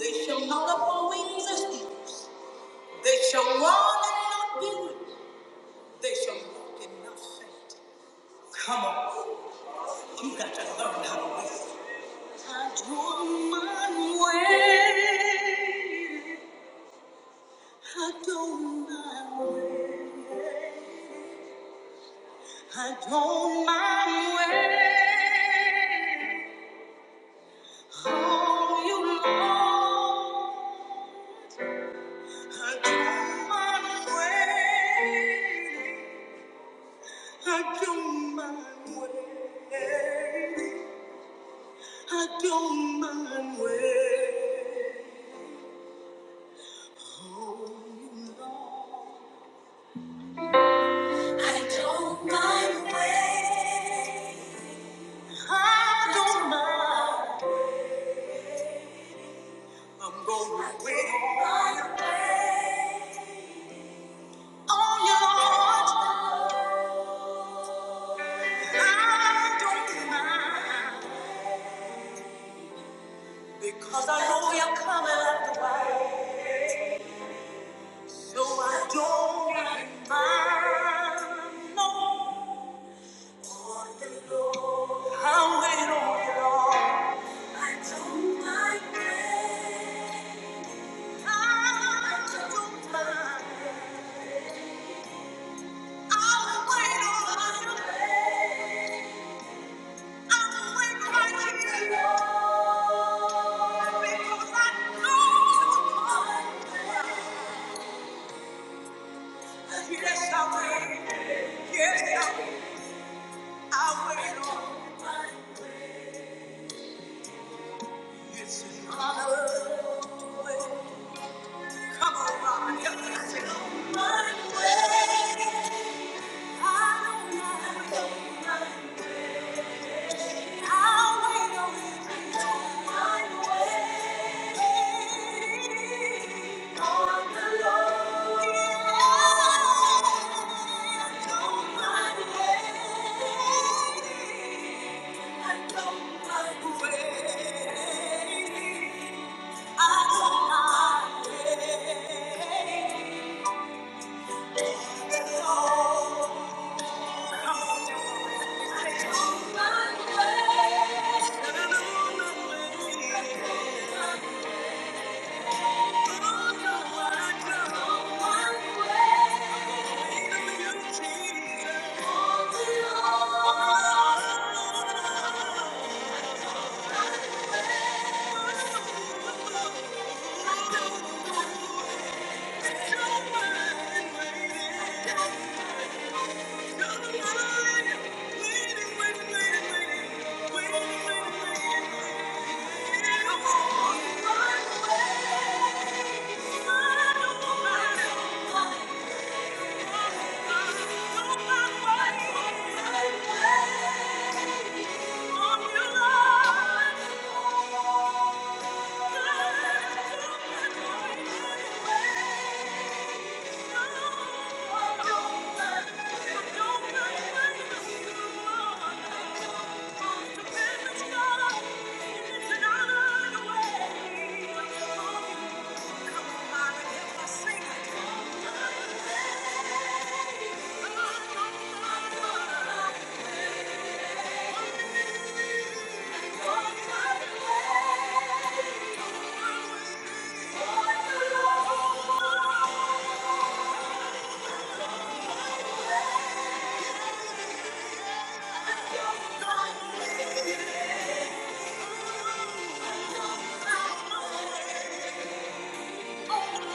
S2: They shall mount up on wings as eagles. They shall run and not be weary. They shall walk and not faint. Come on, you got to learn how to wait. I don't mind I don't mind I don't mind I don't mind I don't mind I don't mind. I'm gonna I don't mind. Because I know you're coming after the way, so I don't mind no more. I'll wait on you, Lord. I don't mind waiting. I don't mind. I'll wait on you. I'll wait right here, Lord. Because I know you're coming. out the way. Yes, I will. Yes, I will. I will. This is my way. Come on, Robin, help me sing. My way. I don't mind waiting. Thank you. Thank you. Thank you. Thank you. Thank you.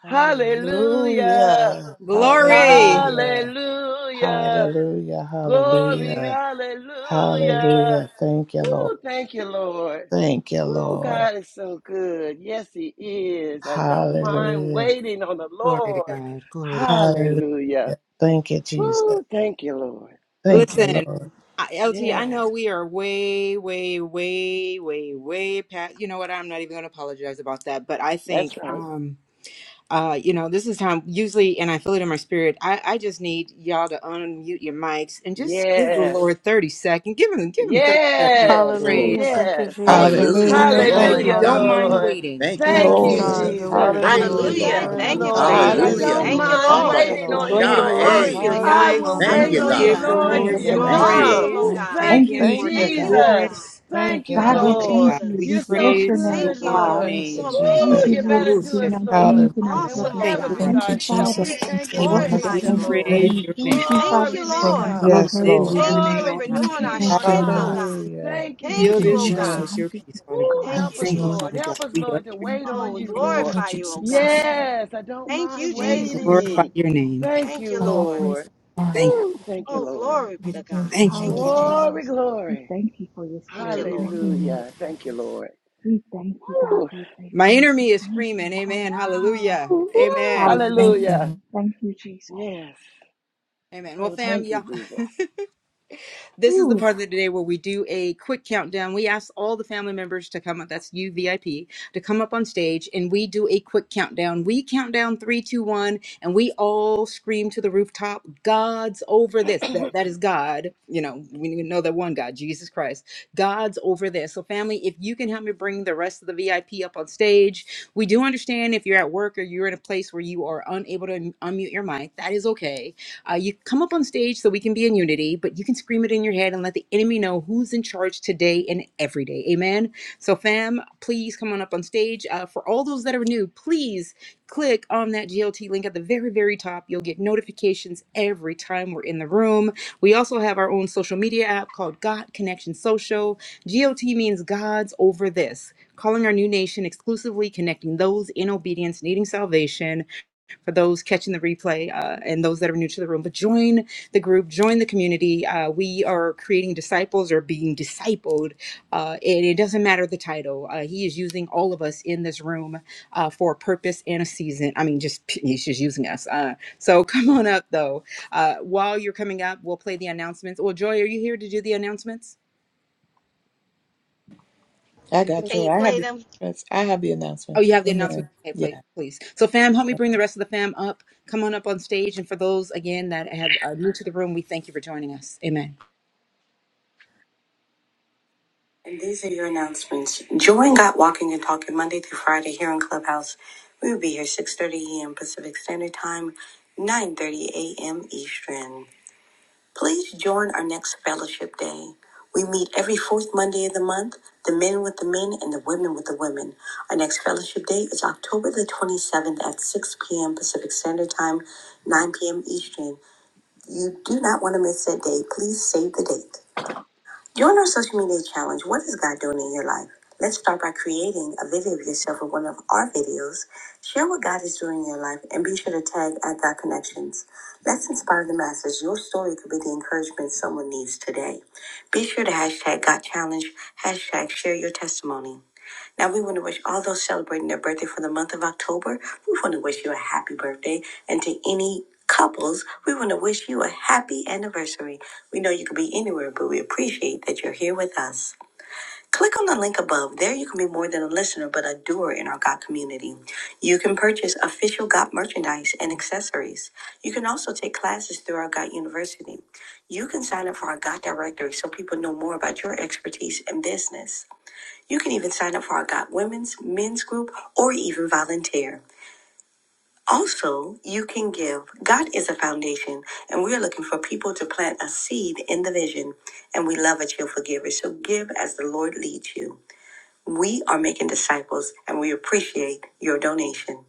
S2: Hallelujah.
S5: Hallelujah.
S1: Glory.
S2: Hallelujah.
S5: Hallelujah. Glory. Hallelujah.
S2: Hallelujah. Thank you, Lord.
S5: Woo, thank you, Lord.
S2: Thank you,
S5: Woo,
S2: Lord.
S5: God is so good. Yes, He is. I don't mind
S2: Hallelujah.
S5: waiting on the
S1: Glory to
S5: Lord.
S1: God. Glory to God.
S2: Hallelujah.
S5: Hallelujah.
S2: Thank you, Jesus.
S5: Woo, thank you, Lord.
S2: Thank you,
S1: Listen,
S2: Lord.
S1: I, LT, I
S5: Yes,
S1: know we are way, way, way, way, way past. You know what? I'm not even going to apologize about that. But I
S5: that's
S1: think,
S5: right.
S1: um, uh, you know, this is time usually, and I feel it in my spirit. I, I just need y'all to unmute your mics and just give the
S5: Yes.
S1: Lord 30 seconds. Give him, give him 30 seconds of
S5: Yes,
S4: Oh,
S8: Hallelujah.
S1: praise,
S8: Thank you,
S5: yes.
S1: right?
S8: Jesus.
S4: hallelujah.
S8: Thank you,
S1: Just,
S2: Hallelujah.
S1: just
S8: God.
S1: if
S4: Glory
S2: Thank
S1: you
S2: you,
S4: to
S5: Hallelujah,
S1: don't
S4: God.
S8: Hallelujah.
S2: Jesus.
S1: mind
S5: Lord.
S1: waiting.
S4: Thank you,
S5: Thank
S8: Yes,
S5: you,
S8: God,
S2: Glory.
S4: Jesus.
S8: you're
S4: We
S1: Glory to
S5: Jesus.
S8: worthy,
S1: God.
S4: praise you,
S8: Lord.
S1: Thank you,
S8: You're
S4: Lord.
S5: Thank
S1: Father
S2: Hallelujah.
S5: you,
S1: God.
S8: worthy.
S1: We
S8: God
S5: Lord, because
S1: praise
S5: I
S1: your
S8: bless you,
S4: Hallelujah.
S5: don't
S1: name.
S2: Hallelujah.
S8: Lord.
S5: mind
S2: Thank
S4: Hamba
S2: you,
S5: waiting on
S1: Go
S2: Lord.
S5: you,
S1: ahead
S8: Hallelujah,
S1: and
S4: bakosha.
S16: moving.
S5: Lord.
S1: release your
S4: Hey,
S8: Jesus.
S5: I will
S1: mics and
S2: Hallelujah.
S4: thank
S5: wait
S4: you,
S8: Hallelujah,
S1: just
S5: on you,
S4: God.
S1: give
S8: Jesus.
S1: the
S5: Lord,
S8: Thank
S5: till
S1: Lord
S2: Thank
S8: you,
S2: you,
S5: you
S1: some
S8: Lord.
S4: Thank
S2: God.
S4: you, Lord.
S5: come.
S1: praise and
S2: Woo.
S8: Thank you.
S1: thank
S5: Thank
S1: Him
S5: you,
S1: for
S2: Thank you,
S1: His
S2: God.
S5: Jesus.
S1: goodness.
S5: Thank
S2: Thank you,
S5: you,
S2: God.
S1: Glory to
S5: Lord.
S1: God. We
S5: You're so
S1: praise
S5: good,
S1: your
S5: Lord.
S2: Thank you,
S1: name.
S2: Jesus.
S5: Woo, you're better to us, Lord, than we'll
S2: Hallelujah.
S1: Thank
S5: ever
S1: you,
S5: be to
S1: Father God.
S5: ourselves. We thank and praise
S1: We
S5: you,
S10: Thank
S17: Thank
S10: you
S5: Lord.
S2: Thank
S1: praise
S2: you.
S1: your name.
S5: Glory be to
S17: you,
S10: for being
S17: Lord.
S5: God.
S1: We
S2: Yes,
S10: honored, the
S1: lift
S2: Lord.
S17: Thank
S1: your
S10: redeemer.
S1: name
S5: Glory
S1: on
S5: to the
S1: high.
S5: King
S10: Thank
S5: on
S10: you,
S5: high.
S10: Lord.
S17: you, thank you,
S2: Hallelujah.
S5: Thank
S17: thank you,
S5: you,
S10: Thank
S1: Fill
S10: you,
S1: this room
S5: Jesus.
S1: with
S10: Jesus.
S1: your peace, Father
S5: Woo,
S1: God.
S5: help
S10: Thank you,
S5: us,
S1: Thank you,
S10: Lord.
S5: Lord.
S1: Father God.
S5: Help us,
S1: We
S5: Lord,
S1: usher
S5: to
S1: you.
S5: wait on you,
S1: Thank
S5: Lord.
S10: Thank you, Jesus.
S5: Yes, I don't mind
S1: you. Glorify
S5: waiting.
S1: your name.
S5: Thank you,
S10: I'm all
S17: Lord.
S10: praise
S5: Lord.
S10: the Lord.
S1: Thank
S5: Woo, thank you,
S17: Oh
S5: Lord.
S10: I'm
S17: God,
S1: you.
S10: praise you,
S1: Thank you,
S17: thank
S10: Lord. I
S1: Lord.
S17: you,
S5: Glory, glory.
S17: thank you,
S10: love
S17: Lord.
S10: you, Lord.
S5: Hallelujah. Thank you, Lord. Woo,
S1: My enemy is screaming, Amen. Hallelujah.
S5: woo, woo.
S1: Amen.
S10: Thank you.
S5: Hallelujah.
S10: Lord.
S5: Yes.
S1: Amen. Well,
S5: Oh,
S1: fam,
S5: thank you,
S1: yeah.
S5: Jesus.
S1: This is the part of the day where we do a quick countdown. We ask all the family members to come up, that's you, VIP, to come up on stage and we do a quick countdown. We count down three, two, one, and we all scream to the rooftop, God's over this. That, that is God. You know, we know that one God, Jesus Christ. God's over this. So, family, if you can help me bring the rest of the VIP up on stage, we do understand if you're at work or you're in a place where you are unable to un- unmute your mic, that is okay uh, you come up on stage so we can be in unity, but you can scream it in your head and let the enemy know who's in charge today and every day. Amen. So, fam, please come on up on stage. Uh, for all those that are new, please click on that GLT link at the very, very top. You'll get notifications every time we're in the room. We also have our own social media app called God Connection Social. GOT means God's over this, calling our new nation exclusively connecting those in obedience needing salvation for those catching the replay uh, and those that are new to the room. But join the group, join the community. Uh, we are creating disciples or being discipled, uh, and it doesn't matter the title. Uh, he is using all of us in this room uh, for a purpose and a season. I mean, just *laughs* he's just using us. Uh, so *laughs* come on up, though. Uh, while you're coming up, we'll play the announcements. Well, Joy, are you here to do the announcements?
S2: I got
S17: Can
S2: you.
S17: you
S2: I have
S17: play
S2: the
S17: them?
S2: announcements. I have the
S1: Oh, you
S2: announcements.
S1: have the announcement. Okay, play,
S2: Yeah.
S1: please. So, fam, help me bring the rest of the fam up. Come on up on stage. And for those, again, that have are new to the room, we thank you for joining us. Amen.
S2: And these are your announcements. Join Got Walking and Talking Monday through Friday here in Clubhouse. We will be here 6.30 a.m. Pacific Standard Time, 9.30 a.m. Eastern. Please join our next fellowship day. We meet every fourth Monday of the month, the men with the men and the women with the women. Our next fellowship day is October the 27th at 6 p.m. Pacific Standard Time, 9 p.m. Eastern. You do not want to miss that day. Please save the date. During our social media challenge, what is God doing in your life? Let's start by creating a video of yourself with one of our videos. Share what God is doing in your life and be sure to tag at God Connections. Let's inspire the masses. Your story could be the encouragement someone needs today. Be sure to hashtag God Challenge, hashtag share your testimony. Now, we want to wish all those celebrating their birthday for the month of October, we want to wish you a happy birthday. And to any couples, we want to wish you a happy anniversary. We know you could be anywhere, but we appreciate that you're here with us. Click on the link above. There, you can be more than a listener, but a doer in our Got community. You can purchase official Got merchandise and accessories. You can also take classes through our Got University. You can sign up for our Got directory so people know more about your expertise and business. You can even sign up for our God Women's Men's Group or even volunteer. Also, you can give. God is a foundation, and we're looking for people to plant a seed in the vision. And we love a cheerful giver, so give as the Lord leads you. We are making disciples, and we appreciate your donation.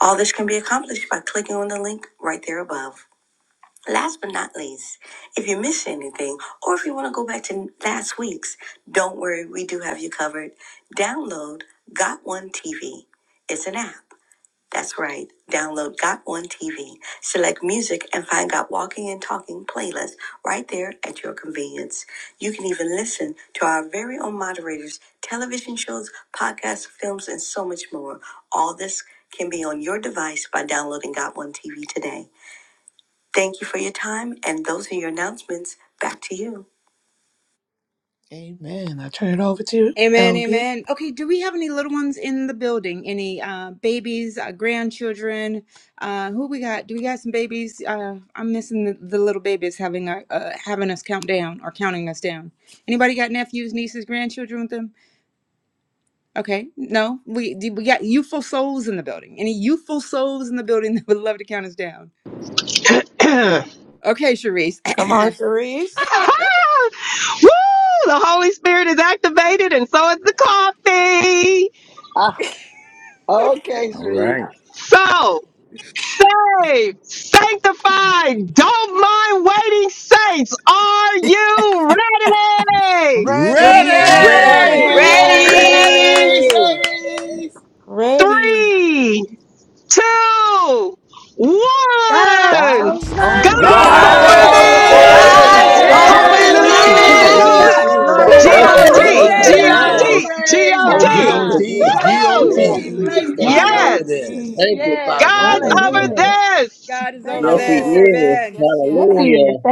S2: All this can be accomplished by clicking on the link right there above. Last but not least, if you miss anything or if you want to go back to last week's, don't worry, we do have you covered. Download Got One TV. It's an app. That's right. Download Got One TV. Select music and find Got Walking and Talking playlist right there at your convenience. You can even listen to our very own moderators, television shows, podcasts, films, and so much more. All this can be on your device by downloading Got One TV today. Thank you for your time, and those are your announcements. Back to you. Amen. I turn it over to you,
S1: Amen.
S2: LB.
S1: Amen. Okay, do we have any little ones in the building? Any uh, babies, uh, grandchildren? Uh, who we got? Do we got some babies? Uh, I'm missing the, the little babies having our, uh, having us count down or counting us down. Anybody got nephews, nieces, grandchildren with them? Okay, no, we do- we got youthful souls in the building. Any youthful souls in the building *laughs* that would love to count us down?
S13: *clears throat*
S1: Okay, Sharice.
S2: Come on,
S1: *clears throat*
S2: Sharice.
S13: *laughs* Woo! The Holy Spirit is activated, and so is the coffee.
S5: Ah, okay,
S4: All
S5: Sharice.
S4: right.
S13: So, saved, sanctified, don't mind waiting saints. Are you ready?
S18: Right.
S5: Yes,
S19: Ready.
S20: Ready!
S4: Ready.
S1: Ready!
S5: we're
S17: Ready?
S5: ready, Sharice.
S2: Ready
S13: Three,
S17: Ready.
S13: two,
S21: God
S13: one.
S21: of
S22: That's
S21: the
S22: over,
S2: for
S1: God's
S13: God's
S20: God
S21: gift.
S4: God's
S1: over
S23: God
S20: is
S13: over
S10: God's
S5: God
S23: is
S3: guys
S4: over
S2: this.
S20: over
S2: Woo!
S22: yes.
S5: is
S23: over
S10: over
S3: over
S13: this.
S4: this.
S20: this.
S5: over
S10: this.
S17: God's
S1: this!
S23: this.
S21: Yes,
S20: Hallelujah.
S21: in
S5: there.
S17: over
S21: the
S20: Thank you,
S21: mighty
S3: there.
S21: name of
S5: Hallelujah.
S20: Lord
S13: Hallelujah.
S17: this.
S21: Jesus.
S1: Hallelujah!
S20: Jesus.
S17: Woo,
S20: I
S17: woo,
S21: Glory.
S20: thank
S4: Woo!
S17: woo,
S20: you.
S17: woo,
S1: Release
S17: woo.
S13: G-O-T,
S21: Hallelujah.
S20: Glorify
S1: it!
S20: you,
S5: Hallelujah.
S4: Yeah.
S20: Lord.
S13: G-O-T,
S5: Praise
S20: Thank you,
S13: G-O-T.
S5: God.
S20: Lord.
S4: G-O-T,
S20: Yes.
S5: Place
S23: O
S5: to
S13: Woohoo!
S20: Lord
S5: be.
S4: G-O-T.
S20: Jesus,
S5: Place
S23: T
S5: to
S20: thank
S23: G
S4: God's
S20: you.
S23: O
S4: over
S5: be.
S13: Yes.
S4: this.
S20: Thank
S23: T.
S20: you,
S5: Yes.
S20: Father.
S13: God's
S20: Thank
S13: over
S20: you.
S5: Hallelujah.
S13: this.
S1: God is
S5: Thank
S1: over
S5: you,
S20: Yes,
S4: Wow.
S20: He
S1: this.
S5: Lord.
S10: Yes,
S20: is.
S10: yes,
S1: Amen.
S10: yes, yes.
S20: Hallelujah.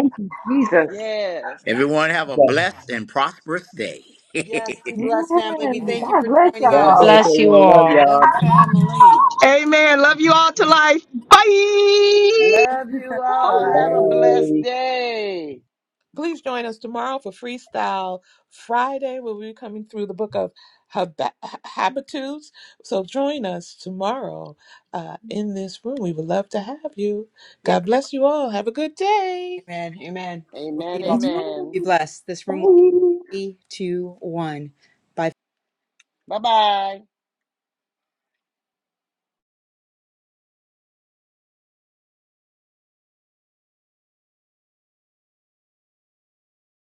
S5: Yes.
S4: Everyone have a
S20: God
S4: blessed and prosperous day.
S1: Yes,
S4: *laughs*
S1: Be blessed, family. We thank you
S10: Amen.
S1: for joining
S21: I
S20: God bless
S1: us.
S21: bless you
S20: everyone. Love
S21: all.
S10: Love
S20: y'all.
S10: you, family.
S13: Amen. Love you all to life. Bye.
S5: Love you
S1: all
S5: all. Have
S1: right.
S5: a
S20: Bye.
S5: blessed day.
S2: Please join us tomorrow for Freestyle Friday, where we'll be coming through the book of Hab- Habitudes. So join us tomorrow uh, in this room. We would love to have you. God
S1: Yep.
S2: bless you all. Have a good day.
S1: Amen. Amen. We'll see
S5: Amen.
S1: you all tomorrow.
S5: Amen.
S1: Be blessed. This room will be three, two, one. Bye.
S5: Bye bye.